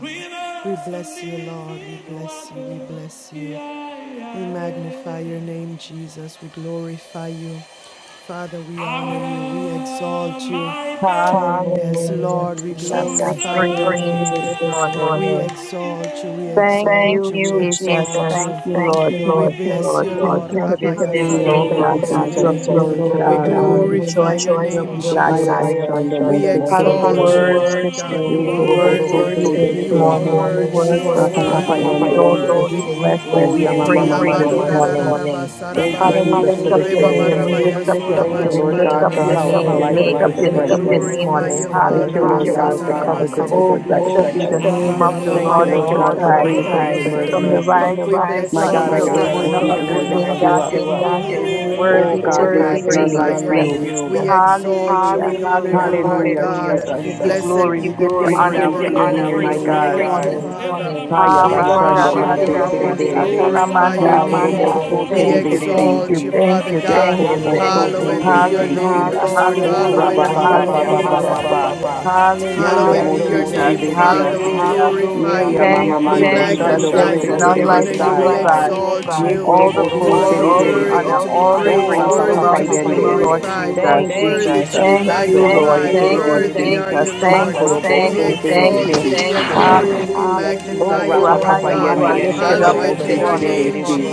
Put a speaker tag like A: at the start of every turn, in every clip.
A: We bless you, Lord. We bless you. We bless you. We magnify your name, Jesus. We glorify you. Father, we honor you. We exalt you. Yes,
B: Hallelujah,
A: Hallelujah, Lord, we Jesus.
B: Jesus. We
A: glorify I your
B: praise
A: praise you name.
B: you this
A: this We
B: morning.
A: morning. exalt you. We
B: Thank
A: Thank exalt you.
B: you,
A: We you, exalt
B: Jesus.
A: Jesus. you.
B: Thank you,
A: Thank
B: Lord.
A: you, We Lord.
B: Thank
A: Thank
B: you,
A: bless you,
B: Lord.
A: you, Lord. Lord.
B: Thank you
A: Thank
B: for
A: you for
B: this
A: Rabaya this
B: day,
A: day,
C: Hallelujah.
B: Lord
C: Thank
A: Lord
B: God,
C: you,
B: that
A: God,
B: you
C: Jesus.
B: have
A: since
B: made,
A: you have
C: Glory
B: Lord
C: to
A: Sandorobosene. made, Rabayasurabayasirebe. We
B: God.
A: oh God. We will
B: We
C: God.
B: will
A: glorify your
B: rejoice. We
A: rejoice name,
B: will
A: and
B: be
A: we'll be
B: glad
A: Jesus.
B: in
C: Haya
A: glad
B: it.
A: Jesus. in it. We
C: bashando mose
A: Lord.
B: Father, we
A: exalt
C: terebe.
A: are worthy,
B: worship you.
A: God.
C: Ye
A: You
B: We
A: are worthy.
C: korobo
A: You
B: worship
A: are
C: so
B: you this
C: terebe
A: worthy. You
C: si.
A: are
B: morning. We
A: worthy. You
B: worship
C: Rapa
B: you.
C: papa
B: We
A: are
C: yende.
B: exalt you. We
A: worthy. We
B: bless you.
C: O
A: bless
B: We
C: yama
A: you.
B: praise
C: mama
B: you
A: Father,
B: this
A: We
C: mando.
A: praise you
B: morning.
A: this morning. Thank you, Jesus,
C: Thank you,
B: Father,
A: for
B: we
A: this
C: Jesus,
B: lift
C: for
B: up
C: this
A: day. We
B: your
C: day.
B: name. We lift up your
A: lift
C: Thank
A: up
C: you,
B: name. We
C: Lord
A: your name,
B: lift
C: God,
A: Lord
B: up
C: for
B: your
A: God,
C: health, for
B: name. We
C: life,
B: lift
C: and
B: up
C: for
B: your
C: strength.
B: name this morning.
C: Thank you,
A: you,
C: Lord
A: you,
B: Hallelujah.
A: Father.
C: God,
A: Lord
C: for coverage and for
B: Oh,
A: and for Oh,
B: blessed
C: protection.
B: be the
A: protection. bless
B: name
A: protection.
B: of the
A: us. In the name of
C: Thank you,
A: the
B: Lord
A: Thank
C: Lord
A: you,
B: Most
C: God,
A: Lord Lord God
C: for
A: God,
B: High.
A: for for grace
C: grace and for
A: grace and and for mercy.
B: From the
C: mercy.
A: mercy. From the We
B: rising of
A: bless
B: the
A: rising
C: My
A: you.
B: sun
A: of We
C: God,
A: My
C: I
A: the
B: until
A: God,
B: the
A: I sun bless
B: going
C: worship
A: you.
B: down
C: you
A: until
B: of
A: the worship
C: and
A: you
B: the
C: I
A: going and up I
C: lift
B: same
A: of the
C: you
B: God,
A: lift We
C: up.
B: your
A: you same up.
B: name
A: God, your
B: is
A: name glorify is you.
C: Oh
B: worthy
A: We Oh God,
B: to
C: God,
B: be
A: worthy
C: there
A: God,
C: is
A: there to
C: none
A: is be none
C: like
A: you.
B: praised.
A: like praised.
C: you.
A: you. We exalt
B: Hallelujah,
A: you. We honor Hallelujah, you, Lord God.
B: hallelujah,
A: Hallelujah,
C: Hallelujah,
A: hallelujah.
B: Jesus. We
A: Jesus.
B: give
A: We
C: Jesus.
B: you
A: Blessed give
B: glory,
A: be you
B: we
A: the
B: give you
A: glory, name we of
C: Glory
A: We give
B: honor,
C: be
A: of
B: we
A: the
C: to
A: you praise
B: give
C: your
B: you
A: honor, Lord.
C: name,
A: your we give
C: my
B: praise
A: name, you
B: this
A: my
C: God.
A: praise God. this
B: morning.
A: Glorify morning. you. We
C: Haya
A: Haya
B: Abba,
A: worship
C: bashando
B: Shaka,
A: bashando you, mose
C: mose
B: Dedo,
A: Lord.
B: Bo,
A: mose We terebe.
C: terebe.
B: Sata,
A: glorify
C: Ye
A: your name.
C: korobo
A: Abba-ra-ba-ba-ba-sa-ta-la-manda.
B: Thank you,
C: so
A: We Yekorobosi
B: thank you,
C: terebe
A: terebe exalt
C: si.
B: thank
A: you,
B: you,
A: you, si. thank
B: thank
A: Father
B: you,
A: you, God.
C: Ya
A: thank you,
B: thank
A: thank you.
C: korobo
B: you.
C: so
A: Hallowed Yakorobosi
C: terebe
A: be your terebe name,
C: si.
A: si. Lord.
B: Hallelujah,
A: Hallelujah, Oh, Hallowed
C: O
A: be rabba your ba ba hallelujah,
C: raba
B: hallelujah,
C: ba
A: ba
C: ba
A: name.
C: ba ba
A: ba
C: ba
A: ba ba
C: ba
B: hallelujah.
C: ba.
A: hallelujah.
C: Yando
B: Hallelujah,
A: Hallowed be your
C: mose
B: Jesus.
A: name,
C: terebe si.
A: Father. We
B: Hallelujah.
A: glorify
C: Ye
A: you.
C: ya
B: Thank
C: mama
A: We
B: you,
C: mando
B: Jesus.
C: shando
A: magnify
B: There
A: you.
B: is
C: mose
A: We
B: none
C: terebe
B: like
A: honor you.
B: you,
A: We
C: sai.
B: O
A: like
B: God.
A: exalt
C: Ye
A: you. Ye You
B: All
A: are
B: the
C: korobo si
B: glory, all the
C: terebe.
A: worthy
B: honor,
A: to be
B: all the
A: praised,
C: O
A: all
B: praise
A: Rapa
C: rapa
A: worthy
C: papa
A: to be
B: belongs to
C: yende.
B: you, Lord
A: glorified,
B: Jesus.
C: Thank you,
A: worthy you, Jesus. to be
C: Jesus.
B: Thank
C: Dando
B: you, Lord.
C: mose
A: magnified.
B: Thank
C: terebe
B: you,
A: Worthy
C: si.
A: are you,
B: Jesus.
C: Ma
A: Lord.
B: Thank you,
C: korobo
A: We
B: thank
C: so
B: you,
A: exalt
B: thank
A: you,
C: terebe
B: you.
A: We
C: si.
A: thank you. adore you.
B: Hallelujah,
A: We magnify
C: O
B: Jesus.
A: you,
B: You are
C: rapa
A: Lord God. are Rapa
B: high
C: papa
B: and you are
C: yende.
B: lifted
A: Hallowed
C: Shando
B: up
A: be
B: this
C: mose
A: your
C: terebe
B: morning.
A: name,
C: si.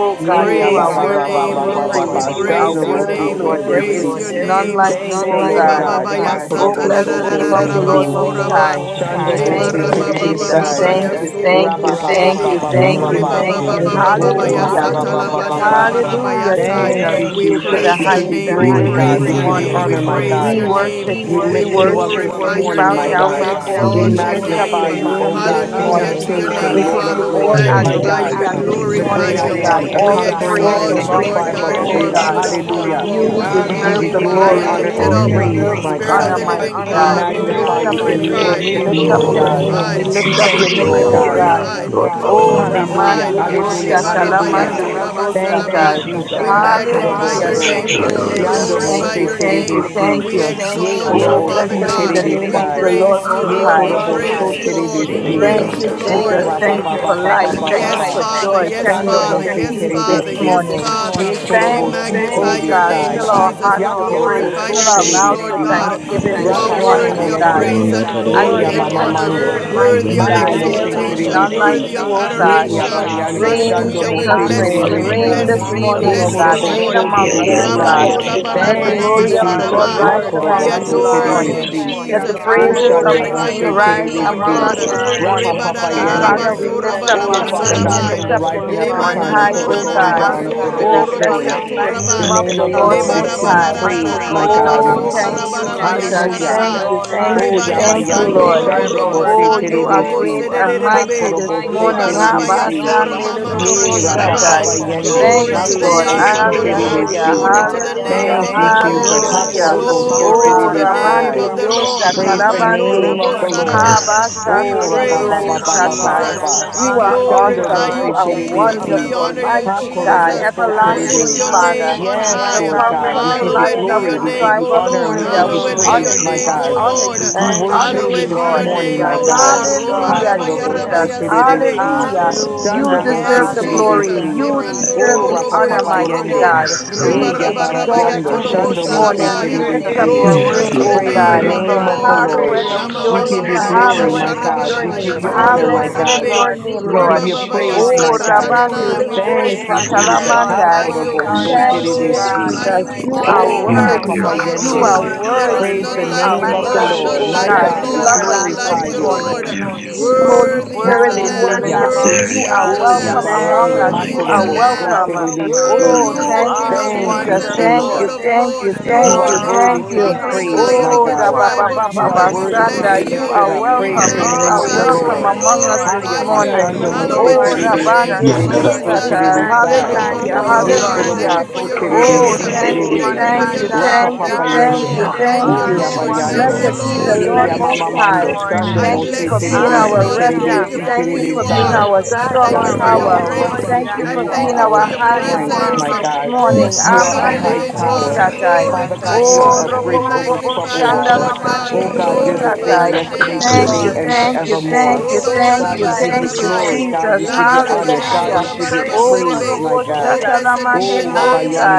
A: Jesus.
C: Yea,
B: God,
C: ya
B: you
C: ba
A: Praise
B: are
A: Oh,
C: ba
A: your Rabba, ba,
C: ba
B: worthy
C: ba
A: name,
B: to
C: ba
A: ba,
B: be
C: ba
A: ba, ba, Lord.
C: ba
A: ba, We ba,
B: praised.
C: ba.
A: ba.
B: You are
A: praise
C: Shando
A: your
C: mo
A: Shando,
C: se
B: worthy,
A: name.
C: te
A: We
B: Lord.
C: de
A: Mose,
C: be
B: There
A: praise Terebe,
B: is
A: your
C: si.
A: Si.
B: none
A: name.
B: like
A: None like
B: you,
C: Thank
A: you,
C: you,
B: O
C: Lord
A: Lord
B: God.
A: Rebaba
C: God.
A: God.
D: the day
B: Oh,
A: yasata
C: Makorobo
D: up
A: da da
B: bless
D: the
A: da Oh, da
C: so
A: da
B: the
A: bless
C: te
A: da
B: name
C: de
B: of
C: be
A: the
B: the
D: valley,
A: name
B: Lord
A: of the
C: si.
B: Most
A: basoraba. Lord
B: High.
A: Most
D: night
A: High.
C: Shando bo
A: Leba
B: Thank
D: and
C: se
A: raba
C: te
E: Hallelujah,
B: you,
C: de be
D: morning
A: Thank baba you,
B: Jesus.
A: baba
C: sai.
A: Jesus.
D: star.
B: Thank you,
A: yasoro
B: thank
C: Ra
A: Thank you, thank
C: ba
B: you,
C: ba ba
B: thank
A: boshebe.
C: ba
A: you,
B: you,
C: ba ba
A: thank
B: thank
A: you,
C: ba
B: you,
A: Rebaba
C: ba.
D: Hallelujah,
B: thank
A: thank you,
B: you.
A: baba thank baba
C: Oh,
A: you.
C: ra ba
B: Hallelujah.
A: yasata
C: ba ba
A: la Hallelujah.
C: ba ba ba.
D: hallelujah.
A: baraba raba
B: Hallelujah,
A: yasai.
C: Thank
B: Jesus.
D: We
C: you,
A: Hallelujah,
B: We
A: We
B: give
A: Jesus.
B: you
C: Jesus.
A: praise
B: the
C: We
D: worship,
A: We your give you
C: give
A: the
B: highest
C: you
A: name. We highest
C: glory,
B: praise
D: we
B: this
C: God.
A: praise
C: We
A: your
C: give you
D: honor
B: morning.
D: you,
A: praise
C: honor,
A: this morning,
C: my
A: praise my
C: God.
B: We
A: your God. name.
B: worship
A: We We
C: We
B: you.
D: we
B: We
A: worship
C: lift
A: you. We
C: you up
D: adore
B: worship
C: this
D: you,
B: you.
A: glorify
B: We
A: your worship
C: morning,
A: you.
B: bow
C: my
A: name. We We
B: down
A: bow
C: God.
A: down
D: we
B: before you.
C: We
A: exalt your
D: give
B: We
A: before you.
D: you
B: lift
A: We
B: up
A: name.
B: your
C: magnify
A: lift up
C: you,
D: glory,
A: holy
C: O
B: name this
D: we
C: God,
A: Hallelujah
C: King
D: give
C: of
A: hands to
D: you
B: morning.
A: your
C: kings
A: name,
C: and
B: We
A: morning.
D: honor.
B: give
C: Lord of
A: Father. We
B: you
A: We give you
B: all
E: hallelujah.
C: lords, my
A: magnify full
C: God
A: you. We
B: adoration
A: adoration
B: this
C: the
D: Hallelujah
B: morning,
A: glorify
C: great
A: this
D: to
C: I
A: you.
B: O
D: the
B: God.
C: am,
D: King
C: the
D: of
B: All
A: We
B: the
E: Thank
D: Kings
C: conquering
E: you, bless your
D: and
B: praise
C: lion
E: name,
C: of
A: exalt
D: the
C: the
A: you,
B: belongs
D: Lord
A: Lord
E: bless
B: to
C: tribe
D: of
C: of
B: you,
E: your
A: God. You
B: O
E: name.
A: are
C: Judah.
D: Lords.
A: beautiful.
B: God.
C: Hallelujah.
A: You are
D: You
B: You
C: We
E: Hallelujah,
C: give
A: wonderful.
D: alone
B: deserve
C: you
B: the
A: You are
D: are
A: high
C: glory,
B: glory.
A: and
D: God.
C: honor,
A: lifted
B: You
C: and
A: up.
E: hallelujah.
C: praise,
B: deserve the
C: my
A: Spirit of
C: God.
B: honor,
A: the living
B: mighty
E: You
C: We
B: God.
E: are
A: God, be
B: We
E: worthy,
B: lift
C: magnify
B: up
C: you
B: your
C: and we
A: glorified,
E: praise.
B: name.
A: be
B: We
C: worship
B: lift
C: you,
D: You
B: up
C: Lord
B: your
C: God.
B: name.
D: alone
A: glorified,
B: We
E: Hallelujah.
B: lift
C: We
B: up
D: deserve the
C: thank
B: your
A: be
C: you, my
B: name, O
D: glory.
C: God.
B: God.
A: glorified, be
B: Oh,
D: You
F: Yeah.
C: Hallelujah,
A: glorified.
D: alone
B: Ramanderio
C: hallelujah,
D: deserve the
C: hallelujah.
A: Shebarabayata
D: honor.
B: Satalamanderio
C: Thank you,
B: Bostatai.
A: rabasarabai.
D: You
C: Jesus.
A: We
C: Ha
D: alone
E: God,
C: korobo
F: We
A: magnify
B: Hallelujah.
A: your
D: deserve
E: worship,
F: worship
D: the
C: so.
B: Thank
A: name,
F: you,
B: you,
F: adore
A: Lord. We
F: you,
E: worship,
B: Jesus.
D: praise.
C: Yando
F: magnify
C: mo
B: Thank
A: glorify
B: you,
C: se
A: your
F: you,
B: thank
F: you
B: you,
C: terebe si.
A: name.
B: thank
A: We
B: you.
C: Ye
A: exalt
E: God,
A: you,
B: Oh,
C: korobo
E: worship
A: Father
C: si
B: blessed
E: by
B: be
A: God.
B: the
E: faith,
A: We
C: terebe
B: name of the Lord
A: Praise you,
B: Most
C: Ye
A: Lord.
B: High.
A: We
E: God,
C: korobo
E: your
C: so
A: praise you,
C: terebe
A: Lord.
D: Show
A: We
E: great
D: the
C: si.
B: Thank
A: praise
D: mercy
B: you,
A: you,
D: where
A: Lord.
C: Bo
B: Jesus.
C: ra
D: you
C: ba
E: faith.
B: Thank you
C: ba ba
B: for
C: ba ba
B: life.
C: ba ba
B: Thank
A: Yes,
B: you
E: Hallelujah,
C: ba.
B: for
A: Father.
B: joy.
A: Yes,
B: Thank
E: hallelujah.
B: you
C: Shando
A: Father.
B: for
C: mo se
A: Yes,
B: peace
C: terebe
B: this
A: Father.
C: si.
A: Yes,
B: morning.
A: Father.
C: Ye
D: live
A: morning.
C: korobo
B: Thank
A: Thank
C: si
B: you,
A: Magnify
B: oh
C: terebe
A: your
B: God.
A: name, oh
B: Fill
D: and give
B: our
A: Jesus. We
B: hearts
D: you
C: Ya
B: with
C: korobo
B: praise.
D: honor.
A: glorify
B: Fill
C: so
A: your
B: our
A: name,
C: terebe
B: mouths
A: Lord
B: with
C: si.
D: We
A: God. You are
B: thanksgiving this
D: praise
C: Rapa
E: Hallelujah,
D: your
C: papa
B: morning,
A: worthy
B: oh
A: of
D: holy
B: God.
E: hallelujah.
C: yende.
A: praise oh and
D: name.
B: As
C: Ye
B: we
A: glory,
E: God,
C: ya
A: and
B: lift
E: you
C: mama
E: are
B: up your
C: mando.
E: worthy,
B: name,
A: worthy
B: mighty
A: of
E: praise.
C: Mando
E: You
B: God,
C: mo
B: there
C: se
D: Hallelujah.
B: is
A: exaltation,
C: terebe
B: none like
C: si.
A: worthy of
B: you,
A: like
B: oh
C: Ye
B: God.
A: adoration.
E: are
D: Worthy
E: worthy,
F: you,
D: is
F: adore
E: you
C: yabayando
D: the
A: oh
E: are
B: Rain,
C: shando
D: Lamb.
A: Hallelujah. We
E: worthy,
B: Jesus,
C: mose
A: bless you,
B: rain.
E: worthy,
G: Hallelujah. Thank
F: hallelujah,
C: terebesi.
B: Rain
E: God.
G: you,
A: bless you
B: this
F: hallelujah,
A: we
D: Worthy
B: morning,
C: Ye
B: O
A: bless
G: Jesus.
F: hallelujah.
D: is
A: you,
E: You
D: the
B: God.
C: korobo
A: oh
B: Rain
A: Lord.
D: Lamb.
C: so
B: among
F: Yeah,
B: us,
F: da, da,
B: O
F: yeah,
G: Yes,
F: da,
B: God.
C: terebesi.
F: yeah,
G: God.
F: da,
G: We
F: da, da,
D: Let the
B: Let the
G: worship
C: Thank you,
B: glory
G: you,
B: of
D: redeemed
B: the
G: Lord. We
D: of
B: Lord
F: yeah,
C: Jesus.
D: the
E: are
C: Ma
B: rise
E: worthy.
D: Lord
A: We
G: glorify
B: among
C: korobo
B: us
D: say
G: you,
C: so
B: this
G: Lord.
A: adore
D: so.
A: you,
E: Hallelujah,
B: morning.
C: terebesi.
B: Let
A: Jesus. We
B: the
G: We
C: O
G: honor
B: praises
G: you,
B: of
D: Glory,
E: hallelujah.
C: shando
B: the
A: glorify
G: Lord.
B: King
G: We
A: your
C: mose
A: name,
D: glory,
B: rise
A: Lord
G: exalt
E: You
B: among
E: are
C: terebesi.
G: you,
A: God.
B: us
D: glory.
A: among
B: this
E: worthy.
A: us
G: Lord.
A: this Reba
C: Rapa
A: morning.
B: morning.
C: papa
D: Lord
C: yende.
B: Father, we
D: God
B: lift
G: Hallelujah.
B: up
G: You
B: your
C: Oh,
G: are
C: Father
B: name.
G: worthy
D: Almighty.
B: We
C: God,
G: to be
C: from
B: lift
C: the
B: up your
G: praised,
C: rising of
B: name
C: the
D: Have
B: on
G: Lord.
C: sun
B: high,
D: your
C: until the
B: O
D: way,
C: going
B: God.
C: down
D: Lord.
C: of the
A: God.
D: Have
C: very
B: Oh,
G: Hallelujah.
D: your
A: Oh,
G: From
C: same,
B: blessed
G: the
A: yes,
B: be
D: way.
B: the
G: rising
C: the
G: of
B: name of
G: the
C: name
B: the
C: of the
F: da,
G: sun
B: Lord
C: Lord
D: Blessed
C: is
B: Most
C: to be
B: High.
G: until
C: praised,
G: the
A: right,
D: Redeemer.
C: my
G: going down
C: God.
G: of
B: Oh,
G: the
D: Prince
B: thank
G: same,
D: of
B: you,
G: Lord.
D: Peace.
G: Your
B: Jesus.
G: name
C: Hallelujah.
B: Thank you,
G: alone,
B: thank
G: Lord,
C: Oh,
B: you,
F: yeah.
B: thank you,
C: yabayando
G: is
B: Lord.
D: Hallelujah.
A: Robo
C: shando
G: forever
A: Robo
C: mose
G: worthy to
B: Oh,
G: be
A: Sando
B: you are
A: Robo
B: great
C: terebesi.
G: praised,
D: Glory and
B: and
G: God.
C: Ha
D: honor
A: Sedebe,
B: mighty
D: and
A: and
B: this
C: korobo
A: mighty
C: so
G: Hallelujah.
B: morning.
D: praise be
B: Abba,
C: terebesi.
D: unto
B: Shande,
A: Mama
D: you.
B: Dodo,
A: Mama.
F: Yes,
C: Yea,
B: Dobo,
F: Lord,
C: Rapa
G: Thank
F: yes,
C: Papa
B: Satai.
G: you,
F: Lord, yes,
C: Yende,
F: Lord,
B: Thank
A: Glory to
G: Jesus.
A: the
B: you,
F: yes, I
D: Jesus,
B: Lord.
F: worship
C: Makorobo
A: name
D: we
F: you,
A: of
C: Si
A: the
F: adore
G: Hallelujah.
F: you,
A: Lord.
C: Terebe
D: worship
G: Thank
B: Hallelujah,
C: Si.
F: magnify
G: you,
A: glory to
D: you.
G: Lord.
A: the
F: you, lift
A: name
B: hallelujah,
A: of the
C: Thank
F: you
C: you,
F: are
A: Lord,
C: Jesus.
G: Glory
F: hallelujah.
G: to
B: hallelujah.
G: the
D: Jesus,
C: Hakorobo
D: we
G: Lamb of
C: So
D: honor
A: glory to
B: Oh,
G: God.
A: the
C: Terebe
A: Oh,
D: you.
A: name
B: Ramande
A: of the
B: Dios
G: Hallelujah.
A: Lord.
G: Thank
D: We
C: Praise
G: you,
C: the
A: Ramande
D: adore
A: Ramando
B: Satalabande.
C: name
G: Jesus.
C: of
A: Robo
C: the
D: you.
A: Saraba,
C: Lord.
F: Yes,
B: Abba,
F: Lord.
A: we
C: Oh,
B: Shande,
A: Habaya.
F: Yes,
G: We
C: Rabba
A: praise,
B: Dodo,
F: Lord.
B: Dobo,
C: Baba
G: bless
F: Yes,
G: you,
C: Baba Baba
F: Lord.
B: Satai.
G: Lord.
F: Yes,
C: Baba.
G: We
A: we Oh,
B: You are
F: Lord.
D: Yeah,
G: honor you,
C: Dando
A: glorify
B: awesome.
A: you,
G: Lord
B: You
C: Mose
B: are
C: Terebe Si.
A: we
G: Jesus.
B: wonderful.
A: honor
D: hallelujah.
A: you,
B: Mighty
A: Jesus.
B: God,
C: Hakorobo So
A: We
G: There
A: lift
G: is
D: Oh,
B: everlasting
C: Terebe.
F: Yes,
A: your
G: none
B: Father,
A: name
D: worship,
G: like
A: on
G: you,
C: Yes,
F: Lord.
B: the
G: my
A: high.
C: Lord
G: God,
C: God,
G: my
C: we
B: conquering
C: give you
B: lion
G: King.
A: Hallowed be
B: of
C: glory,
B: the
A: your
C: we give
A: name,
B: tribe
C: you
A: O
B: of
C: honor, and
A: Lord.
C: we
B: Judah.
C: give you
B: We
A: Hallowed be
D: worship.
G: Mm.
C: praise,
B: honor
A: your
C: my
B: you.
A: name,
B: We
F: Thank
C: God.
A: O
F: you, Lord
B: honor
A: Lord.
B: you.
F: Jesus.
D: Have
C: We
B: We
G: Thank
D: your
B: honor
C: worship
G: you,
D: way,
C: you
B: you,
A: Hallowed
C: this
A: be your
B: Lord.
D: Lord.
C: morning,
A: name,
C: my
A: O
G: Jesus.
F: Yes,
C: God.
A: Lord.
G: Yes,
F: Lord.
A: Roba
D: King
G: Lord.
F: Worship
B: Hallelujah,
D: of
A: raba
F: your glory.
C: Hakorobosko
D: kings
F: Amen.
B: Jesus.
D: and Lord
A: sedebe.
D: of
C: terebesi.
B: Hallelujah.
F: Yes,
D: lords,
F: Lord.
B: You
G: Hallelujah.
A: Yes.
C: Chandomose
B: deserve the
D: creator
B: glory.
D: of
G: Hallelujah.
C: terebesi.
B: You
D: heaven and
B: deserve
C: Oh,
A: robo
B: the
D: earth.
C: Rapa
A: robo
B: honor,
A: yo
C: Papa
A: to
B: mighty
A: robo.
C: Yende.
B: God.
F: Yes, Lord.
C: Ye
B: We
D: Worthy to
C: Yabara
D: be
B: exalt
C: Yando.
B: thee this
D: praised.
C: Shandomose
B: morning.
G: Hallelujah,
B: We
A: shabaya.
B: lift
G: Jesus.
B: up
E: Hallelujah.
G: You
C: terebesi.
B: your
D: Mighty
G: are
A: Glory
F: Yes,
G: worthy
B: name,
A: to
D: God.
G: to
A: the
F: Lord.
B: O
G: be
C: Praise the
B: God.
A: name
F: Under the
G: praised,
A: of the
C: name
F: good,
C: of
G: Lord.
C: the
F: under
A: Lord.
F: the
D: Oh,
C: Lord.
B: Hallowed
G: Hallelujah. We
F: good,
B: be
F: under the
C: We
B: your
F: good.
A: mama
C: give
A: mama
B: name.
C: you
D: Jesus,
G: glorify you,
D: all
C: glory,
B: Hallowed
C: my
F: Yes,
B: be
C: God.
G: Jesus.
B: your
D: creation
C: We
F: Lord.
C: give
B: name.
F: Good,
C: you
G: We
D: adore
F: good,
C: honor,
F: and I
A: robo
C: my
B: Hallowed
G: bless
D: you.
G: you,
B: be
F: worship
C: God.
A: sedebe.
B: your
G: Lord. We
B: name,
C: We give
B: Lord.
A: Riba
G: worship
C: you
G: you,
C: praise,
F: you.
D: Jesus,
G: Lord.
B: Oh,
C: my
D: we
C: God.
G: We
D: bow
A: satanana.
B: Rabandiri,
A: We
D: at
G: lift
D: your
G: your
B: Wo
C: Thank
A: praise
G: name
C: you,
G: on
F: You
A: you,
D: throne.
F: get
A: we
G: high,
C: Jesus.
F: it.
A: magnify
G: Lord. There
B: Satalamandai.
G: is
F: You're
A: you,
F: great.
G: none
C: Hakorobosko
A: we
G: like
B: Thank
G: you,
B: you,
D: Jesus,
G: God.
D: we
C: terebesi.
A: glorify you,
B: Jesus.
A: we
B: You
D: adore
A: honor
B: are
C: Oh,
G: Oh,
A: you.
D: you.
F: You do
G: God,
C: Rapa
B: worthy.
G: you
C: Papa
G: are
F: miracles
B: You
F: so
G: so
C: Yende.
B: are
D: We
F: great.
G: worthy,
D: honor
A: There
B: worthy.
A: is
G: Lord.
C: Praise the
F: Hallelujah.
D: you.
A: none
B: You
A: like
D: We
B: are
C: name
G: My
F: Hallelujah.
C: of the
G: God,
B: worthy,
D: worship
G: we
F: Hallelujah.
C: Lord.
B: oh
C: My
B: God.
D: you.
G: bless
C: God,
B: We
G: you,
C: we
A: Lord,
F: Yes,
B: love on
A: none
B: you
A: like are
B: this
F: there's
G: everlasting
C: glorify
A: you,
F: no one
G: King.
C: you.
D: Wonderful
A: Lord.
F: like
B: morning.
F: you. Lord,
B: Sweet
F: In the
B: Holy
D: counselor,
F: name of
A: Worthy is
B: Spirit,
A: the
G: Worthy
F: Jesus.
A: Lamb,
B: we
G: is the
C: Hallelujah.
B: worship
G: Lamb
D: Prince
G: of
B: you.
D: of
F: There
A: worthy
B: You
F: is
B: are
A: is the
G: God. We
C: Oh,
D: Peace,
A: Lamb,
F: no
B: welcome among
G: bless
C: Yabayando
F: one
G: you,
B: us.
A: worthy. you
F: like
B: You are
D: mighty
C: Makorobo
F: you.
A: are
D: God,
B: welcome.
G: Jesus.
A: welcome. Worthy
B: Oh,
C: Soterebesi.
A: is
G: You
A: the Oh,
B: thank
D: Lily
A: King
D: of
B: you,
A: of
G: are
D: the
C: Thank
A: Kings
C: you,
B: Jesus.
A: and the
D: Valley,
B: Thank
A: Lord
B: you,
C: Jesus.
G: wonderful.
A: of
B: thank you,
A: Lords.
G: You
C: You
B: thank
D: bright
C: are
A: Worthy,
B: you,
G: are
D: and
C: worthy
B: thank
C: to
B: you.
C: be
D: morning
A: conquering
G: awesome.
C: praised,
A: Lion
C: my
D: star.
A: of
B: Oh,
A: the
B: da
G: You
C: God.
B: ba
G: are
B: ba
A: tribe Oh, of
B: ba
C: You
B: ba
C: are
A: Judah,
B: ba
A: we
G: majestic.
C: worthy to
B: sanda.
C: be
A: bless
D: Hallelujah.
A: you.
B: You
C: lifted
B: are
C: up.
A: We
G: You
C: Praise the
B: welcome. You
D: Glory
C: name
A: magnify,
B: are
G: are
D: to
C: of the
D: your
B: welcome
C: Lord.
G: glorious,
B: among
D: name.
B: us
G: Lord.
B: this
A: glorify you.
B: morning.
G: And
C: Hayabashando
G: so,
D: Glory
A: Hallowed
B: Oh,
G: Lord
A: be your
D: to
A: Oh,
D: your
A: name,
C: Moseterebesi
B: Rabande
G: Jesus,
F: Yeah, that I da. Yeah, da
D: name.
C: Terebeso
G: we
F: da
A: Jesus.
B: Ribosata.
A: Thank
C: Terebesai.
A: you
E: Lord,
G: magnify
A: for
B: Hallelujah.
E: you
A: who
F: da.
E: are
A: you are,
G: you,
C: Ye
E: worthy,
F: Yeah,
D: Hallelujah.
G: Lord.
B: Hallelujah.
C: korobo
F: worship
A: for
F: you,
C: so
A: your
F: adore you,
E: worthy,
G: We
C: terebe
B: Oh,
A: grace. Oh,
F: praise
C: si
G: lift your
B: thank
F: you,
B: you.
G: name
F: praise
A: Thank
C: terebe.
A: you
G: on
F: you.
A: for
B: Thank
G: high,
A: your
B: you.
D: Hallelujah.
A: love.
G: God.
C: Rapa
B: Thank you.
C: papa
G: God,
B: Thank
C: yende.
B: you.
F: Yeah,
A: thank
G: you
F: praise
B: Thank
A: you,
C: O
F: you,
B: you.
G: are
F: praise
A: Lord. you.
D: Jesus,
A: Thank
C: yabayando.
D: my
A: you,
B: Blessed
F: you, praise
G: wonderful.
E: worthy,
B: be
G: We
F: you.
B: the
A: Lord.
C: Ye
B: Lord
D: Savior.
G: bless you
B: Most
G: this
E: worthy,
B: High.
C: yamamamando.
E: worthy,
G: morning.
C: Shando
A: I bless
F: Hallelujah,
B: Thank
C: mo
B: you
C: se
A: you,
B: for
D: Jesus,
B: being
C: terebe
D: my
C: si
B: our
F: hallelujah.
A: God, I
C: terebe
B: refuge.
G: Hallelujah.
A: thank you
C: si
A: for
D: Redeemer.
B: Thank
A: who
B: you
A: you
B: for
C: terebe
E: yeah,
B: being
A: are.
C: sai.
F: Yeah,
B: our
A: I
G: God,
D: Have
G: you
B: strong
A: thank you
G: are
C: God,
D: your
A: for
C: you
G: our
A: your
C: are
B: tower.
D: way,
A: grace.
C: our
G: Jehovah
D: Lord.
B: Thank
C: refuge
B: you
A: I
C: and
B: for
C: you
G: Jireh.
A: thank
B: being
A: you
C: are our
B: our
D: Have
A: for your
G: God,
B: hiding
D: your
G: you
C: strength,
B: place
G: are
A: presence.
C: my
D: way.
G: our
B: this
C: God.
A: Oh,
B: morning.
F: Yes,
E: Lord, I
C: You
A: Spirit
C: are
G: soon
F: Lord.
A: of
C: our
G: and
F: Yes,
B: Amande
C: high
D: Mighty
G: coming
A: God,
F: Lord.
C: tower.
F: Yes,
A: we
D: God,
G: King, Lord
B: Ribosatai.
C: Father
F: Lord.
A: glorify.
D: mighty
C: God, you
F: Yes,
C: are
B: Oh,
F: Lord.
D: God.
C: our
A: We
B: Robo
C: bridge over
B: Bobo
A: magnify
C: troubled
G: God.
A: you,
G: Hallelujah.
C: water.
B: Shandala
A: Lord
D: Jehovah
E: ask that
A: God.
B: Mande
A: We
C: Oh God, you're
D: Jireh.
C: the
G: We
A: glorify
C: same
B: di
A: your
G: worship
C: yesterday,
A: name.
G: you,
B: Thank you,
C: today,
D: Oh,
G: Lord.
C: and
B: thank you,
G: We
B: thank
C: forevermore.
B: you,
A: ba
D: Jesus,
A: ta
B: thank
C: God,
B: you,
C: we
G: glorify
C: give you
B: thank
G: you,
D: Jesus,
B: you,
G: Lord.
C: glory. God,
B: Jesus.
C: we
G: We
C: give you
G: give you
C: honor.
G: the
F: Yeah,
C: God,
G: highest
B: Hallelujah.
C: we give you
G: praise,
D: Jesus,
B: Oh,
C: praise,
G: Lord
C: my
B: Robo
C: God.
A: Oh,
B: la
G: Jesus.
A: blessed be the
B: Manderi
C: Oh,
A: name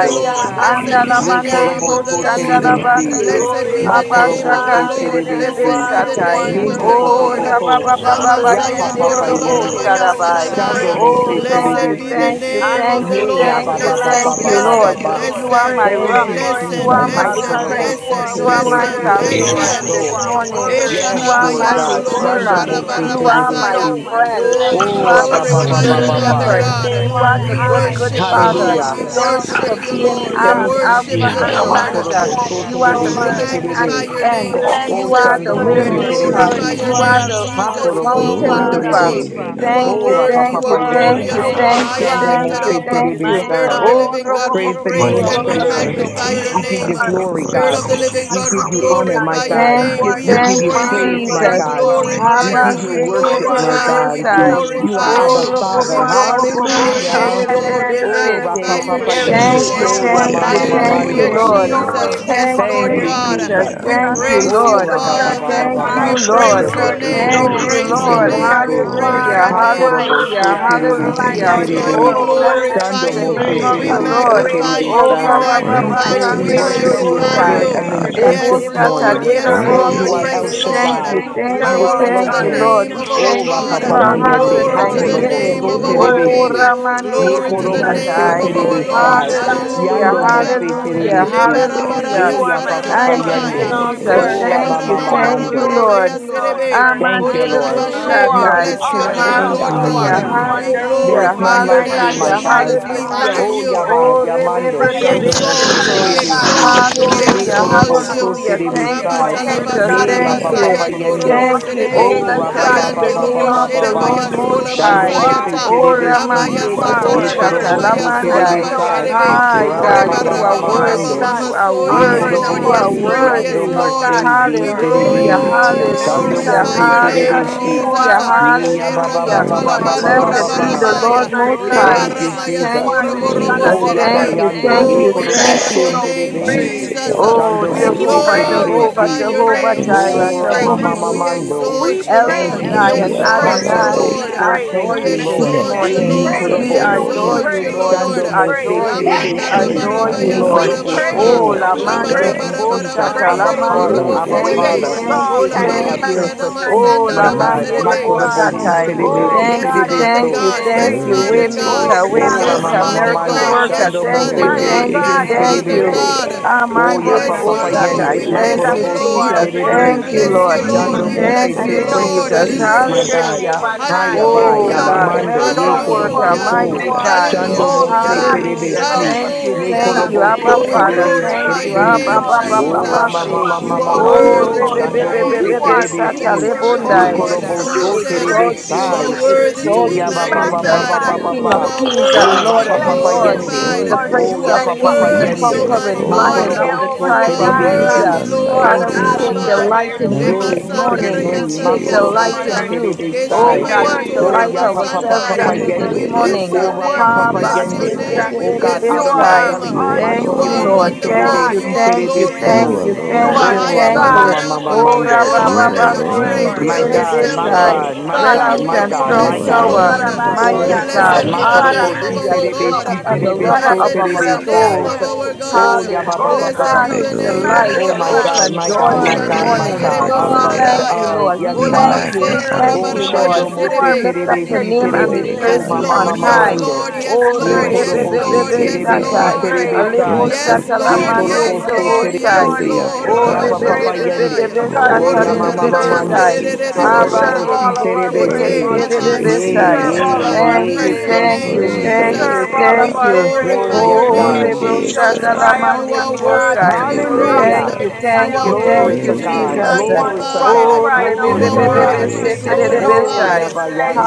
A: of the Lord.
E: you
D: We
A: Blessed
E: will
A: be
B: Andala
D: praise
A: the
C: Ye
D: you.
G: Hallelujah.
B: Manderi
A: name
C: Korobo
A: of the
C: So
B: bostanda
A: Lord.
D: You
B: la
D: are the
C: Terebesi,
B: Bandi.
A: Blessed
G: Glory
D: Alpha
A: be
C: Ma
A: the
G: be
D: and
B: Abba
G: to
D: the
A: name
C: Korobo
A: of the
C: So
G: God.
D: Omega,
A: Lord.
B: Shakantere de
G: You
A: Blessed
E: praise,
C: Terebesi,
A: be
D: the
G: are
A: the
B: Besatai.
A: name
C: Ye
A: of
D: beginning
A: the
D: and
C: Koko
G: wonderful.
D: the
B: Oh,
A: Lord.
C: Koko
E: praise,
D: end.
C: Ko,
B: Rababa
G: We
B: Baba
C: Ya
A: Namasaya
G: bless
C: Papa
G: you,
D: You
B: Yendero
A: Dora
B: Robo
C: Yende,
A: Barabaya
D: alone
G: Jesus. We
B: Sarabai.
D: deserve
A: Saradaya.
C: Chando
D: the
G: praise
B: Oh,
C: Mose
G: you,
E: my
D: glory.
B: thank
A: Blessed
B: you,
G: Lord.
A: be the
C: Terebesi,
B: thank you,
A: name of
B: thank
D: You
A: the
B: you,
C: Ye
E: God,
G: Hallelujah
C: Ya
A: Lord.
G: to
B: thank
C: Ba
B: you,
G: the
C: Ba
D: alone
C: Ba
G: Lamb
C: Ba
G: of
B: thank
C: Ba
B: you,
D: deserve
E: praise,
C: Ba
G: God.
C: Ba
B: Lord.
G: We
D: the
C: Ba.
G: give
E: praise,
B: You
G: you
D: honor.
B: are my
G: praise
C: Thank
B: rock.
G: this
E: praise,
C: you,
B: You
A: Blessed,
G: morning
D: You
B: are
C: Jesus.
B: my
C: Ha
A: blessed,
G: because
C: Korobo
B: strength.
D: alone
G: you
C: Si
A: blessed,
G: are
B: You are
D: deserve
A: blessed,
E: yeah,
B: my
D: the
C: Terebesi
G: worthy,
F: yeah,
G: Lord.
D: praise.
B: salvation this
G: You
C: Terebeso.
G: are
A: blessed.
B: morning.
A: Heta
C: Yes,
B: You
G: worthy.
B: are
G: You
C: Lord
A: rabaya
B: my
G: are
D: Jesus,
C: God,
D: we
A: tolobo
C: Chando
B: redeemer.
G: worthy.
D: praise
E: Lord,
C: Mose
B: You
D: you.
G: And
A: sharamasa.
B: are my
G: so
C: Terebesi.
G: we
B: friend.
E: God,
A: Oh,
G: bless
A: we
B: You
C: Oh,
B: are
G: you.
B: the
C: Rabba Ba
A: glorify
B: good,
D: Jesus,
F: yeah,
C: Ba
G: We
B: good
C: Ba
D: we
F: da,
C: Ba
F: da, yeah,
G: lift
D: honor
C: Ba.
F: da,
B: shepherd.
G: your
F: da.
D: you.
A: God.
G: name
F: Yeah,
B: You
F: da,
G: on
B: are
F: da,
A: We
B: the good,
G: high.
B: good
A: worship you, Lord.
G: We
B: father.
C: Hallelujah.
A: We
D: Jesus,
B: Thank you
G: exalt
D: we
A: worship
B: for
G: you,
A: you,
B: being
D: adore
A: Lord. We
B: um,
C: Thank
D: you.
G: Jesus.
C: you,
A: worship
B: Alpha
F: yeah, da, da, yeah, da, da, yeah, da, da, yeah, da, da, yeah, da, da, yeah,
A: you,
G: We
C: Jesus.
E: yeah,
B: and
A: Lord.
B: Omega.
C: Makorobo
G: magnify you,
C: so
D: Oh,
B: You
F: da,
B: are the
C: terebe si
D: glory
G: Lord.
F: da,
B: beginning
D: to
B: and
A: Magnify
D: your
C: terebe.
B: the
A: your
G: We
D: name.
A: name,
B: end.
C: O
B: You
G: bless
A: Jesus.
G: your,
B: are the
C: shando mo
B: way
G: your
C: se
D: Glory
E: Lord,
G: name,
D: to
C: terebe
B: maker.
G: Lord.
D: your
A: Glorify
G: You
C: si.
A: your
B: You
F: yeah, da,
G: are
D: name.
B: are
A: name,
F: da,
G: a
B: the
F: yeah.
G: good,
A: Jesus.
E: hallelujah,
C: Makorobo
G: good
C: so
B: mountain
D: Glory to
G: Father.
B: mover.
A: Wonderful.
C: terebe.
D: your
A: You
E: hallelujah,
B: Thank
A: are
D: name.
C: O
B: you,
C: rapa
A: worthy,
B: thank
G: You
B: you,
C: papa
E: Lord,
G: are a
B: thank
F: And
C: yende.
A: glorious.
B: you,
F: I'm
G: good,
A: You
F: uh,
D: Hallelujah.
A: are
G: good
B: thank
A: high
B: you,
A: and
C: Shando
B: thank
C: mo
A: lifted
B: you,
G: father.
C: se
A: up.
B: thank
C: terebe
B: you.
G: My
E: you
A: Spirit
E: are
C: sai.
A: of the
G: God,
E: worthy,
G: we
B: Oh,
A: living God, we
B: Robo-
C: Praise
G: bless
C: the
A: praise
E: you
G: you,
C: name
F: worthy
E: are
C: of
F: to
G: Lord.
C: the
G: God,
F: be
A: We
D: Let
E: worthy,
D: the
C: Lord.
E: you
F: praised,
E: are
A: magnify your
F: magnified,
C: We
D: redeemed
C: give
D: of
G: you
C: you
A: name.
F: lifted
G: are
D: the
F: up.
C: glory,
F: Thank
D: Lord
F: you,
A: Spirit
C: God.
A: of the
F: Lord
G: beautiful
D: say
A: living
D: so.
G: beyond
C: We
F: Jesus.
A: God,
C: give
A: we
F: for
C: you
F: Hallelujah.
E: yes,
A: glory.
C: honor,
G: description.
C: my God.
B: Thank
G: You
B: you,
G: are
A: We
C: We
G: too
C: give
F: Yes,
D: Hallelujah.
B: thank
A: adore
C: you
B: you,
F: Lord.
A: you.
C: praise,
F: Yes,
B: Jesus.
C: my
A: We
G: marvelous
F: Lord.
C: God.
G: for
F: Yes,
D: Mighty
C: We
A: glorify
G: words.
C: give
A: you.
C: you
D: God,
A: We
G: You
C: worship,
G: are
D: mighty
C: my
G: our
A: glorify you.
D: God,
C: God.
A: We
B: Habasheketerebesai.
G: awesome
F: yes,
C: You are
F: Lord.
A: glorify
G: God.
A: you
C: Abba
G: You
C: Father.
E: hallelujah,
G: are
D: Jesus,
G: our
D: we
A: by your
G: creator
D: worship
G: of
C: Hallelujah.
A: name,
G: heaven
D: you.
A: Lord.
G: and
A: We
C: Oh,
A: magnify
G: earth.
B: Oropopopopopoposhererebesete.
C: Rapa Papa
G: There is
A: you,
C: Yende.
B: Thank
E: glory,
B: you,
A: Lord.
G: no
C: Oh,
D: Jesus, we
G: one
B: thank
C: yamama
B: you,
G: like
E: praise,
D: adore
B: thank
G: you.
B: you,
A: Hallelujah,
C: Mando.
D: you.
E: Lord,
B: Lord.
G: No one
A: Jesus.
E: name,
G: can
A: Yes,
B: Thank
A: Lord
B: you,
C: Thank
G: compare
C: you,
G: to
A: God.
G: you,
B: Jesus.
C: Jesus.
D: Hallelujah,
A: We
B: Thank
G: Jesus.
B: you,
A: praise
G: We
A: you,
C: Oh,
B: Lord.
G: could
C: rabba,
E: hallelujah,
C: ba,
G: search
C: ba,
E: God,
C: ba,
A: Father.
B: Thank you,
G: high,
D: hallelujah.
G: we
F: Worship
G: could
F: you,
A: Praise
B: Lord.
C: shando, mo,
A: your
F: adore
G: search
C: se,
F: you,
A: name.
C: tere,
A: We
B: Thank
G: low,
C: de,
F: magnify
D: Glory,
B: you,
F: you.
C: si,
A: praise
G: we
A: your
B: Lord.
C: tere,
G: could
A: name.
D: glory,
G: search
A: We
C: so.
A: praise
E: hallelujah,
G: far
B: Hallelujah,
A: your
D: glory.
G: and
A: name.
G: wide
C: Hakorobo,
B: hallelujah,
C: so,
G: and you
C: terebe
G: will find
C: si,
B: hallelujah.
E: God,
G: that
E: you
A: Yes,
C: tere,
G: there is
A: Lord, we
D: Hallelujah,
E: are
B: Oh,
G: no one
B: blessed
E: worthy,
G: like
B: be
A: glorify
C: Shando,
G: you
B: the
C: mo, se,
B: name
E: praise,
B: of
A: We
C: tere,
B: the
G: because
C: de, si,
B: Lord.
D: hallelujah.
G: great
C: tere,
A: magnify
G: is
A: you.
E: Your
G: the
B: Oh,
A: We
C: sai.
E: word,
B: Papa,
G: Lord
E: your
B: Papa,
A: magnify
D: Worthy
G: and
E: word,
C: Oh,
D: to
A: you.
C: we
A: We
E: God,
B: Shandere
G: greatly
C: worship
G: to
E: your
D: receive
C: you
G: be
C: in
A: magnify
E: word,
D: glory
C: spirit
B: Bosai.
G: praised,
A: you.
D: and
C: and in
E: praise.
D: honor.
C: truth
G: Jesus.
A: Yes,
B: Lebo
C: this
G: You
A: Lord.
C: morning.
A: Yes,
B: Satadero
G: deserve all
C: Oh,
D: Worthy
G: the
E: Hallelujah.
C: you
A: Lord.
C: are
D: to
C: El
E: Yes,
G: praise,
D: receive
B: Thank
A: Lord.
C: Shaddai.
B: you,
G: you
D: all of the
B: thank
G: deserve
C: You
B: you,
C: are
G: all
A: Glory
D: praise.
G: the
A: to
B: thank
A: the
B: you,
G: honor.
C: Elohim.
A: name
B: Lord. We
A: of our
C: Oh,
B: thank
A: God.
B: you.
G: You
C: Rapa
B: Fill
C: Papa
B: our
G: deserve all
B: hearts
G: the
D: Worthy,
B: with
C: Yende.
A: Glory to the
G: glory.
C: Hakorobo
D: worthy,
B: thanksgiving.
A: name
C: so
A: of
G: You are
A: our
B: Oh,
D: worthy.
A: King.
C: terebesi.
G: mighty
B: Ramandiri
C: Ye
G: God,
A: Glory to
C: korobo
G: mighty
D: Lord
A: the
C: so
E: hallelujah.
A: name
D: God
B: Bosatai.
A: of
G: King.
A: our Lord.
G: And
C: terebesi.
G: God,
D: Almighty.
G: we
B: Hallelujah,
A: Hallelujah.
C: Yando mo se
G: reverence you
E: Thank
B: hallelujah,
G: this
C: terebesi.
G: morning.
D: Hallelujah.
B: hallelujah.
G: You
A: Lebarabaraya
C: Ye
G: are
C: Yapa
A: sarara.
E: you,
C: Papa
B: Thank
E: Lord.
G: majestic
B: you,
G: in
C: Yende.
G: all the
B: Jesus.
G: earth.
C: Oh,
D: Hallelujah.
A: Oshebarabaya
B: Thank
C: Rama
B: you,
G: You
C: Mama
G: are
B: thank you,
C: Mando.
B: Lord.
G: glorious in all the
A: serebe.
G: earth.
C: Thank you,
B: Amandere
C: Lord.
G: You
E: Hallelujah,
A: Kotalabashe. We
C: You
G: are
C: are
B: Bostatai.
C: the
A: bless
C: true
A: your
C: and
A: name,
C: living
G: awesome.
E: hallelujah.
A: Lord God.
G: You
C: God.
G: are
B: Hallelujah,
D: Glory,
A: We
G: wonderful.
B: hallelujah,
C: There's
A: glorify
C: none
D: glory,
A: your
G: My
C: like you,
G: God,
A: name,
G: we
C: my
B: hallelujah,
A: Jesus.
D: glory.
G: can't
C: God.
A: We
G: even
B: hallelujah.
A: honor
G: find
E: hallelujah?
C: Oh
A: you.
G: words
C: Yaba
G: to
B: Oh,
C: Yamando
D: The
A: We
G: describe.
E: Your
D: fruit
B: rebebebebe
C: Shando
D: of
E: word,
A: exalt
D: our
C: Mose
A: you,
G: My
A: we
E: God,
B: sotoi.
D: lips,
G: God,
D: we
G: how
C: Terebesi
A: exalt
D: give
A: you, we
D: you
G: glorious
C: Ye
B: Hallelujah,
G: you
A: exalt
C: Korobo
D: praise.
G: are.
A: you.
C: So
B: hallelujah. Thank you,
C: Terebesai
E: your word,
G: Omnipotent
B: Jesus.
G: God,
C: Ye
B: Thank
G: we
C: Yapa
D: Hallelujah.
B: you.
G: bless
C: Papa
E: praise. Your
C: Yende
A: Abasarabasayandorobo
B: Thank
G: you.
E: word,
B: you.
A: serebe,
B: Oh,
G: Omniscient.
C: Oh
B: blessed
C: Rabba
E: praise.
G: God,
B: be
G: we
D: Hallelujah.
C: Baba
B: the
C: Baba
A: kayandolobo
B: name
C: Baba
B: of
G: exalt
B: the
A: shereba
D: We
C: Baba
B: Lord Most
A: sola
G: you.
E: Thank you,
D: worship
G: You
C: Shando
B: High.
G: are
C: Mose
A: masayata,
D: you.
B: Oh,
G: worthy.
C: Terebesi
D: We
A: labaya
B: Ramande
G: You
D: bow
G: are
C: Ye
E: Lord.
D: at your
A: satarabara
B: Rebosata
C: Korobo
G: worthy.
C: So
D: throne.
G: And
A: sola
B: Lamandai.
G: so we
C: Terebesai
A: basherebe,
D: We
G: come
B: Hi,
D: give
G: before
C: Rama
G: you
D: you
B: God,
A: reba
C: Mama
B: you
E: Hallelujah.
G: this
B: are
C: Mama
G: morning,
B: worthy.
D: reverence.
C: Mando
G: God,
B: You are
A: so
C: Ye
D: We
A: yes
E: Thank you,
B: worthy.
G: offering up
A: Lord,
C: Korobo
B: You
D: adore
G: our
B: are
A: yes
C: Si
A: Lord,
D: you.
G: praises,
C: Yando
A: yes
B: worthy.
G: Lord
C: Mose
A: Lord.
G: God.
A: We
C: Ye
E: Lord.
B: Hallelujah,
C: Terebe
G: Praises
D: Worthy
G: to
D: to
G: you,
E: Thank you,
C: Shando
D: receive
A: glorify
B: hallelujah,
C: Mose
G: Jesus,
E: Lord.
A: your
D: glory
A: name,
D: and
G: because you
C: Terebesi
D: honor.
G: are
B: hallelujah,
A: Jesus.
G: our
C: Ye
G: King.
C: Yaba Baba
B: hallelujah.
G: You
C: Baba
G: are
D: Worthy
E: God,
C: Baba
D: to
G: Lord
C: Baba
E: your
G: of
B: Blessed
E: word,
B: be
C: Baba
D: receive
B: the
G: Lords,
D: all
A: Shemaya,
B: Lord
D: of the
G: my
E: praise.
B: Most High.
G: God.
C: Thank you
D: praise.
A: lebaramaya
G: You
C: Jesus
B: Thank
G: are
B: you,
G: the God
A: soroborobo
E: Your
B: Jesus.
C: O
D: Worthy
G: above
A: serebe.
E: word,
B: Thank
D: God.
B: you,
G: every
C: Yabayando,
G: God,
B: thank
A: Oh,
C: Ye
B: you,
A: we
D: Worthy
E: your
G: Jesus.
B: thank
A: bless
D: God.
E: word,
G: And
C: Korobosko
A: your
B: you.
G: so we
A: name,
C: Terebe,
G: praise
E: praise.
D: Mighty
G: you.
A: Jesus. uh,
D: God,
B: Oh,
C: Chando
A: We
G: We
C: Mose
D: mighty
B: Jehovah,
E: Hallelujah,
D: God,
C: Terebe
G: praise you.
B: Jehovah,
G: We
A: glorify
C: Si,
A: your
B: Jehovah
A: name,
G: praise you.
D: Prince
A: Jesus.
G: We
C: O
B: Jireh,
A: We
D: of
B: Jehovah
G: praise you.
D: Peace,
B: Nissi.
C: Ramamamamando.
G: We
A: Exalt you,
B: El
C: Thank
A: Lord.
G: praise
C: you,
A: We
G: you,
B: Shaddai
D: Lily
B: and
G: we
D: of
C: Jesus.
D: the
C: Ha
A: exalt
E: Lord.
G: praise
A: you,
B: Adonai,
G: you,
D: Valley,
G: we
A: Lord.
B: we
C: Korobosko,
G: praise
A: We
C: thank
B: adore
C: you,
G: you.
B: you
E: Thank
B: this
D: King
C: Lord.
E: your
D: of
A: exalt
E: name.
G: We
A: you,
B: morning.
C: Ye
D: Kings
A: Lord. We
B: We
D: and
G: praise you, we
D: Lord
B: adore
C: Koroboski,
D: of
A: exalt
B: you,
A: you,
G: praise
B: Lord.
G: you, we
D: Lords,
A: Lord.
B: We
C: Chando Mose
B: adore
G: praise
B: you.
G: you.
C: Terebe
B: We
A: Lamanda
C: Si,
D: conquering
B: adore you,
A: rabarabaya
C: Ye
D: Lion of
A: saraba.
G: We
B: Lord.
D: the
E: Thank
G: praise
D: tribe
B: Oh,
C: Korobosko.
G: you,
E: you,
D: of
B: la
G: we
B: mande
C: Thank
D: Judah,
C: you,
G: praise you, we
C: Jesus.
A: Labarabarabarabari
B: ribosata, la
C: Abba
G: praise you.
C: Father,
B: mande.
A: bioroborobo
D: worthy
C: Abba
D: to
G: We
B: Thank you,
A: serebe.
E: Lord.
C: Father.
D: receive
B: thank you,
G: exalt
C: You
G: and
C: are
A: Kolabaya
B: thank
C: our
B: you.
D: praise,
C: Prince of
A: babadama
G: magnify
C: Peace,
G: you
B: Oh,
C: my
B: la
G: because
A: sandaraba
C: God.
G: you
D: worthy
B: mande
C: Ma
G: are
D: to
A: serebe.
G: God.
C: Koroboski
D: receive
E: Hallelujah.
B: ribosatai.
C: Terebe Si
G: Oh
B: Thank
D: glory,
A: Yes,
B: you,
G: God,
C: Terebe
E: You're
G: we
A: Father
B: thank
G: give
C: So.
B: you,
G: you
E: worthy,
A: God. Yes,
B: thank you.
G: praise.
E: worthy,
D: worthy
A: Father
D: to
A: God.
B: Waymaker,
G: Oh
E: worthy,
C: Oh,
D: receive
G: God,
E: God.
A: Yes,
G: we
C: Rama
B: waymaker,
G: give
C: mama,
D: honor.
G: you
B: miracle
C: Mando,
E: Hallelujah,
G: praise.
B: worker.
C: Shando
A: yes,
B: Thank
C: Mose
B: you,
A: Father
G: My
A: God.
B: thank
C: Terebe,
D: Glory,
B: you,
G: God,
C: Si
A: Yes,
G: we
B: thank
C: Terebe
A: Father
B: you.
C: So.
G: bless
A: God.
D: hallelujah,
G: you this
A: We
C: Oh, ya
B: Amande
G: morning.
C: Papa
E: hallelujah.
B: ribosatai.
C: Yende,
B: Thank
A: bless
B: you,
D: hallelujah.
A: you,
G: Jesus,
C: Makorobo
G: you
C: Si
E: God,
B: Jesus.
G: are
A: Lord.
G: worthy
C: Terebe.
D: Let
B: Thank
D: the
G: to
B: you,
G: be
A: Bless
B: Lord.
E: praise
A: you, Lord.
E: God,
C: Dando
G: praised.
D: redeemed of
E: your
C: Mose,
B: Thank
D: the
A: Praise
G: And
C: Te-
B: you,
E: name,
A: you,
G: so
D: Lord
C: Prince
G: we
C: of
A: Lord.
B: Jesus.
D: say
C: Peace,
G: lift
C: my
D: so.
A: Hallelujah.
G: your
C: God.
G: name
B: Hallelujah.
G: on
C: Haya
G: high.
A: Hallelujah.
C: Ba,
B: Oh
G: So
B: God,
G: we
D: Hallelujah.
C: Yamamando,
A: Hallelujah.
C: Ye
B: miracle
E: hallelujah.
G: exalt you
D: We
G: for
C: Korobo
B: worker,
D: give
G: who you
D: you
C: So,
E: Thank
B: mighty
E: you
D: the
G: are.
B: God.
C: Chando
G: Oh
D: highest
C: Mose
A: Hallelujah.
G: God, we
C: Terebe
D: praise.
B: Hallelujah.
G: love
C: Si,
E: for
B: Thank
G: you,
B: you.
C: Ye
A: Hallelujah.
B: Thank
G: Jesus.
B: you.
C: Korobo
E: holy,
B: Abba
A: Oh,
C: So
D: Hallelujah.
G: We
A: we
E: thank you,
B: Father.
C: Terebe,
B: Thank
E: Holy
A: glorify
G: love
B: you.
A: your
G: you,
D: We
C: Terebe.
B: Abba
A: name,
D: give
B: Abba,
G: Lord.
D: you
B: Abba,
C: Oh,
E: Spirit.
A: Jesus.
B: Abba,
G: You
D: worship.
G: are
B: say.
C: Ramamama
D: We
A: You are
D: give
B: Oh
E: Hallelujah,
D: you
A: worthy
C: Mamamando,
A: to be
C: Chando
D: honor.
G: wonderful.
A: praised.
C: Mose
G: You
B: Rebebebebebe
G: are
C: Terebe
E: hallelujah.
B: Sata
C: Si,
A: You are worthy
C: Ye
A: to
G: beautiful.
B: Lebondai.
A: be exalted.
E: Lord, you
C: Korobo
B: We
D: Jesus,
G: We
E: are
C: So
E: worthy,
C: Terebe
B: exalt you.
D: Jesus,
A: you
G: praise
E: you are
C: Sai,
B: We
G: you.
A: are
E: worthy,
D: Jesus.
A: worthy to
C: Ye
B: exalt
D: There
G: We
A: be
B: you,
D: is
C: Yaba Ba
E: praise.
D: none
C: Ba Ba
B: Jesus.
D: like
C: Ba Ba
G: magnify
D: you,
C: Ba
B: King
G: you.
B: of
C: Ba.
D: Lord.
B: kings
E: Hallelujah.
G: We
B: and
C: Oh,
A: worthy to
B: Lord
A: be
B: of
C: Rapa
D: None
C: Papa
G: bless
D: so
B: lords,
G: you,
C: Yende,
B: the
G: our
A: glorified.
D: worthy.
G: soon
C: Oh,
B: Prince
A: You
B: of
G: and
A: are
C: Yapa Papa
B: Peace,
G: coming
B: the
D: None
E: Bless
A: worthy,
E: your
C: Yende,
G: King,
D: so
B: conquering
A: mighty
G: our
A: God.
B: lion
D: holy.
B: of
C: Makorobo
B: the
C: So
G: Jehovah
A: You
E: name,
B: tribe
A: are
B: of
D: There
C: Terebe
E: Lord.
D: is
G: Jireh,
B: Judah.
C: Si.
A: worthy,
D: none
G: our
A: Lord.
D: like
B: Father,
C: Thank
B: we
C: you,
D: you.
B: take
C: Jesus.
G: Adonai.
E: Glorify
B: delight
E: your
B: in you
D: None
A: Lema
B: this
C: Glory
D: can
C: be
G: We
C: to
A: sanda
C: your
A: ra
G: worship
B: morning.
D: compare
B: We
C: name.
D: to
G: you,
B: take
D: you.
C: Makorobo
B: delight
E: God,
C: si
E: your
B: in
G: Jesus.
E: name,
B: you.
C: terebe
B: Oh
A: Keshe
G: We
C: sai.
A: ba
B: God,
E: praise,
B: we
G: worship
D: Hallelujah.
C: Oh,
B: delight
C: ya
G: you,
C: papa
B: ourselves in
C: papa
E: praise,
G: Jesus.
B: you this
C: yende.
G: You
D: Hallelujah.
B: morning.
G: we
C: Oh,
E: hallelujah.
C: rapa
D: There
G: worship
B: ha
C: papa
G: you,
D: is
B: ba
D: none
C: yende.
E: Thank
D: like
A: We
G: Jesus.
C: Oh
A: bless
D: you.
C: God,
G: You
C: out of
E: you,
G: are
C: our bellies.
D: You
G: our
B: Thank
A: You
B: you,
C: Makorobo
D: alone
A: are
C: si
D: are
B: Lord.
G: unchanging
B: Thank
D: God.
A: wonderful.
C: terebe
E: Holy
G: God.
B: you,
A: You
C: si
A: are
B: thank
C: terebe
B: you,
E: Spirit,
D: You
A: glorious.
B: thank
C: so.
B: you,
G: You
A: You
B: thank
A: are
D: alone
G: are
B: you,
C: Oh,
A: high
D: are
A: and
B: thank
C: rama
F: Amen.
D: God.
B: you.
G: God
C: mama mama
B: Oh,
G: today
A: low.
B: ra
G: and
C: mando.
A: oh
B: ba
D: You
A: Lord, let
B: ba
A: your
G: forevermore, and
D: alone
G: we
A: train
E: Lord.
C: My
A: fill this
D: deserve
G: bless
C: God,
D: the
C: my
G: you.
A: room.
C: God,
D: glory.
C: my
G: God
A: Hallelujah,
E: Hallelujah,
C: God,
G: of
B: Refuge
C: my
E: hallelujah.
B: and
C: God,
D: You
B: strong
C: my
G: Moses,
C: God.
B: tower.
A: Lord.
G: God of
D: alone
C: Oh,
E: God, you
A: Oh,
B: Mighty
C: yes,
D: deserve
G: Isaac,
D: the
B: God,
C: God.
A: blessed
E: are
A: be
E: worthy,
D: honor.
G: God of
C: Makorobo si
B: hallelujah,
A: our
B: the
C: terebe
G: Jacob,
A: God.
B: bishop
C: si
B: and
D: You
B: the
C: terebe
G: God
B: lover
G: of
C: so
B: of
D: alone
A: Blessed be
B: our
C: terebe
G: Israel,
D: deserve
G: we
D: the
C: sai.
F: Amen.
B: souls.
A: our
G: worship
D: praise.
C: Oh,
G: you.
A: God.
C: ya ba ba
G: Oh
B: Hallelujah.
C: ba
B: The
C: ba ba.
E: Lord.
G: God,
B: truth,
A: The
G: we
B: the
A: name of
B: light,
D: Hallelujah.
C: Oh,
A: our
B: the
C: my
E: Hallelujah,
A: God.
G: magnify
C: God,
B: open
G: you,
C: my
B: door
C: God,
B: this
C: my
G: Lord.
F: Worship you, adore
C: God,
D: Glory.
C: my
G: You
B: morning.
E: God,
C: God.
F: you.
A: Yerebosaya.
G: are
C: Out
B: We
C: of our,
E: Lord.
D: Hallelujah.
B: thank
G: awesome.
B: you,
F: magnify you.
C: uh,
B: Lord. We
C: yes,
G: You
D: We
G: are
B: thank
C: God.
B: you. We
A: Olabase,
E: Hallelujah.
D: magnify
B: thank
C: Oh,
G: worthy.
D: your
B: you, Lord.
C: Shando
D: name.
G: You
B: We
C: Mose
G: are
B: lift up
C: Terebe
B: your
D: We
C: Si
G: blessed
B: name and we
C: Terebe
G: Savior.
C: So
B: place
A: Yes,
D: glorify
B: you
C: Mama
G: And
D: your
A: Lord.
B: on
C: Mama
E: God,
G: so
B: high.
D: name.
G: we
C: Mando.
G: give
A: Yes,
G: you
B: Oh,
C: Ye
A: Lord. Yes,
D: Blessed
G: praise.
C: Korobo Si
A: Lord.
G: We
B: rebebebebebe
A: Yes,
C: Terebe
G: give
E: you
D: Redeemer,
G: you
C: Si
B: satai.
A: Lord. Yes,
C: Terebe
E: are
G: praise.
C: Sai.
B: Alebo
E: worthy
D: Prince
G: We
D: of
E: of
B: shatala
C: Ye
G: give
A: Lord. Yes,
G: you
D: Peace,
E: praise.
B: manderi
C: Korobo So
B: dobo
A: Lord.
G: praise,
C: Terebe
B: sai.
A: Yes,
G: Lord.
D: Lily
C: Si.
G: We
D: of
A: Lord.
G: give
D: the
E: God,
B: Oh,
G: you
C: Rapa
D: Valley.
C: Papa
G: praise
C: Yende.
B: rebebebebebe
G: because
D: Oh,
C: Oh,
E: worthy
G: you
B: satare
C: Yama
D: worthy
C: Mama
B: rebebe
D: to
G: deserve it.
C: Mando.
B: sai.
D: receive
C: Ha
G: You
D: glory,
G: deserve
C: Korobo
B: Abanderi
C: Si
G: all of
B: bo
G: our
C: Terebe Si.
G: praise.
D: worthy
B: seketere
D: to
G: You
B: rebebe
D: receive
C: Yay,
B: sai.
G: deserve all
C: yay,
G: of
F: Amen.
D: honor,
G: our
E: of
B: Thank you,
C: yay.
G: praise.
C: Thank
B: thank
C: you,
B: you,
G: You
C: Jesus.
B: thank
D: worthy is
B: you,
G: deserve
D: the
A: Jesus.
G: all
E: God.
A: We
G: of
B: thank
D: Lamb,
G: our
B: you.
G: praise.
E: Glory
C: Oh,
A: glorify
C: yes,
A: your
E: to your
B: Oh,
H: Thank
G: If
E: name.
C: God.
A: name,
B: Rebo
D: worthy
G: we
D: is the
G: don't
A: Jesus.
B: Shandala
G: cry
D: Lamb,
G: out,
A: You
G: my
B: Mandiri
A: are
F: Amen.
G: God,
E: God,
A: worthy to
B: Bosai.
A: be
G: the rocks
A: praised.
C: Hallelujah.
B: Thank
D: hallelujah,
B: you,
G: will
A: You
G: cry
B: thank
A: are
B: you,
G: out.
B: thank
C: Glory
A: worthy to be
B: you,
C: to
G: We
D: worthy
G: do
C: God.
D: is
B: Jesus.
G: not
D: the
G: want
C: Glory
D: Lamb,
C: to
G: rocks
A: glorified.
B: Oh,
C: God.
E: God,
G: crying
A: You
G: out
C: Glory
A: are
C: to
G: for us.
C: God.
A: worthy
B: Rebebebebebe
E: praise,
D: worthy
A: to
D: is
A: be
D: the
G: And
E: praise
D: Lamb,
G: so
A: glorified.
C: Oh,
G: we
E: God.
B: Seterebesai.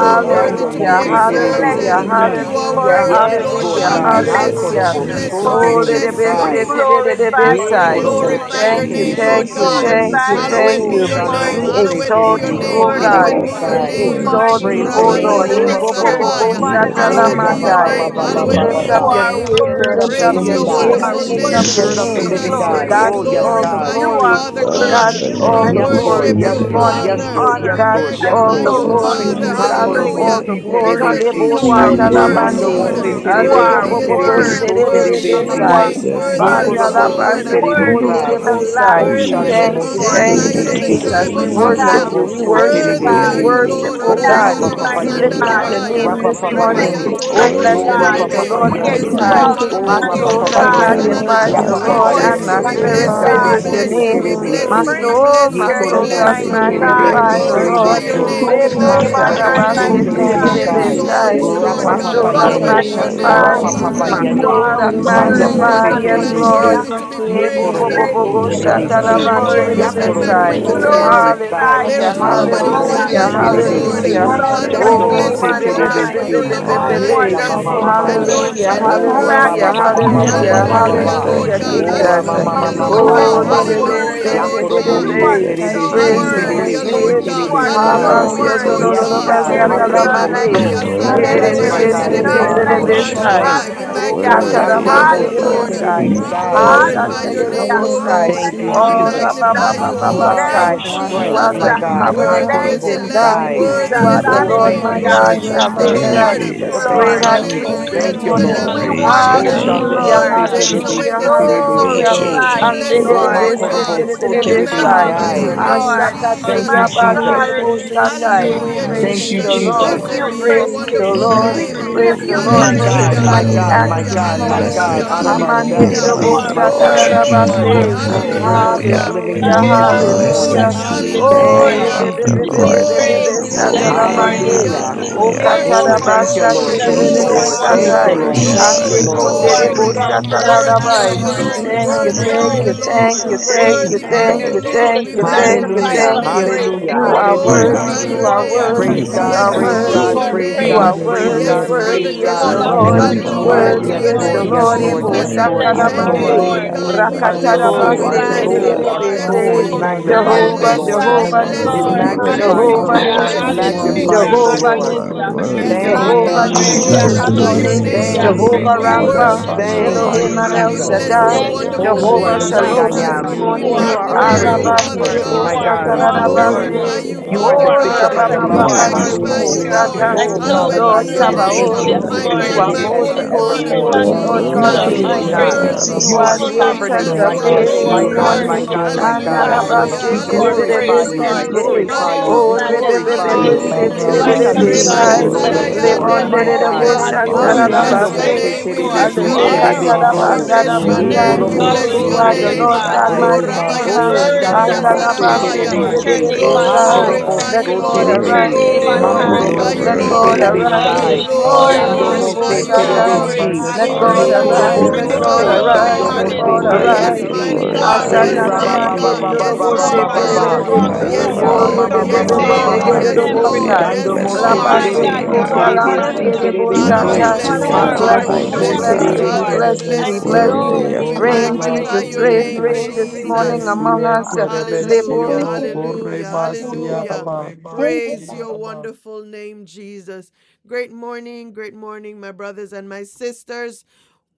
A: You are
G: you.
E: Hallelujah.
A: worthy.
C: Shando,
A: To,
C: Mose,
G: We
D: glory,
E: Hallelujah.
G: bless
B: hallelujah,
G: you
E: God,
D: glory,
C: Terebesi.
A: you
G: this
A: are
I: Glory
B: hallelujah,
G: morning.
I: to
E: God,
A: worthy,
C: Yes,
A: Lord
I: God.
C: Lord
B: hallelujah,
G: We
A: God.
I: Glory
C: God.
I: to
C: Ha,
G: bless
D: Jesus,
I: God.
G: you
B: hallelujah.
C: Korobo,
G: this
I: Hallelujah.
C: So,
D: Jesus,
B: Oh,
G: morning. We
C: Terebesi.
D: Jesus,
G: glorify
E: God,
C: Ye,
G: you
A: We
B: Rebebeseterebesai.
G: this
C: Korobo,
D: oh,
A: glorify
C: So,
G: morning.
A: your
B: Thank you,
A: name,
G: We
B: thank
A: Lord
D: Jesus,
B: you,
A: God.
C: Terebesi.
B: thank you,
G: glorify
D: Jesus,
G: you
B: thank
A: Hallowed
G: this
A: be
C: Oh,
F: Amen.
B: you.
A: your
F: Amen.
C: Shando,
G: morning.
D: Jesus,
A: name.
B: We
C: Mose,
J: Hallelujah.
A: Hallowed
F: Amen.
A: be
G: We
B: exalt
A: your
B: thee,
D: how
I: Good
A: name.
C: Terebesi,
B: O
D: we
I: God,
B: God.
G: worship
A: Hallowed
I: we
A: be
D: love
G: you
E: God,
A: your
I: praise
B: We
D: that
J: Hallelujah.
C: Terebesi.
I: you,
G: this
E: glory
A: name.
E: to
D: name,
I: Jesus.
B: exalt
G: morning.
B: thee,
C: Praise the
B: O
J: Hallelujah.
G: We
D: Jesus.
B: Lord.
A: Rabbayola
B: Eh,
C: name
B: bo
C: of
G: lift
C: the
J: Hallelujah.
B: bo
E: God.
G: your
I: We
B: bo
G: name
C: Lord.
B: bo
G: on
I: glorify
A: Rabaya.
D: Sweeter
G: high
D: than
I: your
E: Thank
D: the
C: Oh,
A: Hallowed be.
G: this
I: name, God.
B: shatalamandai.
E: you,
D: honeycomb
I: We
G: morning.
D: you
F: Amen.
B: We
A: Hallowed.
I: worship
B: lift
J: Hallelujah.
G: You
D: are.
B: up
I: you.
C: Yabababababababa.
B: your
E: God,
G: are
F: Amen.
E: worthy
A: be.
B: name. We
C: Spirit
I: We
C: of
B: lift
G: worthy.
C: the
B: up
E: of
A: Praise
I: honor
B: your
C: living
A: your
I: you,
G: You
C: God.
B: name.
D: Jesus,
G: are
B: We
A: wonderful
I: Jesus.
B: lift
I: We
B: up
A: name,
G: worthy,
F: Thank
B: your
C: Spirit
I: magnify
G: King
D: Jesus,
C: of
A: Jesus.
C: the
G: of
E: praise,
B: name.
I: your
J: Hallelujah.
C: living
B: To
I: name.
C: God.
G: glory.
I: We
J: Thank
E: praise.
D: Jesus.
B: God
I: bless
C: Oh,
B: be
C: yes,
I: your
B: all
A: Glory.
B: the
I: name.
C: God.
G: You
J: Hallelujah.
B: glory.
G: are
D: We
A: Father
B: To
I: We
J: Thank
A: God.
D: love
J: you,
B: God
G: worthy,
I: thank
D: the
B: be
I: you for
B: all
A: We
J: Jesus.
I: who
G: and
B: the
D: name
I: you
C: Yes,
J: Thank
G: so
A: worship,
J: you,
B: glory
C: Lord.
I: are,
G: we
B: this
C: Yes,
I: God.
J: Jesus.
I: We
G: give
C: Lord.
D: Jesus.
J: Thank
E: God,
G: you
A: Father,
J: you,
B: morning.
I: thank
C: Yes, Lord.
B: To
I: you.
J: Jesus.
G: honor,
C: Yes,
B: God
C: Lord.
B: be
G: and
C: Yes,
B: all the
C: Lord.
G: so
J: Thank
G: we
J: you,
D: Jesus,
E: God,
I: We
B: glory.
G: give
A: Father,
D: my
B: To
G: you
I: worship
E: worthy of
G: the
J: Jesus.
C: Ha,
E: praise.
I: you.
B: God
A: hallelujah.
J: Thank
B: be
J: you,
C: Korobo,
I: We
B: all
G: praise
D: Savior.
B: the
J: Jesus.
C: Si,
I: exalt
B: glory.
A: Blessed
G: because
J: Thank
I: you,
A: be
J: you.
I: God.
C: Terebesi.
B: Lebo
A: your
G: you
I: We
G: are
A: holy
I: exalt
A: name,
J: Thank
G: worthy.
C: Mando
D: Jesus,
J: you,
A: Lord.
B: satalamande.
D: my
J: Lord.
C: mose
J: I
I: you.
J: bless
G: You
C: terebe
J: you.
B: Alebo
J: I
C: si
G: are
A: Worthy
D: Redeemer.
B: bobo
I: Lord.
J: bless
A: is the
B: bo
C: terebe
J: you. I
C: so
A: Lamb,
J: bless
G: worthy.
J: you.
A: worthy,
J: You
C: terebe
E: God,
J: are
G: You
E: God,
C: si.
J: worthy
B: shedebesai.
G: are
J: to be
I: Oh,
D: Jesus,
I: God,
J: praised.
A: worthy
D: my
I: we
A: is the
I: worship
G: worthy.
A: Lord,
C: Yekorobosto
B: Bandalabande
J: Worthy
D: Savior.
J: to be
G: Worthy
J: praised.
G: is
C: terebesai.
G: the Lamb
B: rikonderebosai.
C: O
G: who
I: you. We
A: worthy
J: Thank you.
A: is
G: was
I: worship you.
G: slain
B: Thank you,
G: for
A: the
D: Jesus,
J: Thank
C: shandomose
J: you,
G: our
J: Lord.
B: thank
J: Thank you.
B: you,
A: Lion of
J: I
G: sins.
A: the
C: terebesi.
D: Jesus,
J: Thank you.
A: tribe
B: Jesus.
G: We
B: We
A: of Judah.
B: worship
G: thank
D: Jesus.
E: God,
B: you,
G: you,
B: we
J: Lord.
C: Hakorobosto
G: mighty
J: Thank
B: worship you,
J: you.
A: Worthy
B: we
G: God.
A: are you,
C: terebesi.
D: Worthy
B: worship,
A: Lord.
G: We
A: Ora
B: oh
D: to
C: O
A: ra
G: thank
A: ra
J: None
B: God.
J: of
G: you,
C: rapa
J: my
D: receive
C: papa
B: We
J: thank
G: mighty
J: yous,
B: lift up
A: ra
D: glory
C: yende.
G: God.
E: God,
J: Father,
B: your
D: and
A: ba
J: does
B: name
C: rapa
D: honor.
G: We
B: this
J: not
E: praise,
C: papa
J: thank
E: I
G: bless
B: morning.
J: you.
C: yende.
G: you,
A: Tolo
B: Oh,
E: praise,
A: bo
G: mighty
B: blessed
C: O
D: Worthy
G: God.
B: be
C: rapa
B: the
D: is
E: praise.
D: the
C: papa
B: Lord
G: We
B: Most
C: yende.
D: Lamb.
B: High.
J: Well, Thank
G: exalt
J: you,
G: you,
E: Hallelujah.
B: My
C: O
J: Jesus.
D: You
C: rapa
J: I
G: mighty
B: soul
D: are
C: papa
D: the
B: that
J: thank you,
K: Thank you,
G: God.
D: Lamb
C: yende.
D: of
K: Lord
G: We
B: magnifies
J: Jesus.
B: the
C: Yapa
A: We
D: God that
C: papa
K: Jesus.
B: Lord,
G: adore
B: and
G: you,
D: takes
B: my
C: yende.
K: Oh
D: away
G: mighty
B: spirit
A: Bless
D: all
K: God,
A: you,
D: the
K: I
A: we,
G: God.
B: praises your
D: sins
C: Shandomose
K: thank you,
D: of
B: name.
G: We
D: the
K: Lord
G: sing
B: My
D: world.
C: terebesi.
A: we
E: I
G: praises
K: Jesus.
B: soul,
A: bless
G: to
B: my
A: you,
G: your
A: we
B: soul
G: name,
K: Thank you
B: that
G: mighty
K: for
C: Yekorobosi
K: your
G: God.
D: Hallelujah.
C: terebesi
B: magnifies
K: grace.
D: You
E: God,
B: the
D: are
K: Thank
G: We
K: you
A: glorify
B: Lord.
K: for
E: praise
A: your
C: terebeso.
G: lift
K: your
E: God.
D: Jehovah
A: name, we
K: grace.
G: your
J: Hallelujah.
B: Debo
G: name
A: magnify
G: on
D: Jireh.
E: I
G: high,
C: Hakorobosto
K: Oh
B: sarabaste
G: mighty
K: God, I
J: Hallelujah.
G: God.
K: thank
C: terebesai.
K: you for
B: terededebesai.
G: We
K: your
J: Thank
D: Jesus,
A: you,
J: you,
D: you
A: Lord.
C: rapa
B: My
D: are
J: Jesus.
G: lift
K: wisdom,
B: soul
C: papa
G: you
E: Hallelujah. Lord, God,
B: that
G: up,
K: knowledge,
A: Hallowed
K: and
D: Jehovah
C: yende.
K: your
G: mighty
A: your name,
G: God.
B: magnifies,
A: Jesus.
C: rapa
D: Shalom.
K: understanding.
C: papa
B: my
G: You
C: yende.
B: soul
G: are
B: that
K: Father,
A: You
C: Mando
A: are
D: Jesus,
K: Father,
G: worthy.
D: my
K: thank
C: Mose
B: magnifies,
K: you for
B: yes,
K: this
D: peace.
F: you.
B: Lord.
K: day
G: Hallelujah.
C: Terebesi,
A: worthy
K: that
A: to
K: you
A: be
G: We
K: have
C: Ye
B: Debo
A: praised.
B: bo
K: made.
B: bo
C: korobosto
G: bless
B: bo
C: So
B: bo
F: Yeah,
K: And
G: you
F: that
D: Hallelujah.
K: I'm
A: You
K: going
G: this
K: to
C: Terebesi,
A: are
F: I
G: morning.
C: Ya
K: rejoice
A: glorious and
K: and be
C: korobosto
G: We
B: shatalabandedebesai.
K: glad
C: So
A: magnificent.
K: in
D: Hallelujah.
K: it.
G: glorify
A: There
K: Abba,
B: Hallelujah,
A: is
G: you,
C: Ha
K: Father,
A: nobody
K: I
D: Jesus,
C: korobosti
K: thank
G: Jesus.
K: you
B: hallelujah,
C: Si
A: like
K: for
J: Hallelujah.
A: you,
K: this
G: We
A: Lord.
D: Jesus,
B: hallelujah.
C: Terebesi,
K: year
G: exalt
K: and
A: Father,
G: your
A: we
D: Jesus.
K: cloud
J: Hallelujah.
C: Shando
A: bless
J: Hallelujah.
K: my
B: Oh,
G: name
C: Mose
G: on
K: sins
J: Hallelujah.
K: and
G: high.
A: your
C: Terebesi,
J: Hallelujah.
K: shining
D: Ah,
A: loving
K: from.
G: Oh,
D: you
E: hallelujah,
C: Ye
D: are
A: kindness
B: re-be-be-be-be-be-be-be-be.
C: Yamama
G: wonderful
K: Abba,
G: King.
A: and
K: Father,
C: Mamando,
K: I
D: Jehovah
A: your
B: Hallelujah,
D: Rapha,
K: thank
A: tender
G: We
C: O
A: mercy,
K: you.
B: hallelujah,
C: Rababa
D: the
J: Hallelujah.
K: I
C: Baba
G: magnify
K: thank
G: you,
C: Baba
D: Lord
C: Baba
K: you
B: hallelujah,
D: thy
K: for your
D: God,
G: Jesus.
C: Baba,
D: thy
A: Lord
K: spirit
B: hallelujah,
J: Hallelujah.
A: God.
K: of
C: O
G: Thank
D: healer.
B: Jesus.
G: you,
C: Ramama
D: Thank
K: discernment.
G: Lord.
D: you,
G: You
C: Mama
G: are
C: Mama
B: Oh,
G: so
K: Help
D: Jesus.
J: Hallelujah.
K: me,
C: Mando,
K: O
A: Hallelujah,
G: worthy.
C: Ya
K: God,
A: Lord.
K: to pro-
C: korobosto
G: You
C: So
G: are
B: le-le-be-se-te-le-le-be.
K: thank
D: Jesus,
G: so
C: Terebesi
B: praise
K: you,
B: is
K: O
B: his
D: Jesus,
A: Hallelujah,
G: worthy.
K: God,
C: Terebesi
A: Lord
B: name.
G: You
A: God.
G: are
D: Jesus,
B: ha
L: Mhm.
B: ba
C: Terebesi,
K: Glorify
G: so
D: worthy
K: your
B: lo
A: Hallelujah,
D: to
B: lo
G: worthy.
K: name
A: Lord
C: Yes,
K: and
B: lo
A: God.
B: ba
K: to
D: receive
G: And
C: God,
B: sa
G: there
C: Ha
K: honor
B: ta
G: is
B: la
K: your
D: glory,
G: none
C: korobosto,
K: name.
G: like
B: mande
G: you.
K: I
D: worthy
C: Yes,
D: to
K: bless
J: Hallelujah,
C: my
G: There is
K: your
C: God,
J: hallelujah.
C: you
D: receive
K: holy
G: none
C: are
K: name,
G: like
C: our
D: honor,
G: you.
K: Abba
B: Ye-re-re-be-se-te-le-le-le-be-sai.
C: strength.
A: Shabbat. We
K: Father.
B: Oh,
G: Hallelujah.
C: Oh,
A: magnify
K: I
A: your
D: worthy
A: name,
K: lift
D: is
B: kataramande
C: Yakorobo
K: up
A: O
D: the
B: de
G: Hallelujah.
K: your
B: bo
A: Lord.
D: Lamb,
K: name,
B: sai
C: Soterebe
K: O
A: We
C: Sai.
K: Father.
A: glorify
D: worthy
A: your
B: lo
D: is
K: By
A: name,
D: the
G: Hallelujah.
B: bo
A: O
K: your
D: Lamb,
A: Lord.
C: Thank
K: mercy
C: you,
K: and
A: We
B: Oh, ra
C: Jesus.
K: mercy,
B: ba ba
A: magnify you,
C: You
K: forever.
A: holy
C: are
G: Thank
C: our
G: you, Jesus. Thank you,
K: Father,
B: You
K: I
C: strength,
B: are
C: my
B: the
G: Jesus.
K: open
A: name.
C: God.
K: my
A: Worthy
B: covenant
G: Thank
K: eyes
C: Hakorobo
G: you,
B: keeping
K: unto
A: Lamb.
B: God.
K: the
C: Sai.
D: worthy
K: Lord.
D: is
B: You
A: Worthy
G: Jesus.
B: are
D: the
A: is
B: the
A: the
D: Lamb,
C: Oh,
B: Lord
K: And
C: thank
A: King.
B: my
C: you,
K: whence
G: Hallelujah.
B: God,
A: Worthy
C: Jesus.
A: is the
G: We
K: my
C: Thank you,
G: bless
A: Lord.
K: help?
B: salvation,
D: worthy
G: you,
C: Jesus.
B: the
D: is the
C: Thank
K: My
B: great
G: Lord.
C: you,
B: high
D: Lamb.
K: help
C: Jesus.
B: priest
K: comes
B: this
A: Hallelujah
C: Thank
K: from
A: to
K: the
C: you,
A: the
D: We
B: morning.
C: Lord.
A: Lamb
G: We
A: of
K: Lord.
D: praise your
A: God.
C: Oh,
G: worship
K: He
G: you,
D: name,
C: Shando
K: is
B: Hallelujah,
A: Oh,
C: Mose
D: Lord.
A: who
G: Lord.
A: takes
K: the
G: We
C: Terebe
A: away
B: hallelujah,
C: Si
A: the
D: We
A: sins
C: Terebe
K: Lord.
A: of the
B: hallelujah.
D: praise your
A: world.
C: So.
A: We
G: glorify
D: name,
G: you,
A: bless
K: Yes,
A: you,
D: Lord.
C: Oh,
G: Lord.
A: Lord,
C: Hakorobo
G: We
D: We
C: So
D: give you
G: exalt
B: Andededebestetedededebesai.
A: by
G: you,
C: Sai.
A: your
D: glory,
A: name,
D: we
G: Lord.
D: give
C: Thank
A: Jesus.
D: you
C: you,
G: My God,
D: honor,
C: Jesus.
B: Ashakaturiabandedebosandai.
D: we
A: Hallelujah,
B: Praise
C: Thank
B: ye
C: you,
D: worship
A: Jesus.
G: we
B: the
D: you,
G: give
C: Jesus.
B: Lord,
D: Lord.
G: you
A: Be your
B: praise ye the
G: praises.
A: wonderful
D: We
B: Lord,
G: We
D: honor
A: name.
G: give
B: praise
G: you praises. We give
D: you,
B: the
G: you
D: we
B: Lord
C: My
B: for
A: Hallelujah.
G: praise,
B: his
D: adore
C: God,
G: Lord.
F: don't
C: my
F: know
B: mighty
D: you.
C: God,
F: what
B: acts
C: my
B: this
C: God, my
B: morning.
F: I'm
C: God,
D: Blessed
C: out of
D: be
C: our
D: the
C: bell-
F: Yes,
D: name
G: because You are worthy.
D: of
G: You
C: bellies,
D: the
F: Lord.
G: are
C: my
F: I
D: Lord.
C: God.
F: worship
G: worthy.
F: you,
G: You
F: adore
A: Glory.
F: you,
G: are
C: will
B: Amandededobosatadadabase.
C: flow
F: magnify you,
G: worthy.
F: lift
C: rivers
F: you
C: of
F: up.
D: Hallelujah.
C: living
A: Hallelujah.
B: Hallelujah,
G: My
C: water
G: God,
F: Hallelujah,
C: this
G: we
B: hallelujah.
G: bless
A: Glory.
C: morning.
D: Blessed
F: hallelujah,
G: you
D: be the
F: hallelujah.
G: this
B: Oh,
A: Hallelujah.
D: name
C: Thank
G: morning.
D: of
C: you,
D: the
F: Thank you,
C: Jesus.
G: We
D: Lord.
F: Lord
G: praise
B: rebebebebebebebe
J: Jesus,
A: Glory.
G: you
F: Jesus.
E: thank
G: this
J: Jesus,
A: Hallelujah.
D: Glory.
G: morning.
B: satalamande.
J: Jesus,
C: Hallelujah.
E: you
G: We
B: O
D: Hallelujah.
J: Jesus,
G: worship
C: Oh,
A: Glory,
G: you,
C: thank you,
B: katarabasa
C: Lord.
A: glory,
G: Jesus.
C: Thank
G: You
C: you,
B: tererebe
J: Jesus,
A: glory,
G: are
C: Lord.
D: Jesus, we
C: Thank you,
J: Jesus,
B: satai.
A: glory,
G: wonderful.
C: Lord.
D: worship
J: Jesus.
C: Thank
F: Yes,
C: you,
B: Ande
A: glory,
D: and
F: Lord,
G: You
F: I
C: Lord.
D: adore
G: are
F: worship you,
B: konderebo
A: glory.
D: you.
F: adore
E: are
G: exalted
F: you,
E: word, you are
G: on
E: word,
A: Worthy
G: high,
F: magnify
E: your
A: are
B: satarabai.
A: you,
F: you,
G: Lord.
E: word,
F: lift you
A: Lord.
B: Thank
F: up.
G: And
D: Jesus,
B: you,
D: we
F: Thank
A: Worthy
E: praise.
F: you,
A: are
B: thank
G: so
B: you,
F: Lord
A: you,
G: we give
B: thank
A: Lord.
G: you
B: you,
F: Jesus.
B: thank
G: praise.
B: you,
A: Worthy are
B: thank
A: you,
D: bow
B: you,
G: Give
D: at
G: you
A: Lord.
D: your
G: the
B: thank
A: We
B: you,
K: Father,
D: throne
A: magnify,
B: thank
K: you
B: you,
G: sacrifice
D: this
C: Hallelujah.
B: thank
G: of
B: you.
D: morning,
G: praise,
D: O
C: Hallelujah.
B: You
G: God.
B: are
D: God.
A: glorify
C: Hallelujah.
E: Lord,
B: worthy, you
G: Receive
A: your
B: are
G: our
A: name.
E: Hallelujah.
B: worthy,
C: Praise
G: worship.
K: are
B: you
A: We
C: God.
B: are
D: Jesus, we
E: Hallelujah.
C: Praise
A: exalt
B: worthy.
G: Receive
C: God.
G: our
A: your
C: Praise
D: glorify
A: name.
B: You
G: praise.
C: God.
B: are
D: your
C: Praise
B: worthy,
D: name.
C: God.
A: Yes,
C: Praise
A: Father
B: worthy
G: Receive, O
B: is
C: God.
A: God.
D: We
B: the
G: Lord,
E: Thank
B: Lord.
G: Lord
E: you,
G: Jesus,
E: Lord.
A: Hallelujah
D: magnify
C: Oh,
A: to
K: worthy
G: this
D: your
K: of
B: Worthy
C: yes,
A: your
B: is
K: our
B: the
C: Lord.
G: morning.
A: name,
D: name.
C: Yes,
K: praise,
B: Lord.
E: Oh,
K: O
C: Lord.
E: thank
B: Ebo
A: Jesus.
C: Yes,
G: We
K: God.
C: Lord.
E: you,
G: bless
C: Yes,
E: holy
G: you,
A: Thank
K: Father,
A: you,
E: name.
C: Lord.
B: shatalamande.
K: you
A: Lord
G: Lord.
D: Hallelujah.
A: God.
K: alone
A: We
F: Yeah,
G: We
C: Our
K: are
A: bless
K: worthy,
C: soul,
A: you.
K: O
C: our
B: Rakatarabase
G: glorify
K: God.
A: We
E: Hallelujah.
G: you,
D: Hallelujah.
A: bless
C: soul, our
G: Lord.
C: soul,
B: tererebe
K: Father,
A: you.
C: it
K: you
G: We
E: Glory to
K: are the
D: Oh,
C: magnifies
K: lion
C: the
B: Jehovah,
K: of the
C: Lord.
G: magnify
A: We
K: tribe
D: Jesus,
B: Jehovah
G: you,
F: Yes,
D: you
K: of
A: bless
C: It
D: are
F: Lord,
B: Nisi,
A: you.
G: Lord.
A: We,
K: Judah.
F: yes,
E: your
C: magnifies
D: worthy.
E: name.
C: the
F: Lord,
B: Jehovah
A: we
K: Abba,
A: bless
C: Lord.
G: Hallelujah,
E: Glory to
C: It
K: Father, you
B: Nisi,
K: are the
C: magnifies
G: hallelujah,
C: the
D: Jesus,
K: ancient
B: Jehovah
D: you
C: Lord.
K: of
D: are
G: hallelujah.
A: you.
B: Nisi,
K: days.
E: your
A: Yes,
E: name.
D: worthy.
A: Lord
C: Thank
K: You are
C: you,
B: Jehovah
A: God.
K: the
A: We
K: I
E: Praise,
B: Nisi
C: Jesus.
K: am
G: Hallelujah,
B: this
K: that
A: glorify
K: you
A: your
B: morning,
K: say I
D: Jesus,
A: name.
G: hallelujah.
D: you
C: Thank
K: am.
E: victory.
C: you,
B: Jehovah
D: are
A: We
K: And
G: Thank
K: I
C: Jesus.
B: Rapha,
A: worship
D: worthy.
G: you,
A: you, Lord.
C: Thank
K: magnify
C: you,
B: Elohim
K: your
B: and
E: Hallelujah.
G: Jesus.
B: El
A: We.
K: name,
C: Jesus.
K: O
A: your
K: Lord.
B: Shaddai,
G: Thank
D: Hallelujah.
G: you,
C: Oh,
A: wonderful
K: I
A: name.
C: you are
B: Jehovah
C: the
E: Hallelujah.
K: lift
C: great I
K: up
G: Jesus.
B: Shalom
K: your
B: this
C: am.
G: You
K: name,
A: We
B: morning,
K: O
C: You
D: Hallelujah.
G: are
C: are
A: magnify
C: our
E: Thank you,
C: Prince
K: God.
A: you,
C: of
D: Glory
G: worthy.
A: Father
D: to
C: Peace,
E: Lord.
B: Alabandere
D: God.
G: You
A: God.
C: my
G: are
A: We
C: God.
K: Shekarabas,
E: Lord.
D: Glory
G: wonderful.
A: glorify
B: Bostatarabase,
D: to
A: you,
C: You
G: You
C: are
D: God.
C: the
K: Yankarabas.
A: Father.
B: O
G: are
C: bishop and the
G: perfect,
C: lover
E: Hallelujah.
C: of
G: Lord.
C: our
D: Mighty
B: Rabababandere
K: Rokurbos,
A: Glorify
D: God.
A: you,
C: souls.
E: Hallelujah.
A: Lord.
F: yes,
B: Bostatai,
G: And
D: Mighty
C: Oh,
K: Yankarabas,
G: so
F: Lord,
C: Father
A: Hallowed
D: God.
G: we
A: be
C: God,
B: Lord
F: yes,
C: you're
A: your
C: the
F: Lord,
A: name,
G: bless you
C: same
E: Oh,
F: Shabbat,
G: this
B: Sabaoth,
K: Yorokurbos,
A: my
E: bless
C: yesterday,
D: Worthy
B: you
E: your
A: God,
B: are
D: is
K: Yorokurbos,
G: morning.
A: my
C: today,
E: name.
D: the
C: and
B: holy,
A: holy
D: Lamb.
G: We
B: holy,
G: will
C: forevermore.
B: holy,
G: not
F: yeah,
B: Lord
G: cease
C: You
B: God
G: to
A: Jesus.
E: Hallelujah.
A: You
G: give
D: Worthy
C: change
G: you
A: are
D: is
E: You
F: Lord
D: the
K: Shekarabastia
C: not.
B: Almighty.
G: praise.
A: worthy.
D: Lamb.
F: Jesus.
B: You
C: You
E: are
G: We
B: are
C: are
A: Jesus,
K: Karaba
E: worthy. of
G: will
B: the
G: not
C: sovereign and
B: ancient
G: cease
B: of
G: to give
E: praise.
C: righteous.
G: you
E: You
B: days this
C: My
G: our
D: Hallelujah.
A: glory.
C: God,
K: Sherabasioro
F: Yes,
B: morning.
C: my
E: are
G: worship.
C: God,
E: worthy, of
C: my
K: Kodos
C: God.
G: God,
E: God. You are
K: Yorobo
C: We
D: Jesus,
E: worthy.
G: receive
B: Andalabasete
A: Hallelujah.
G: our
E: You are
C: glorify
D: Jesus,
G: praise,
C: you. We
G: Lord.
A: Hallelujah.
D: Jesus.
C: glorify
E: Oh,
C: you.
A: Hallelujah.
G: Oh,
C: We
B: O
A: Hallelujah.
G: majestic
C: glorify
E: Hallelujah.
C: you.
B: rebebebe
G: King,
E: Hallelujah.
D: Worthy
B: sete
D: to
A: Hallelujah.
C: King of
K: Shekarabas
D: receive
B: rebebe
G: righteous
C: kings
G: God,
A: Rebaya
B: sai
C: and
G: we
C: Lord
D: glory
C: of
G: bless
D: and
A: Sadaya.
K: Yenkerebes
G: you.
C: lords.
D: honor.
B: lebonde
C: My
K: Yoro
G: Holy
B: rebo
C: God.
A: Hallelujah.
G: God,
E: Thank you,
G: we
A: Oh, we
K: Korebas
D: worthy
E: God.
G: worship
C: Hanyando
D: to
C: mose
K: Yara
E: Thank
G: you.
B: shantarabase
A: bless, we
E: you,
D: receive
A: bless
E: Lord.
G: You
A: your
C: terebesi
B: alebo
E: Thank
G: are
A: name.
E: you,
D: praise,
E: Holy
G: our
A: We
C: terebeso.
K: Shekarabas
E: Spirit.
B: katarabandara
A: bless
G: wonderful
A: your
C: Ye
G: King,
A: name.
G: and
B: mandai.
G: we
C: korobo
D: worthy of
K: Yenkerebes
E: Hallelujah.
B: You
C: so
A: Your
D: all
B: are
G: glorify
D: of
B: the
G: you,
K: Yoro
A: name.
D: the
B: Lord
G: God.
B: God, my
C: terebesai.
A: Oh,
D: honor,
G: Thank
E: Our
K: Rebas
A: Rabaya
G: you,
B: Redeemer.
C: Oh,
E: word
C: shando
A: Sandaria.
G: Jesus.
D: worthy
C: mose
K: Yankarabas
D: of
E: is
G: We
A: Sabaya.
D: all
K: Yoro
B: Andalabasete
D: of
E: Lord.
G: lift
D: the
A: We
G: your
C: terebesi.
G: name
B: rebebe
G: on
K: Korebas
C: Ha
D: praise,
E: Oh,
B: sai.
G: high.
C: korobo
E: bless
K: Yara
A: glorify
B: Let
G: We
A: you,
E: your
C: so
B: God
A: Lord.
G: lift
A: We
G: your
C: terebe.
B: arise
D: worthy,
G: name
B: this
E: name.
G: on
C: Ma
K: I
B: morning.
A: glorify
D: worthy,
G: high.
C: korobo
A: you,
B: Let
C: si
K: glorify
B: God
A: Lord.
D: worthy.
K: your
G: Bless
F: Lord.
A: We
K: name,
B: arise
G: you
F: yes,
E: Hallelujah.
G: this
K: O
B: this
C: terebesai.
K: Father.
B: morning.
C: Yando
G: morning.
A: glorify
B: Erebo
C: mose
K: I
A: you,
D: Jesus,
E: Hallelujah.
K: praise
A: Lord.
K: and
B: satai.
G: Glory,
C: terebesi.
D: Jesus,
B: Let
A: We
K: magnify
E: Glory
B: God
K: up
C: Ye
E: and
K: your
D: Jesus.
G: hallelujah.
B: arise.
C: korobo
F: Slow to
K: name,
B: Let
E: praise
K: O
A: glorify
B: God
C: so.
E: my
A: you,
K: Father.
G: Glory,
B: arise.
C: Shando
A: Lord.
B: Let
C: mose
B: God
K: Father, I
E: Lord.
D: Hallelujah.
G: hallelujah.
K: lift
B: arise.
D: We
K: up your
C: terebesi.
A: Mighty
G: You
K: name
A: God.
G: are
D: glorify
E: Hallelujah.
K: for you
C: Ye
B: Ashana
G: our
D: your
A: Yes,
B: la
K: are
G: help.
D: name.
B: manderi robo
K: glorious.
E: Glory
G: You
D: We
G: are
E: my
B: shete
G: our
C: rabababababababababa.
E: Lord.
K: Lord,
B: rebe.
K: you
G: strong
D: magnify
K: are
C: Oh,
D: your
A: yes,
G: tower.
B: Ore
D: name.
E: Lift up
C: yamamamamamamamando.
K: everlasting
B: bebe
G: You
E: your
K: to
B: bebe
E: name.
G: are
A: Lord.
G: our
B: bebe
K: everlasting.
B: robo
A: Lord,
D: Hallelujah.
B: sai.
A: yes.
G: everything.
C: Chando
E: Oh,
B: La
D: Blessed
C: mose
E: hallelujah.
G: My
C: terebe
B: panderi
G: God, you
C: si
E: Hallelujah.
D: Redeemer.
B: konda
G: are
B: la
J: Hallelujah,
C: terebe
G: our
C: si
B: manderi
K: Arabasian,
J: Hallelujah,
C: terebe
G: shield.
E: Hallelujah.
C: so.
B: bosata.
D: Mighty
G: You
B: We
E: Hallelujah.
K: Abasioro,
G: are
D: God,
A: Father,
J: hallelujah,
G: our
B: bless
C: Hakorobo
B: you,
E: We
B: we
C: so
D: mighty
E: give
J: wonderful.
E: you
B: bless
E: the high,
G: shepherd,
D: God.
B: you,
C: terebe
B: we
C: sa.
G: Lord.
K: Messiente,
A: we
B: bless you, we
G: And
A: bless
B: bless
J: Thank you,
K: Messioro,
B: you.
G: so
D: Worthy
A: you.
D: of
G: we
A: We
J: Lord
E: high,
B: Rain,
E: high, high, high, high, high,
A: magnify
B: Jesus,
A: your
J: Thank
B: rain,
A: name,
K: Correbasiente,
B: rain this morning
A: Jesus.
B: among us.
K: Messiente,
A: Hallelujah,
J: you,
K: Messioro,
J: Jesus.
A: hallelujah,
J: Thank you.
A: hallelujah.
K: Correbasiaraba.
J: Thank you,
A: Praise
J: Father.
A: your wonderful name, Jesus. Great morning, great morning, my brothers and my sisters.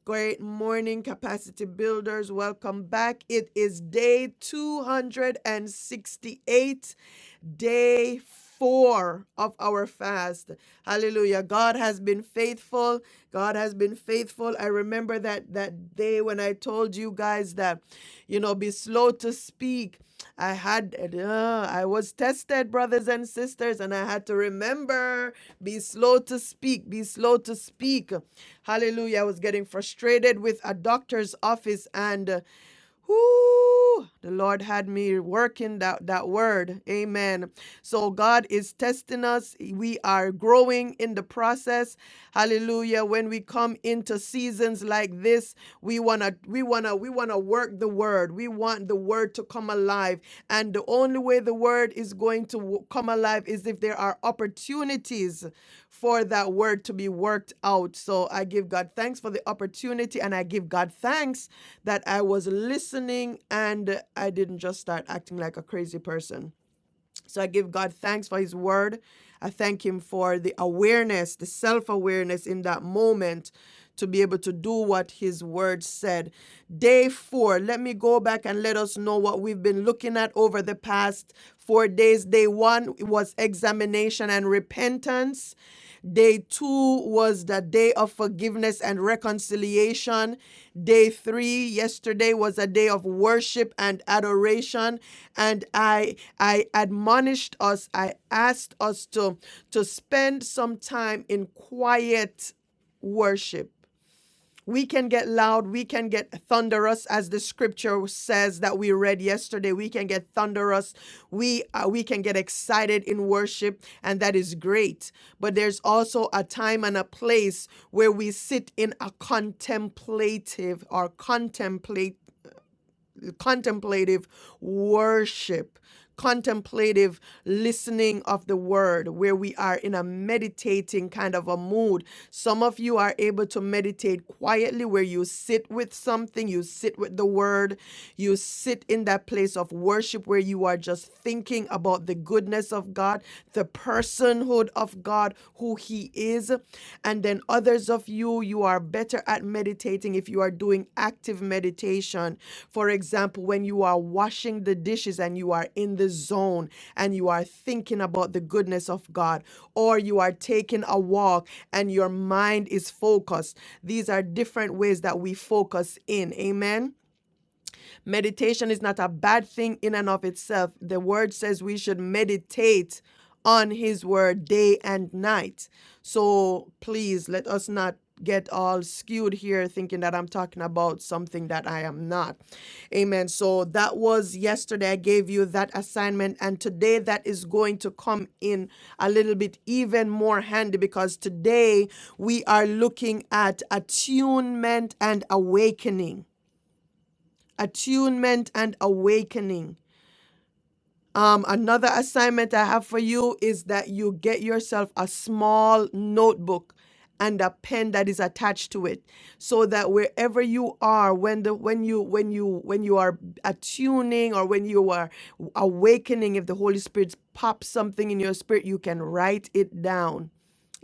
A: Great morning, capacity builders. Welcome back. It is day 268 day four of our fast. Hallelujah. God has been faithful. God has been faithful. I remember that that day when I told you guys that, you know, be slow to speak. I had uh, I was tested, brothers and sisters, and I had to remember be slow to speak, be slow to speak. Hallelujah. I was getting frustrated with a doctor's office and uh, Whoo! The Lord had me working that, that word. Amen. So God is testing us. We are growing in the process. Hallelujah. When we come into seasons like this, we wanna we wanna we wanna work the word. We want the word to come alive. And the only way the word is going to come alive is if there are opportunities for that word to be worked out. So I give God thanks for the opportunity and I give God thanks that I was listening and I didn't just start acting like a crazy person. So I give God thanks for his word. I thank him for the awareness, the self awareness in that moment to be able to do what his word said. Day four, let me go back and let us know what we've been looking at over the past four days. Day one was examination and repentance. Day two was the day of forgiveness and reconciliation. Day three, yesterday was a day of worship and adoration. And I I admonished us, I asked us to, to spend some time in quiet worship we can get loud. We can get thunderous, as the scripture says that we read yesterday. We can get thunderous. We uh, we can get excited in worship, and that is great. But there's also a time and a place where we sit in a contemplative or contemplate contemplative worship, contemplative listening of the word, where we are in a meditating kind of a mood. Some of you are able to meditate quietly, where you sit with something, you sit with the word, you sit in that place of worship where you are just thinking about the goodness of God, the personhood of God God who He is. And then others of you, you are better at meditating if you are doing active meditation. For example, when you are washing the dishes and you are in the zone and you are thinking about the goodness of God, or you are taking a walk and your mind is focused. These are different ways that we focus in. Amen. Meditation is not a bad thing in and of itself. The word says we should meditate on his word day and night. So please let us not get all skewed here thinking that I'm talking about something that I am not. Amen. So that was yesterday. I gave you that assignment, and today that is going to come in a little bit even more handy because today we are looking at attunement and awakening attunement and awakening. Um, another assignment I have for you is that you get yourself a small notebook and a pen that is attached to it so that wherever you are when the when you when you when you are attuning or when you are awakening if the holy spirit pops something in your spirit you can write it down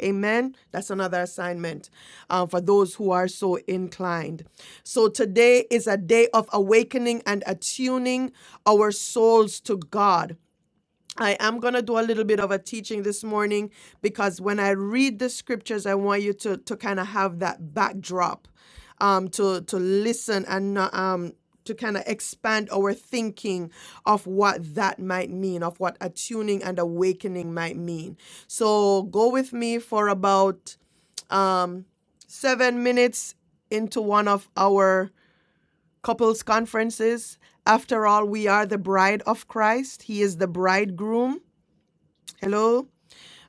A: Amen. That's another assignment uh, for those who are so inclined. So today is a day of awakening and attuning our souls to God. I am going to do a little bit of a teaching this morning because when I read the scriptures, I want you to, to kind of have that backdrop um, to, to listen and um, to kind of expand our thinking of what that might mean, of what attuning and awakening might mean. So go with me for about um, seven minutes into one of our couples conferences. After all, we are the bride of Christ, He is the bridegroom. Hello.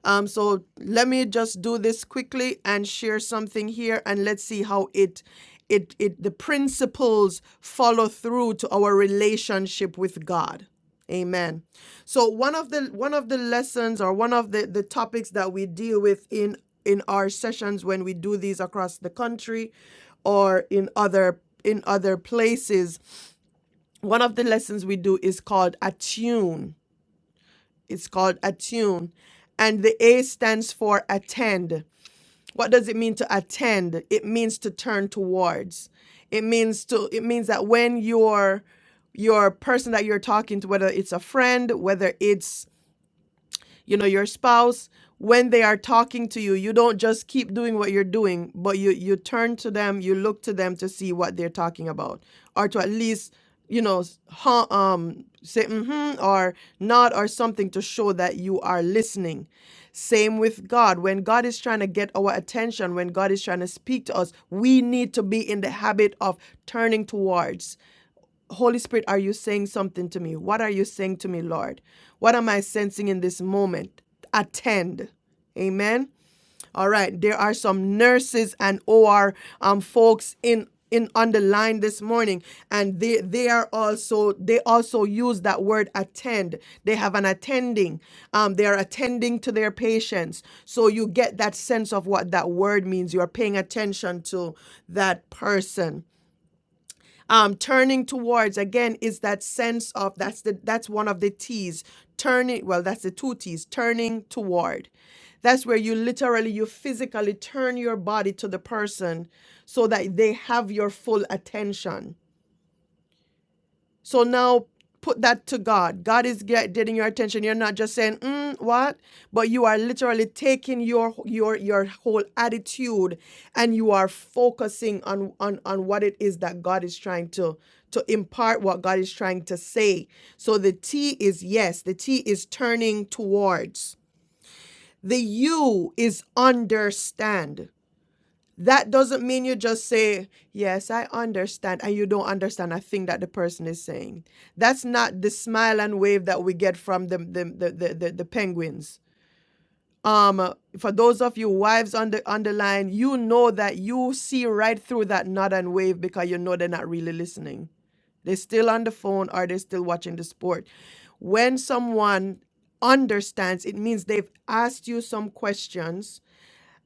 A: Um, so let me just do this quickly and share something here, and let's see how it, it, it, the principles follow through to our relationship with God. Amen. So one of the one of the lessons or one of the the topics that we deal with in in our sessions when we do these across the country, or in other in other places, one of the lessons we do is called attune it's called attune. And the A stands for attend. What does it mean to attend? It means to turn towards. It means to it means that when your your person that you're talking to, whether it's a friend, whether it's you know your spouse when they are talking to you you don't just keep doing what you're doing but you you turn to them you look to them to see what they're talking about or to at least you know s- huh, um say mm-hmm or not or something to show that you are listening same with god when god is trying to get our attention when god is trying to speak to us we need to be in the habit of turning towards Holy Spirit, are you saying something to me? What are you saying to me, Lord? What am I sensing in this moment? Attend. Amen. All right. There are some nurses and OR um, folks in in on the line this morning and they they are also they also use that word attend they have an attending um, they are attending to their patients so you get that sense of what that word means you are paying attention to that person um, turning towards again is that sense of that's the that's one of the t's turning well that's the two t's turning toward that's where you literally you physically turn your body to the person so that they have your full attention so now put that to God. God is get, getting your attention. You're not just saying mm, what, but you are literally taking your your your whole attitude and you are focusing on on on what it is that God is trying to to impart what God is trying to say. So the T is yes, the T is turning towards. The U is understand that doesn't mean you just say yes i understand and you don't understand a thing that the person is saying that's not the smile and wave that we get from the the the, the, the, the penguins um for those of you wives on the on the line you know that you see right through that nod and wave because you know they're not really listening they're still on the phone or they're still watching the sport when someone understands it means they've asked you some questions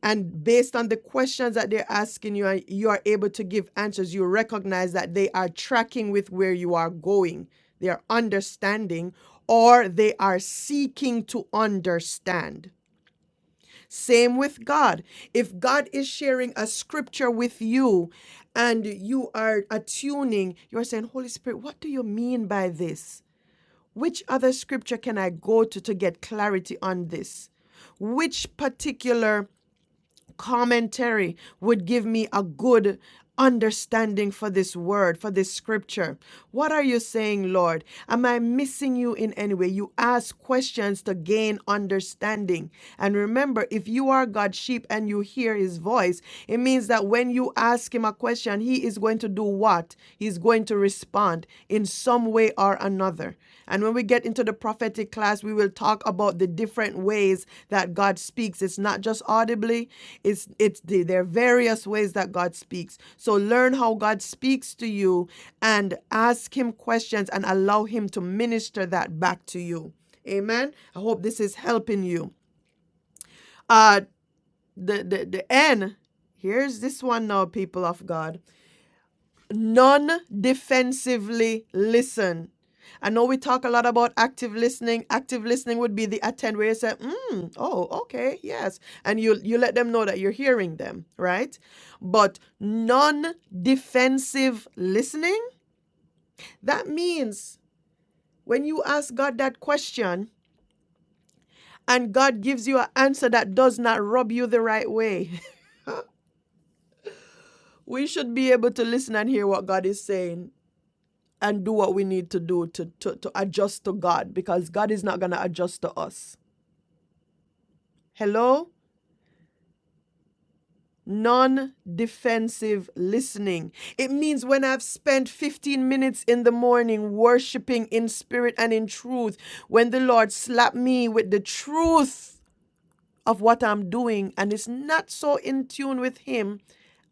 A: and based on the questions that they're asking you, and you are able to give answers. You recognize that they are tracking with where you are going, they are understanding, or they are seeking to understand. Same with God. If God is sharing a scripture with you and you are attuning, you are saying, Holy Spirit, what do you mean by this? Which other scripture can I go to to get clarity on this? Which particular commentary would give me a good understanding for this word, for this scripture. What are you saying, Lord? Am I missing you in any way? You ask questions to gain understanding. And remember, if you are God's sheep and you hear his voice, it means that when you ask him a question, he is going to do what? He's going to respond in some way or another. And when we get into the prophetic class, we will talk about the different ways that God speaks. It's not just audibly, it's it's the, there are various ways that God speaks. So learn how God speaks to you and ask him questions and allow him to minister that back to you. Amen. I hope this is helping you. Uh the the, the N Here's this one now, people of God non defensively listen. I know we talk a lot about active listening. Active listening would be the attend where you say, mm, oh, okay, yes. And you you let them know that you're hearing them, right? But non-defensive listening, that means when you ask God that question and God gives you an answer that does not rub you the right way, we should be able to listen and hear what God is saying and do what we need to do to, to, to adjust to God because God is not going to adjust to us. Hello? Non defensive listening. It means when I've spent 15 minutes in the morning worshiping in spirit and in truth, when the Lord slapped me with the truth of what I'm doing and it's not so in tune with Him,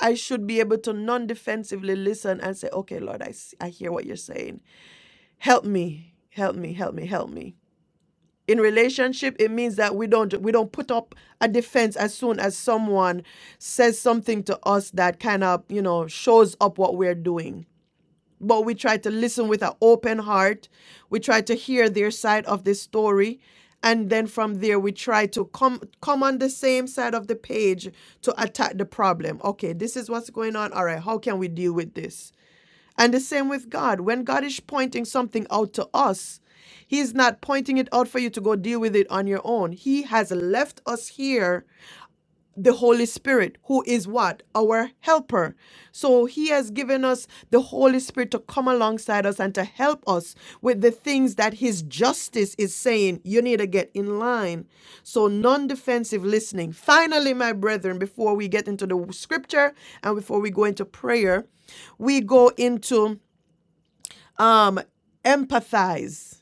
A: I should be able to non defensively listen and say, Okay, Lord, I, I hear what you're saying. Help me, help me, help me, help me. in relationship it means that we don't we don't put up a defense as soon as someone says something to us that kind of you know shows up what we're doing but we try to listen with an open heart we try to hear their side of the story and then from there we try to come come on the same side of the page to attack the problem okay this is what's going on all right how can we deal with this and the same with God. When God is pointing something out to us, He's not pointing it out for you to go deal with it on your own. He has left us here the Holy Spirit, who is what? Our helper. So He has given us the Holy Spirit to come alongside us and to help us with the things that His justice is saying you need to get in line. So non defensive listening. Finally, my brethren, before we get into the scripture and before we go into prayer, we go into. Um, empathize.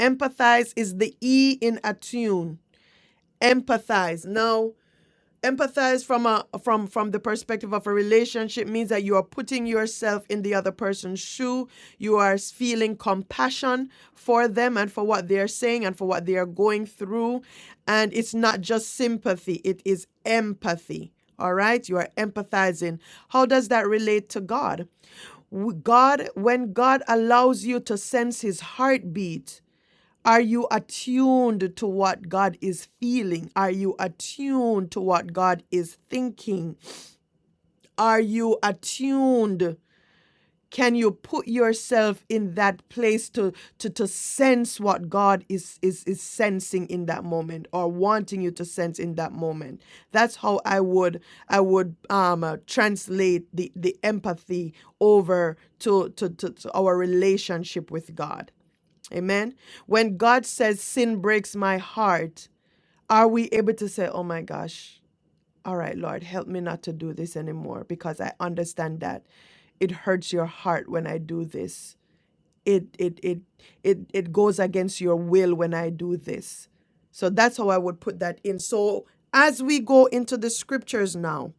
A: Empathize is the E in attune. Empathize. Now, empathize from a from from the perspective of a relationship means that you are putting yourself in the other person's shoe. You are feeling compassion for them and for what they are saying and for what they are going through. And it's not just sympathy, it is empathy. All right? You are empathizing. How does that relate to God? W- God, when God allows you to sense his heartbeat, are you attuned to what God is feeling? Are you attuned to what God is thinking? Are you attuned can you put yourself in that place to to to sense what god is is is sensing in that moment or wanting you to sense in that moment that's how i would i would um uh, translate the the empathy over to to, to to our relationship with god amen when god says sin breaks my heart are we able to say oh my gosh all right, Lord, help me not to do this anymore because I understand that it hurts your heart when I do this. It it it it it goes against your will when I do this. So that's how I would put that in. So as we go into the scriptures now,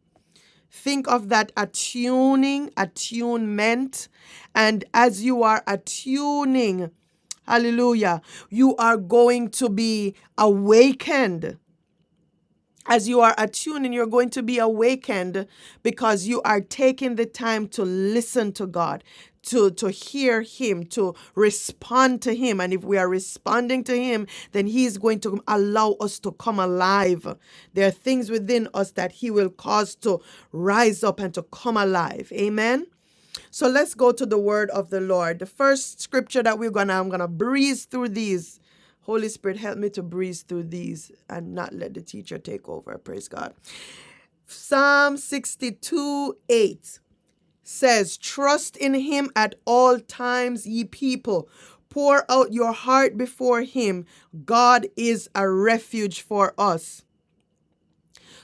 A: think of that attuning, attunement, and as you are attuning, hallelujah, you are going to be awakened as you are attuned and you're going to be awakened because you are taking the time to listen to God. To, to hear him, to respond to him. And if we are responding to him, then he is going to allow us to come alive. There are things within us that he will cause to rise up and to come alive. Amen. So let's go to the word of the Lord. The first scripture that we're gonna, I'm gonna breeze through these. Holy Spirit, help me to breeze through these and not let the teacher take over. Praise God. Psalm 62 8 says, Trust in him at all times, ye people. Pour out your heart before him. God is a refuge for us.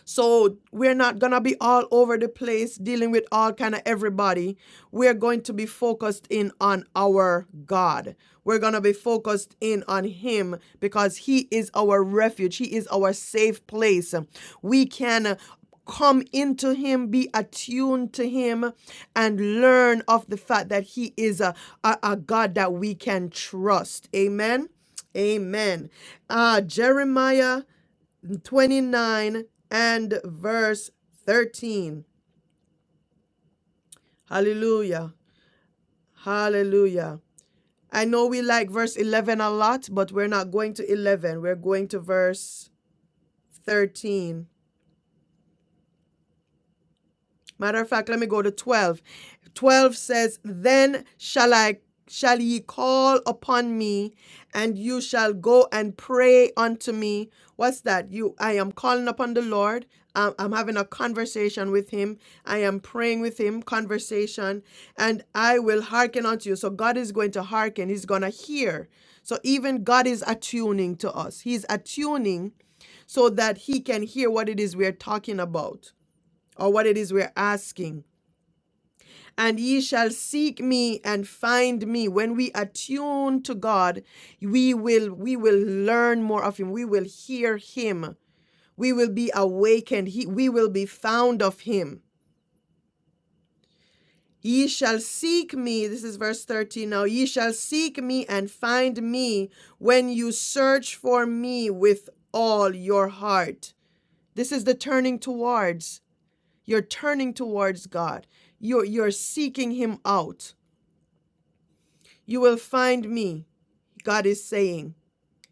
A: So we're not gonna be all over the place dealing with all kind of everybody. We're going to be focused in on our God. We're gonna be focused in on Him because He is our refuge. He is our safe place. We can come into him be attuned to him and learn of the fact that he is a, a, a god that we can trust amen amen uh jeremiah 29 and verse 13. Hallelujah. Hallelujah. I know we like verse 11 a lot, but we're not going to 11. We're going to verse 13. Matter of fact, let me go to 12. 12 says, Then shall I shall ye call upon me, and you shall go and pray unto me. What's that? You I am calling upon the Lord. Um, I'm having a conversation with him. I am praying with him, conversation, and I will hearken unto you. So God is going to hearken. He's gonna hear. So even God is attuning to us. He's attuning so that he can hear what it is we're talking about or what it is we're asking. And ye shall seek me and find me. When we attune to God, we will we will learn more of him. We will hear him. We will be awakened. He, we will be found of him. Ye shall seek me. This is verse 13 now. Ye shall seek me and find me when you search for me with all your heart. This is the turning towards. You're turning towards God. You're, you're seeking him out You will find me, God is saying.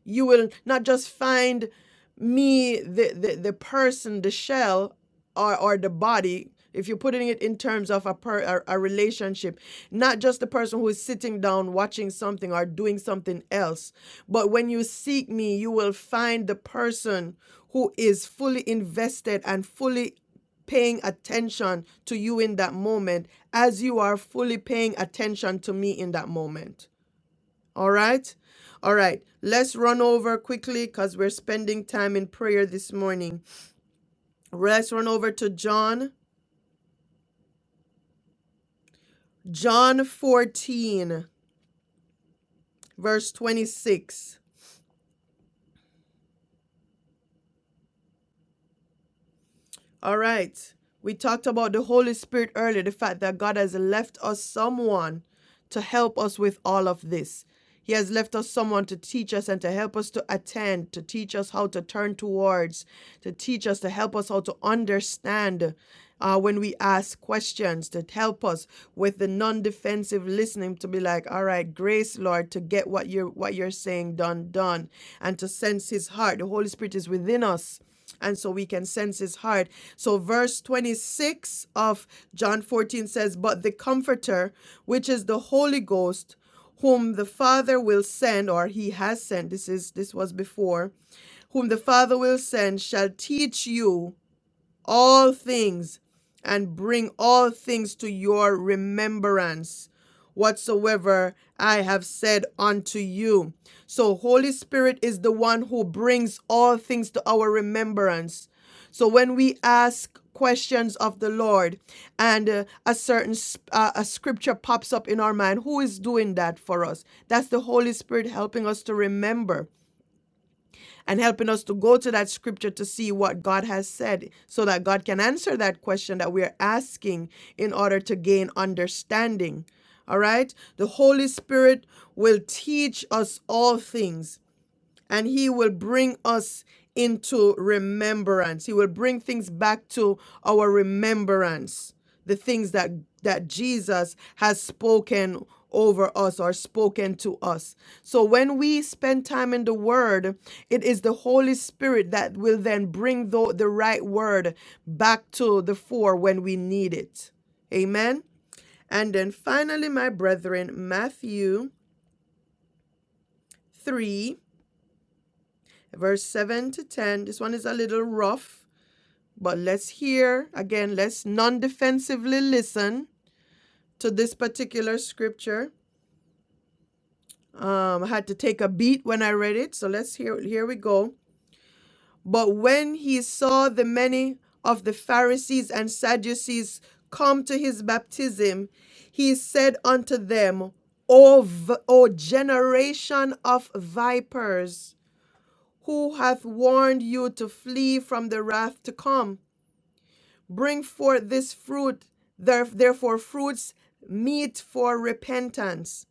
A: You will not just find me, the, the, the person, the shell, or, or the body, if you're putting it in terms of a, per, a, a relationship, not just the person who is sitting down watching something or doing something else, but when you seek me, you will find the person who is fully invested and fully paying attention to you in that moment as you are fully paying attention to me in that moment. All right? All right. Let's run over quickly because we're spending time in prayer this morning. Let's run over to John, John 14, verse 26. All right. We talked about the Holy Spirit earlier, the fact that God has left us someone to help us with all of this. He has left us someone to teach us and to help us to attend, to teach us how to turn towards, to teach us, to help us how to understand uh, when we ask questions, to help us with the non-defensive listening, to be like, all right, grace, Lord, to get what you're what you're saying done, done, and to sense His heart. The Holy Spirit is within us and so we can sense his heart. So, verse 26 of John 14 says, But the Comforter, which is the Holy Ghost, whom the Father will send, or he has sent, this is this was before, whom the Father will send, shall teach you all things and bring all things to your remembrance whatsoever I have said unto you. So, Holy Spirit is the one who brings all things to our remembrance. So, when we ask questions of the Lord and uh, a certain uh, a scripture pops up in our mind, who is doing that for us? That's the Holy Spirit helping us to remember and helping us to go to that scripture to see what God has said so that God can answer that question that we are asking in order to gain understanding. All right? The Holy Spirit will teach us all things and he will bring us into remembrance he will bring things back to our remembrance the things that that jesus has spoken over us or spoken to us so when we spend time in the word it is the holy spirit that will then bring the, the right word back to the fore when we need it amen and then finally my brethren matthew 3 verse 7 to 10. This one is a little rough, but let's hear again, let's non defensively listen to this particular scripture. Um, I had to take a beat when I read it, so let's hear. Here we go. But when he saw the many of the Pharisees and Sadducees come to his baptism, he said unto them, O, v- o generation of vipers, who hath warned you to flee from the wrath to come? Bring forth this fruit, therefore, fruits meet for repentance.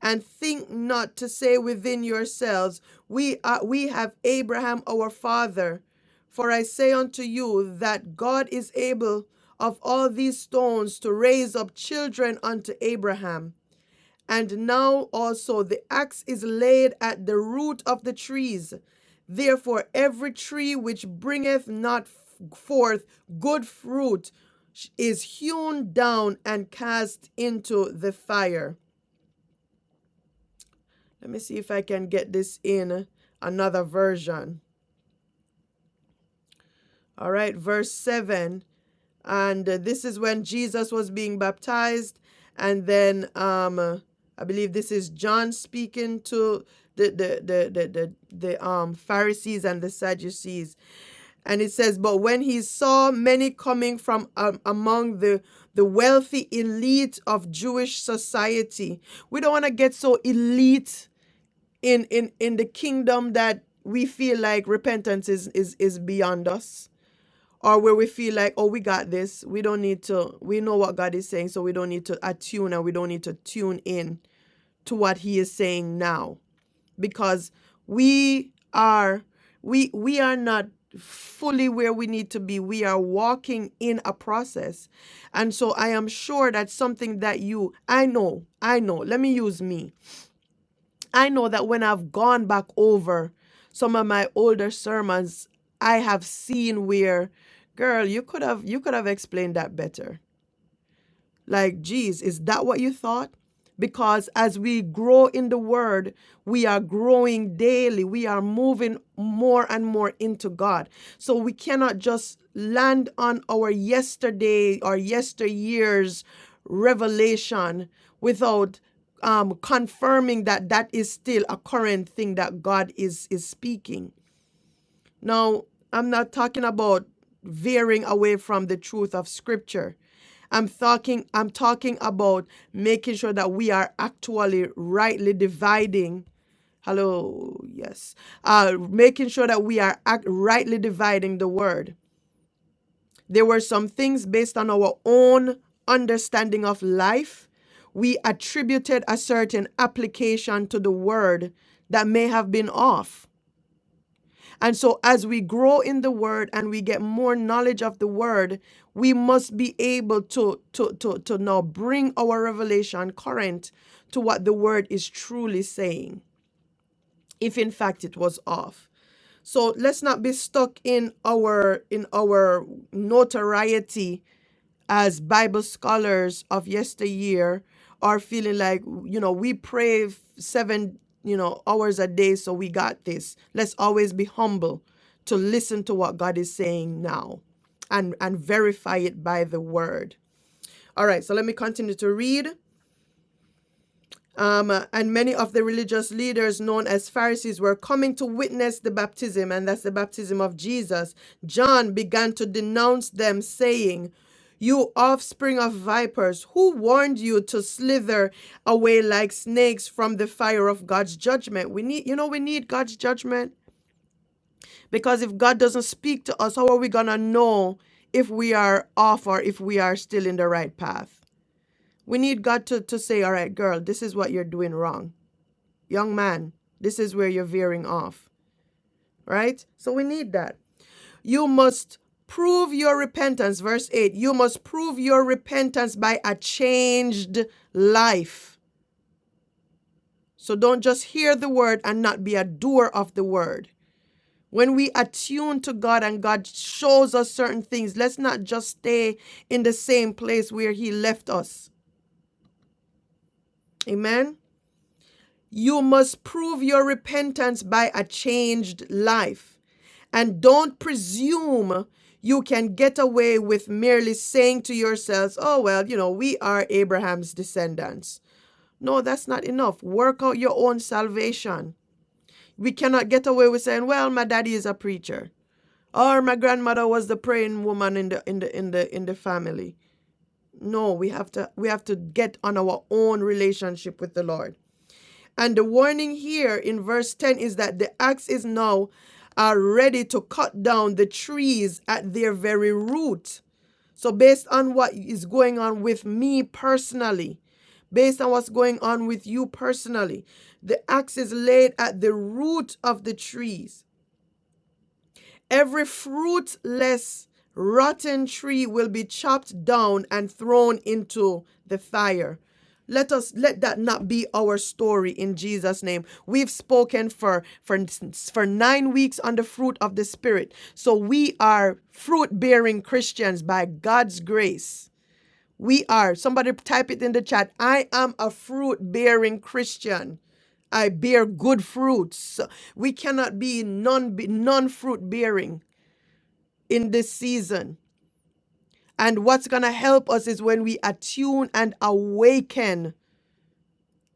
A: And think not to say within yourselves, We, are, we have Abraham our father. For I say unto you that God is able of all these stones to raise up children unto Abraham. And now also the axe is laid at the root of the trees. Therefore, every tree which bringeth not forth good fruit is hewn down and cast into the fire. Let me see if I can get this in another version. All right, verse 7 and uh, this is when Jesus was being baptized. And then um, uh, I believe this is John speaking to the the the the the, the um, Pharisees and the Sadducees, and it says, "But when he saw many coming from um, among the the wealthy elite of Jewish society, we don't want to get so elite in in in the kingdom that." We feel like repentance is, is is beyond us or where we feel like, oh, we got this. We don't need to, we know what God is saying, so we don't need to attune and we don't need to tune in to what He is saying now because we are, we, we are not fully where we need to be. We are walking in a process. And so I am sure that something that you, I know, I know, let me use me. I know that when I've gone back over some of my older sermons, I have seen where, girl, you could have you could have explained that better like, geez, is that what you thought? Because as we grow in the word, we are growing daily. We are moving more and more into God. So we cannot just land on our yesterday or yesteryear's revelation without um, confirming that that is still a current thing that God is is speaking. Now, I'm not talking about veering away from the truth of scripture. I'm talking I'm talking about making sure that we are actually rightly dividing hello yes uh making sure that we are act, rightly dividing the word. There were some things based on our own understanding of life we attributed a certain application to the word that may have been off. And so, as we grow in the word and we get more knowledge of the word, we must be able to, to, to, to now bring our revelation current to what the word is truly saying, if in fact it was off. So let's not be stuck in our in our notoriety as Bible scholars of yesteryear are feeling like, you know, we pray f- seven, you know, hours a day, so we got this. Let's always be humble to listen to what God is saying now and, and verify it by the word. All right, so let me continue to read. Um, and many of the religious leaders known as Pharisees were coming to witness the baptism, and that's the baptism of Jesus. John began to denounce them, saying, You offspring of vipers, who warned you to slither away like snakes from the fire of God's judgment? We need, you know, we need God's judgment because if God doesn't speak to us, how are we going to know if we are off or if we are still in the right path? We need God to, to say, All right, girl, this is what you're doing wrong Young man, this is where you're veering off, right? So we need that. You must prove your repentance. Verse 8 You must prove your repentance by a changed life. So don't just hear the word and not be a doer of the word. When we attune to God and God shows us certain things, let's not just stay in the same place where He left us. Amen. You must prove your repentance by a changed life. And don't presume you can get away with merely saying to yourselves, oh, well, you know, we are Abraham's descendants. No, that's not enough. Work out your own salvation. We cannot get away with saying, well, my daddy is a preacher or my grandmother was the praying woman in the in the in the in the family. No, we have to we have to get on our own relationship with the Lord. And the warning here in verse 10 is that the axe is now uh, ready to cut down the trees at their very root. So, based on what is going on with me personally, based on what's going on with you personally, the axe is laid at the root of the trees Every fruitless, rotten tree will be chopped down and thrown into the fire. Let us let that not be our story in Jesus' name. We've spoken for for for nine weeks on the fruit of the Spirit, so we are fruit bearing Christians by God's grace. We are. Somebody type it in the chat. I am a fruit bearing Christian. I bear good fruits. We cannot be non non fruit bearing in this season. And what's going to help us is when we attune and awaken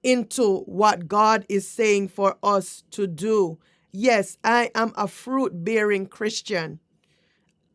A: into what God is saying for us to do. Yes, I am a fruit bearing Christian